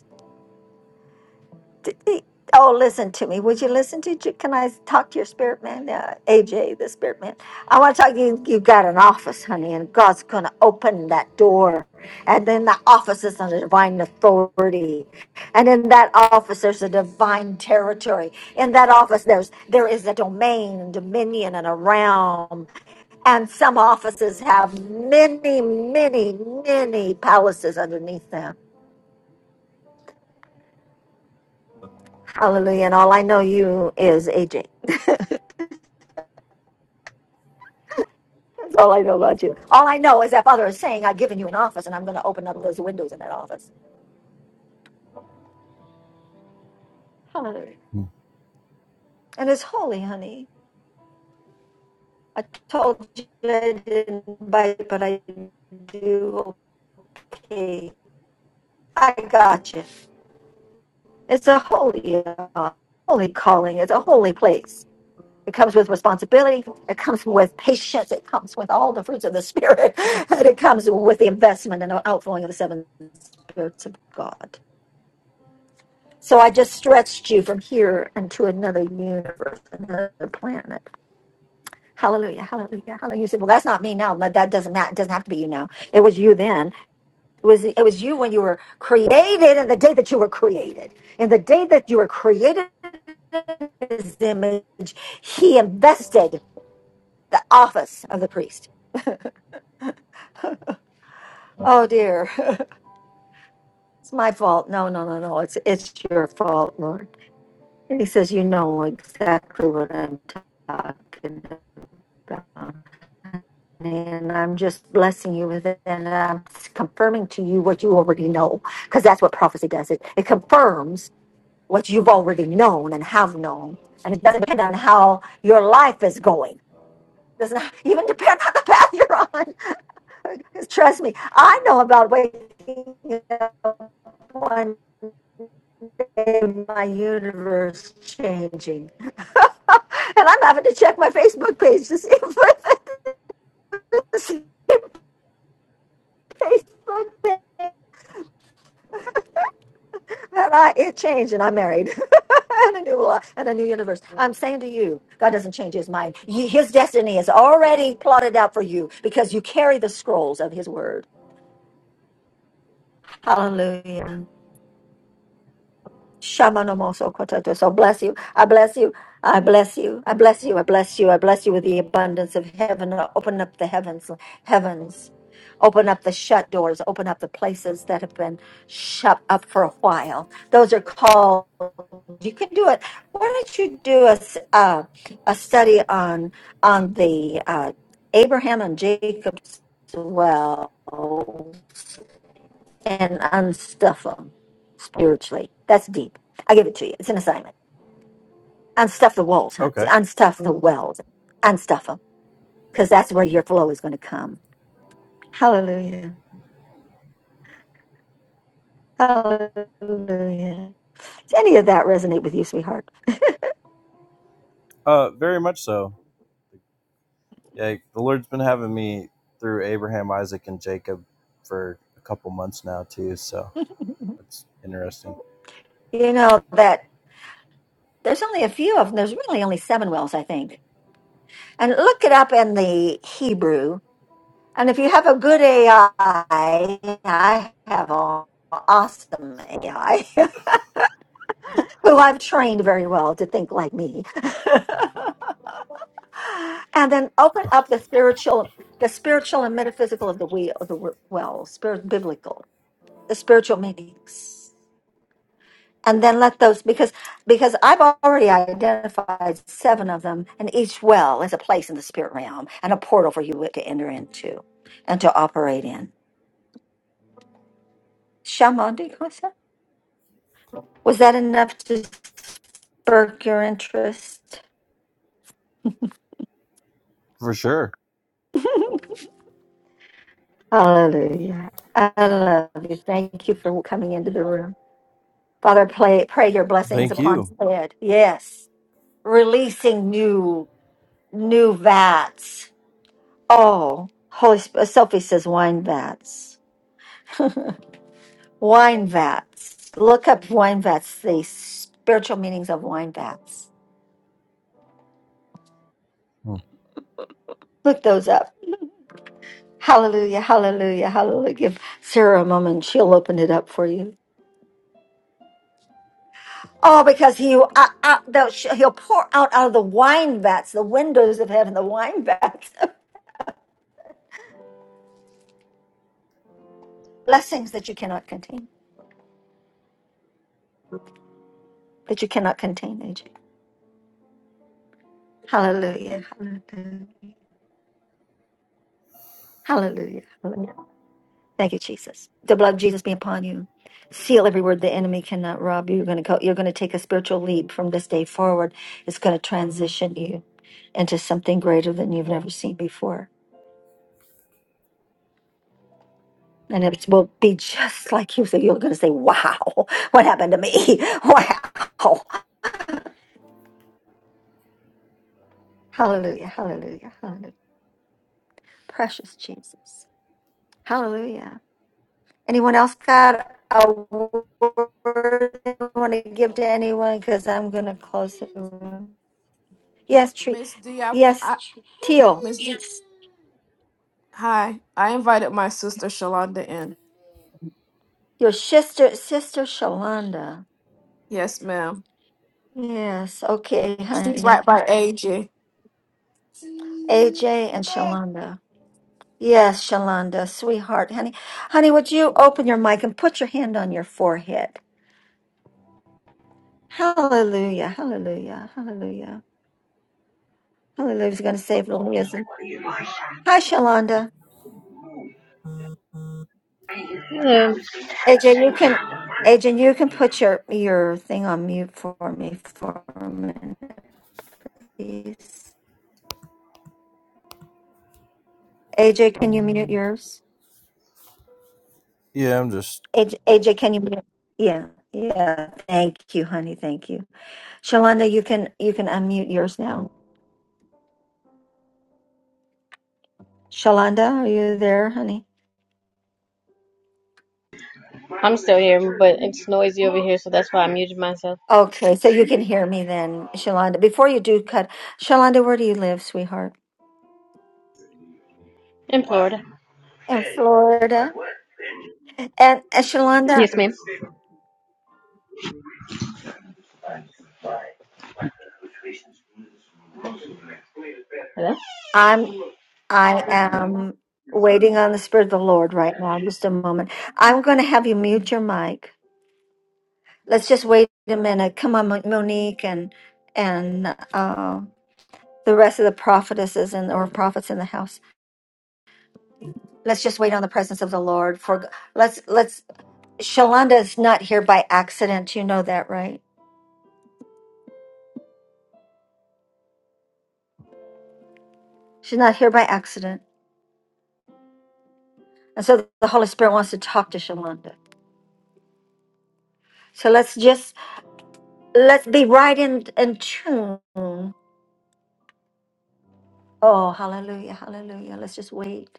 A: D- e- Oh, listen to me. Would you listen to? J- Can I talk to your spirit man, uh, AJ, the spirit man? I want to talk to you. You got an office, honey, and God's going to open that door. And then the office is under divine authority. And in that office, there's a divine territory. In that office, there's there is a domain and dominion and a realm. And some offices have many, many, many palaces underneath them. Hallelujah. And all I know you is AJ. That's all I know about you. All I know is that Father is saying, I've given you an office and I'm going to open up those windows in that office. Hallelujah. And it's holy, honey. I told you I didn't bite, but I do. Okay. I got you. It's a holy, uh, holy calling. It's a holy place. It comes with responsibility. It comes with patience. It comes with all the fruits of the Spirit. And it comes with the investment and the outflowing of the seven spirits of God. So I just stretched you from here into another universe, another planet. Hallelujah, hallelujah, hallelujah. You said, Well, that's not me now. But that doesn't matter. It doesn't have to be you now. It was you then. It was it was you when you were created and the day that you were created. And the day that you were created in his image, he invested the office of the priest. Oh dear. it's my fault. No, no, no, no. It's it's your fault, Lord. And he says, You know exactly what I'm talking about. and I'm just blessing you with it, and I'm confirming to you what you already know, because that's what prophecy does. It it confirms what you've already known and have known, and it doesn't depend on how your life is going. Doesn't even depend on the path you're on. 'Cause trust me, I know about waking up one day, my universe changing, and I'm having to check my Facebook page to see if Facebook And I, it changed, and I'm married, and a new life, and a new universe. I'm saying to you, God doesn't change His mind. He- his destiny is already plotted out for you because you carry the scrolls of His word. Hallelujah. Shamanomoso kotato. So bless you. I bless you. I bless you. I bless you. I bless you. I bless you with the abundance of heaven. Open up the heavens, heavens. Open up the shut doors. Open up the places that have been shut up for a while. Those are called. You can do it. Why don't you do a s- uh, a study on on the uh, Abraham and Jacob's well? and unstuff them spiritually. That's deep. I give it to you. It's an assignment. Unstuff the walls, huh?
N: Okay.
A: Unstuff the wells. Unstuff them because that's where your flow is going to come. Hallelujah. Hallelujah. Does any of that resonate with you, sweetheart?
N: Uh, very much so. Yeah, the Lord's been having me through Abraham, Isaac, and Jacob for a couple months now too. So that's interesting.
A: you know that there's only a few of them. There's really only seven wells, I think. And look it up in the Hebrew. And if you have a good AI, I I have an awesome AI. who I've trained very well to think like me. and then open up the spiritual, the spiritual and metaphysical of the wheel, of the w- well, spirit, biblical, the spiritual meanings. And then let those because because I've already identified seven of them, and each well is a place in the spirit realm and a portal for you to enter into and to operate in. Shamandi Kosa? Was that enough to spark your interest?
N: For sure.
A: Hallelujah. I love you. Thank you for coming into the room. Father, pray, pray your blessings
N: Thank
A: upon
N: you.
A: Ted. Yes. Releasing new, new vats. Oh, Holy Sp- Sophie says wine vats. Wine vats. Look up wine vats, the spiritual meanings of wine vats.
N: Hmm.
A: Look those up. Hallelujah, hallelujah, hallelujah. Give Sarah a moment. She'll open it up for you. Oh, because he uh, uh, they'll sh- he'll pour out out of the wine vats, the windows of heaven, the wine vats, blessings that you cannot contain, that you cannot contain, AJ. Hallelujah, hallelujah, hallelujah, hallelujah. Thank you, Jesus. The blood of Jesus be upon you. Seal every word the enemy cannot rob you. You're gonna go. You're gonna take a spiritual leap from this day forward. It's gonna transition you into something greater than you've never seen before. And it will be just like you said. You're going to say, wow, what happened to me? Wow. Hallelujah. Hallelujah. Hallelujah. Precious Jesus. Hallelujah. Anyone else got a word they want to give to anyone? Because I'm going to close the room. Yes, Tree.
O: Miss D, I,
A: Yes,
O: I
A: Teal.
O: Miss D. Hi, I invited my sister Shalonda in.
A: Your sister, sister Shalonda.
O: Yes, ma'am.
A: Yes. Okay,
O: She's
A: honey.
O: right by AJ.
A: AJ and Shalonda. Yes, Shalonda, sweetheart, honey. Honey, would you open your mic and put your hand on your forehead? Hallelujah, hallelujah, hallelujah. Hallelujah is going to save little Izzy. Hi, Shalonda.
P: Hello.
A: AJ, you can, AJ, you can put your, your thing on mute for me for a minute, please. AJ, can you mute yours?
N: Yeah, I'm just
A: AJ, AJ, can you mute? Yeah, yeah. Thank you, honey. Thank you. Shalonda, you can, you can unmute yours now. Shalonda, are you there, honey?
P: I'm still here, but it's noisy over here, so that's why I muted myself.
A: Okay, so you can hear me then, Shalonda. Before you do cut, Shalonda, where do you live, sweetheart?
P: In Florida.
A: In Florida. And, and Shalonda,
P: Yes, ma'am. Hello?
A: I'm I am waiting on the Spirit of the Lord right now. Just a moment. I'm going to have you mute your mic. Let's just wait a minute. Come on, Mo- Monique, and and uh, the rest of the prophetesses and or prophets in the house. Let's just wait on the presence of the Lord. For let's let's. Shalonda is not here by accident. You know that, right? She's not here by accident. And so the Holy Spirit wants to talk to Shalonda. So let's just let's be right in in tune. Oh, hallelujah, hallelujah. Let's just wait.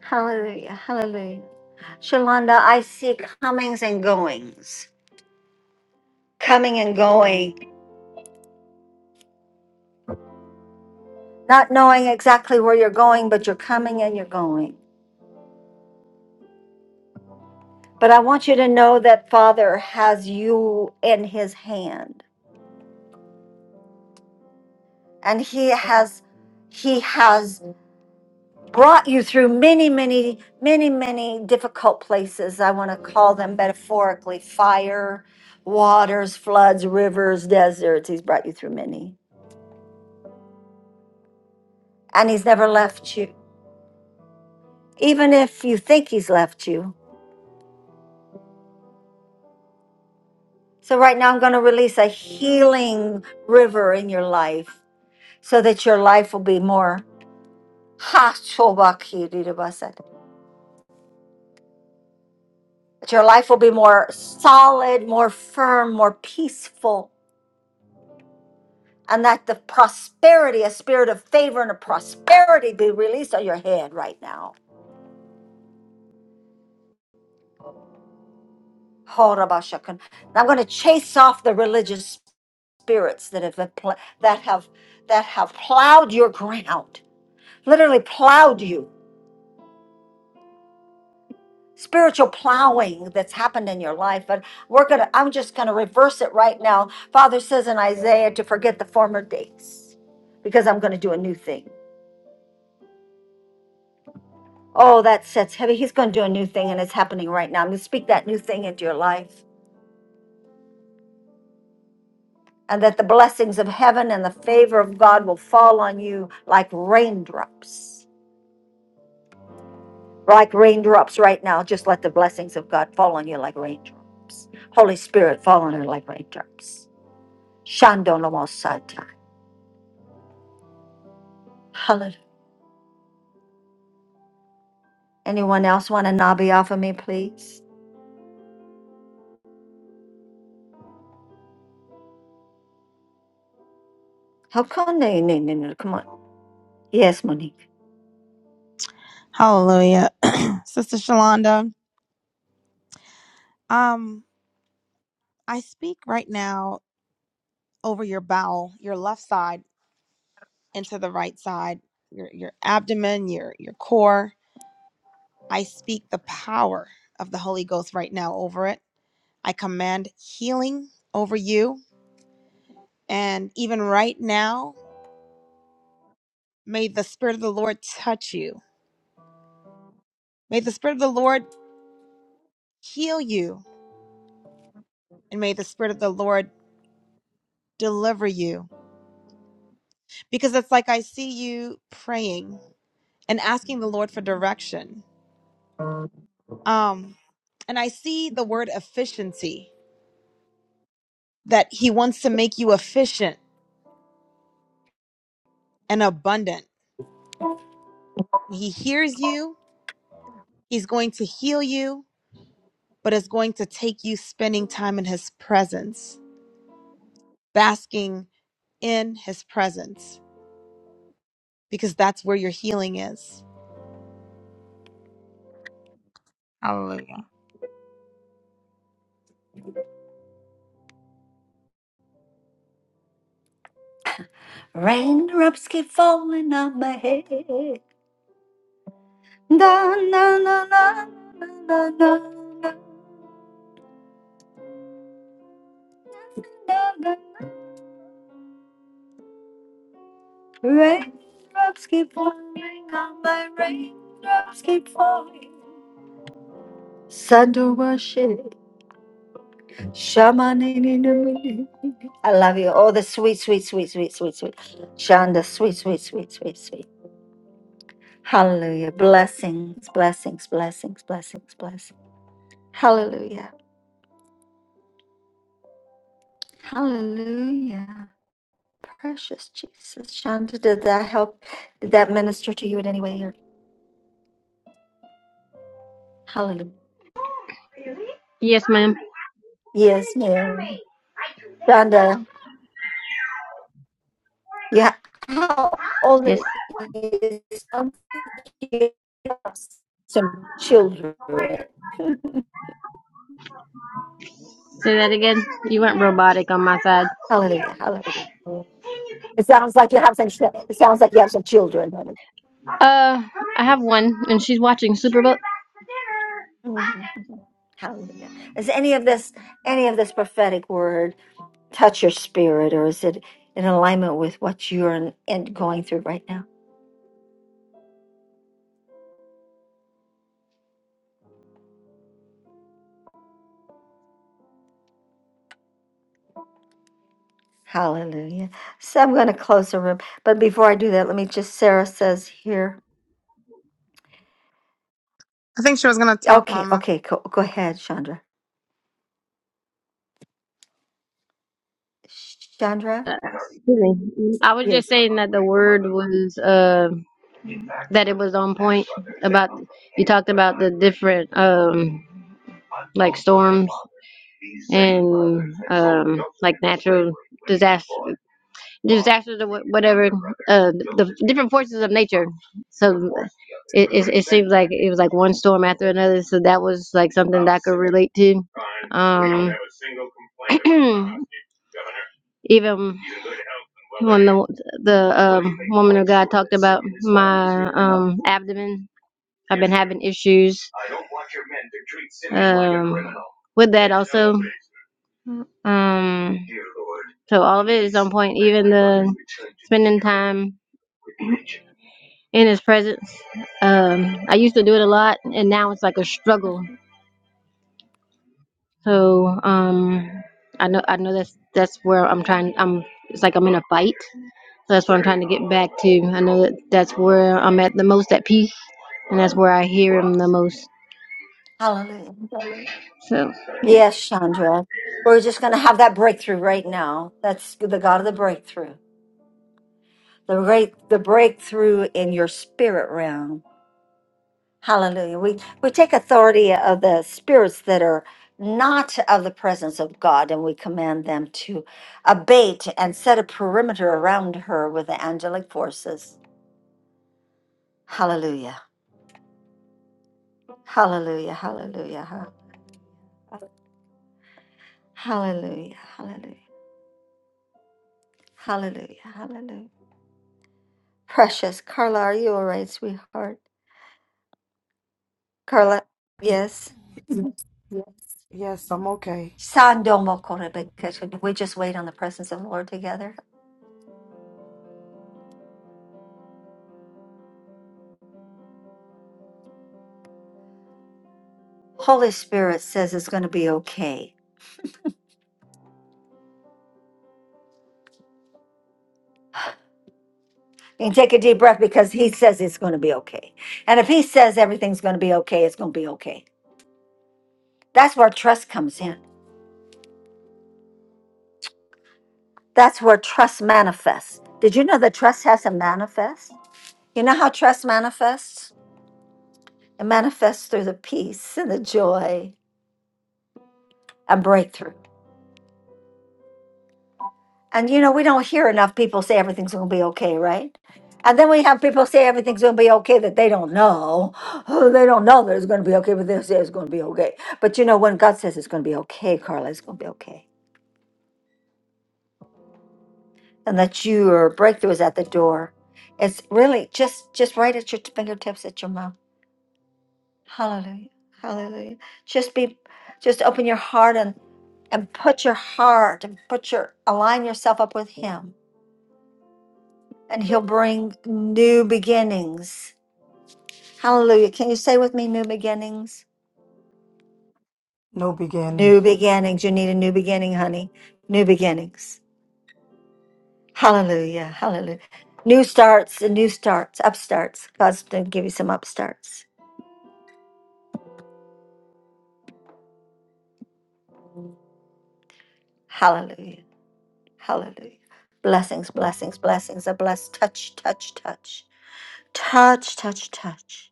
A: Hallelujah, hallelujah. Shalonda, I see comings and goings. Coming and going. Not knowing exactly where you're going, but you're coming and you're going. But I want you to know that Father has you in his hand. And he has he has brought you through many, many, many, many difficult places. I want to call them metaphorically fire, waters, floods, rivers, deserts. He's brought you through many. And He's never left you, even if you think He's left you. So, right now, I'm going to release a healing river in your life so that your life will be more. Ha, shobaki, didabasat. That Your life will be more solid, more firm, more peaceful and that the prosperity, a spirit of favor and of prosperity be released on your head right now. Horabashakan. I'm going to chase off the religious spirits that have apl- that have that have plowed your ground, literally plowed you. Spiritual plowing that's happened in your life, but we're gonna. I'm just gonna reverse it right now. Father says in Isaiah to forget the former days, because I'm gonna do a new thing. Oh, that sets heavy. He's going to do a new thing, and it's happening right now. I'm going to speak that new thing into your life, and that the blessings of heaven and the favor of God will fall on you like raindrops. Like raindrops right now. Just let the blessings of God fall on you like raindrops. Holy Spirit, fall on her like raindrops. Shando Lomosata. Hallelujah. Anyone else want a nabi off of me, please? How come they? no, no, no, no, Come on. Yes, Monique.
I: Hallelujah. Sister Shalonda, um, I speak right now over your bowel, your left side into the right side, your your abdomen, your your core. I speak the power of the Holy Ghost right now over it. I command healing over you. And even right now, May the Spirit of the Lord touch you. May the Spirit of the Lord heal you. And may the Spirit of the Lord deliver you. Because it's like I see you praying and asking the Lord for direction. Um, and I see the word efficiency, that He wants to make you efficient and abundant. He hears you, He's going to heal you, but it's going to take you spending time in His presence, basking in His presence, because that's where your healing is.
A: Raindrops keep falling on my head. Da, na, na, na, na, na, na, na, na. Raindrops keep falling on my raindrops keep falling. Sandawashi, shamanini. I love you. Oh, the sweet, sweet, sweet, sweet, sweet, sweet. Shonda, sweet, sweet, sweet, sweet, sweet. Hallelujah. Blessings, blessings, blessings, blessings, blessings. Hallelujah. Hallelujah. Precious Jesus. Shanta, did that help? Did that minister to you in any way? Or hallelujah.
P: Yes, ma'am.
A: Yes, ma'am. Shanta, yeah. How old
P: Yes.
A: is some kids have some children?
P: Say that again. You went robotic on my side.
A: hallelujah. Hallelujah. It sounds like you have some it sounds like you have some children, honey.
P: Uh, I have one, and she's watching Super Bowl.
A: Mhm. Hallelujah. Is any of this any of this prophetic word touch your spirit or is it in alignment with what you're in, in going through right now? Hallelujah. So I'm going to close the room. But before I do that, let me just, Sarah says here.
I: I think she was gonna talk,
A: Okay,
I: Mama.
A: okay, go, go ahead, Chandra. Chandra?
P: Excuse me. I was just
A: Yes.
P: saying that the word was uh. that it was on point about you talked about the different um like storms and um like natural disaster disasters or wha- whatever uh the different forces of nature so it, it, it seems like it was like one storm after another so that was like something that i could relate to um even when the the um, woman of god talked about my um abdomen I've been having issues um, with that also. Um, so all of it is on point, even the spending time in His presence. Um, I used to do it a lot, and now it's like a struggle. So um, I know I know that's that's where I'm trying. I'm it's like I'm in a fight. So that's what I'm trying to get back to. I know that that's where I'm at the most at peace, and that's where I hear Him the most.
A: Hallelujah.
P: So.
A: Yes, Chandra. We're just going to have that breakthrough right now. That's the God of the breakthrough. The great, the breakthrough in your spirit realm. Hallelujah. We we take authority of the spirits that are not of the presence of God and we command them to abate and set a perimeter around her with the angelic forces. Hallelujah. Hallelujah. Hallelujah. ha- Hallelujah. Hallelujah. Hallelujah. Hallelujah. Precious Carla, are you all right, sweetheart? Carla, yes.
Q: Yes, yes, I'm okay.
A: Sandomo Korebeke. Should we just wait on the presence of the Lord together? Holy Spirit says it's going to be okay. And take a deep breath because he says it's going to be okay. And if he says everything's going to be okay, it's going to be okay. That's where trust comes in. That's where trust manifests. Did you know that trust has a manifest? You know how trust manifests? It manifests through the peace and the joy and breakthrough. And you know, we don't hear enough people say everything's going to be okay, right? And then we have people say everything's going to be okay that they don't know. Oh, they don't know that it's going to be okay, but they say it's going to be okay. But you know, when God says it's going to be okay, Carla, it's going to be okay. and that your breakthrough is at the door. It's really just just right at your fingertips, at your mouth. Hallelujah, Hallelujah. Just be, just open your heart and and put your heart and put your align yourself up with Him, and He'll bring new beginnings. Hallelujah. Can you say with me, new beginnings?
Q: No beginnings.
A: New beginnings. You need a new beginning, honey. New beginnings. Hallelujah, Hallelujah. New starts and new starts, upstarts. God's going to give you some upstarts. Hallelujah. Hallelujah. Blessings, blessings, blessings are blessed. Touch, touch, touch. Touch, touch, touch.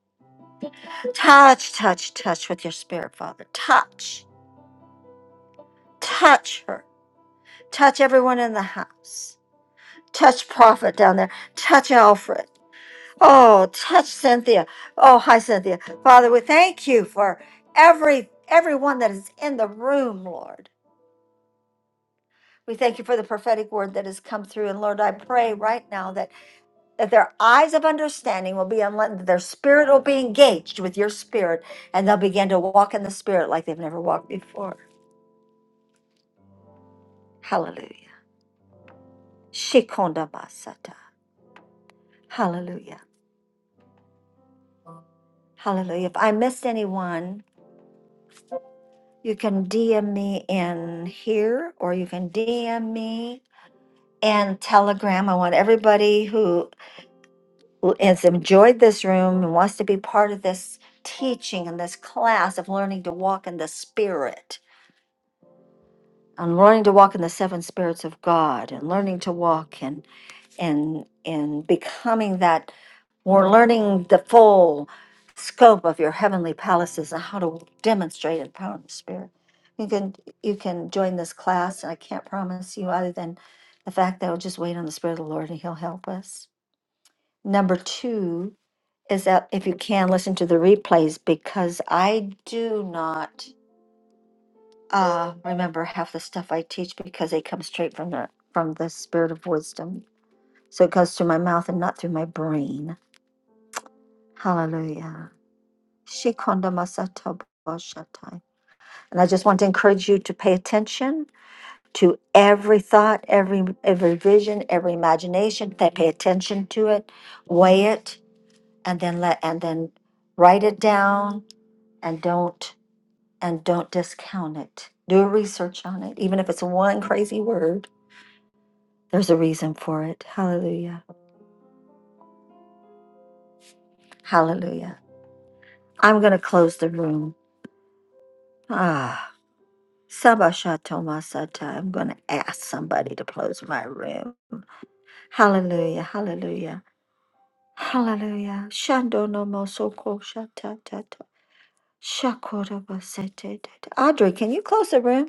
A: Touch, touch, touch with your spirit, Father. Touch. Touch her. Touch everyone in the house. Touch Prophet down there. Touch Alfred. Oh, touch Cynthia. Oh, hi, Cynthia. Father, we thank you for every everyone that is in the room, Lord. We thank you for the prophetic word that has come through. And Lord, I pray right now that that their eyes of understanding will be unlit, their spirit will be engaged with your spirit, and they'll begin to walk in the spirit like they've never walked before. Hallelujah. Shikonda basata. Hallelujah. Hallelujah. If I missed anyone, you can DM me in here or you can DM me in Telegram. I want everybody who has enjoyed this room and wants to be part of this teaching and this class of learning to walk in the spirit And learning to walk in the seven spirits of God and learning to walk and and and becoming that we're learning the full scope of your heavenly palaces and how to demonstrate the power of the spirit. You can you can join this class and I can't promise you other than the fact that we'll just wait on the Spirit of the Lord and He'll help us. Number two is that if you can listen to the replays because I do not uh, remember half the stuff I teach because they come straight from the from the spirit of wisdom. So it goes through my mouth and not through my brain. Hallelujah. Shikonda masata boshatai. And I just want to encourage you to pay attention to every thought, every every vision, every imagination. That pay attention to it, weigh it, and then let and then write it down and don't and don't discount it. Do research on it, even if it's one crazy word There's a reason for it. Hallelujah. Hallelujah. I'm going to close the room. Ah, Sabashatomasata. I'm going to ask somebody to close my room. Hallelujah. Hallelujah. Hallelujah. Shandono mosoko shatatato. Shakorabasete. Audrey, can you close the room?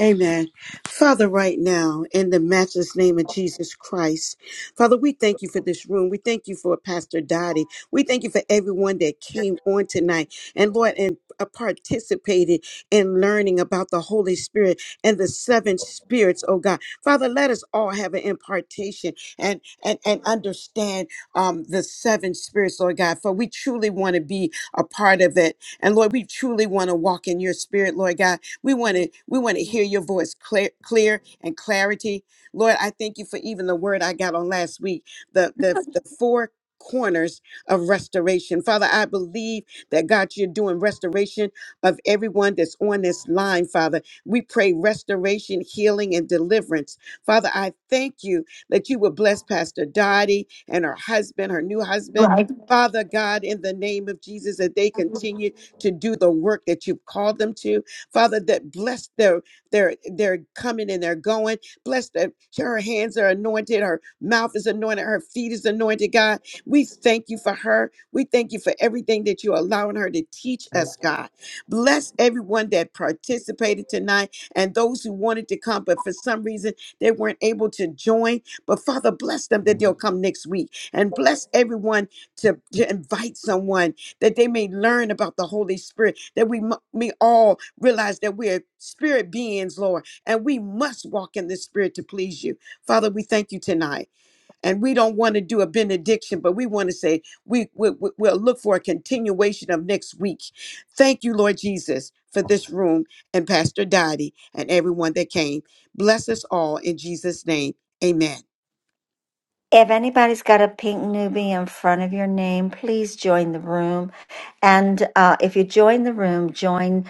H: Amen. Father, right now, in the matchless name of Jesus Christ, Father, we thank you for this room. We thank you for Pastor Dottie. We thank you for everyone that came on tonight and Lord, and uh, participated in learning about the Holy Spirit and the seven spirits, oh God. Father, let us all have an impartation and and, and understand um the seven spirits, Lord God, for we truly want to be a part of it. And Lord, we truly want to walk in your spirit, Lord God. We want to we want to hear your voice clear, clear and clarity. Lord, I thank you for even the word I got on last week, the the, the four corners of restoration. Father, I believe that God you're doing restoration of everyone that's on this line, Father. We pray restoration, healing and deliverance. Father, I thank you that you will bless Pastor Dottie and her husband, her new husband. Father God, in the name of Jesus, that they continue to do the work that you've called them to Father, that bless their their their coming and their going. Bless that her hands are anointed, her mouth is anointed, her feet is anointed, God. We thank you for her. We thank you for everything that you're allowing her to teach us, God. Bless everyone that participated tonight and those who wanted to come, but for some reason they weren't able to join. But Father, bless them that they'll come next week. And bless everyone to, to invite someone that they may learn about the Holy Spirit, that we, mu- may all realize that we are spirit beings, Lord, and we must walk in the Spirit to please you. Father, we thank you tonight. And we don't want to do a benediction, but we want to say we, we, we- we'll look for a continuation of next week. Thank you, Lord Jesus, for this room and Pastor Dottie and everyone that came. Bless us all in Jesus' name. Amen.
A: If anybody's got a pink newbie in front of your name, please join the room. And uh, if you join the room, join.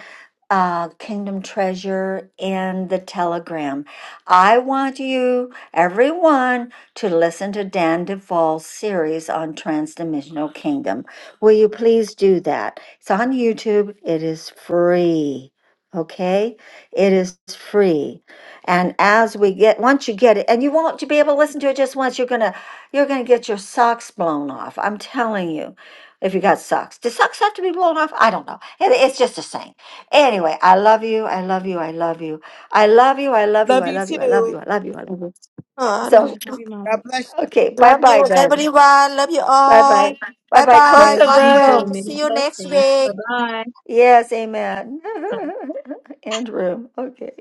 A: uh, Kingdom Treasure in the Telegram. I want you, everyone, to listen to Dan Duvall's series on Transdimensional Kingdom. Will you please do that? It's on YouTube, it is free. Okay, it is free, and as we get, once you get it, and you won't be able to listen to it just once. You're gonna, you're gonna get your socks blown off. I'm telling you, if you got socks, do socks have to be blown off? I don't know. It, it's just a saying Anyway, I love you. I love you. I love you. I love you. I love you.
H: Love
A: I
H: you
A: love you. I love you.
H: too.
A: I love you. I love you.
B: Uh,
A: So,
H: God bless you.
A: okay. Bye
B: love you,
A: bye, darling.
B: everyone. Love you
A: Bye
B: all.
A: bye. Bye
B: Bye
A: bye. Close
B: bye.
F: So
A: the
B: God
F: you do
B: bless.
F: many
A: room.
B: See you next
F: blessings. Bye
B: week.
F: bye.
A: Yes. Amen. End room. Okay.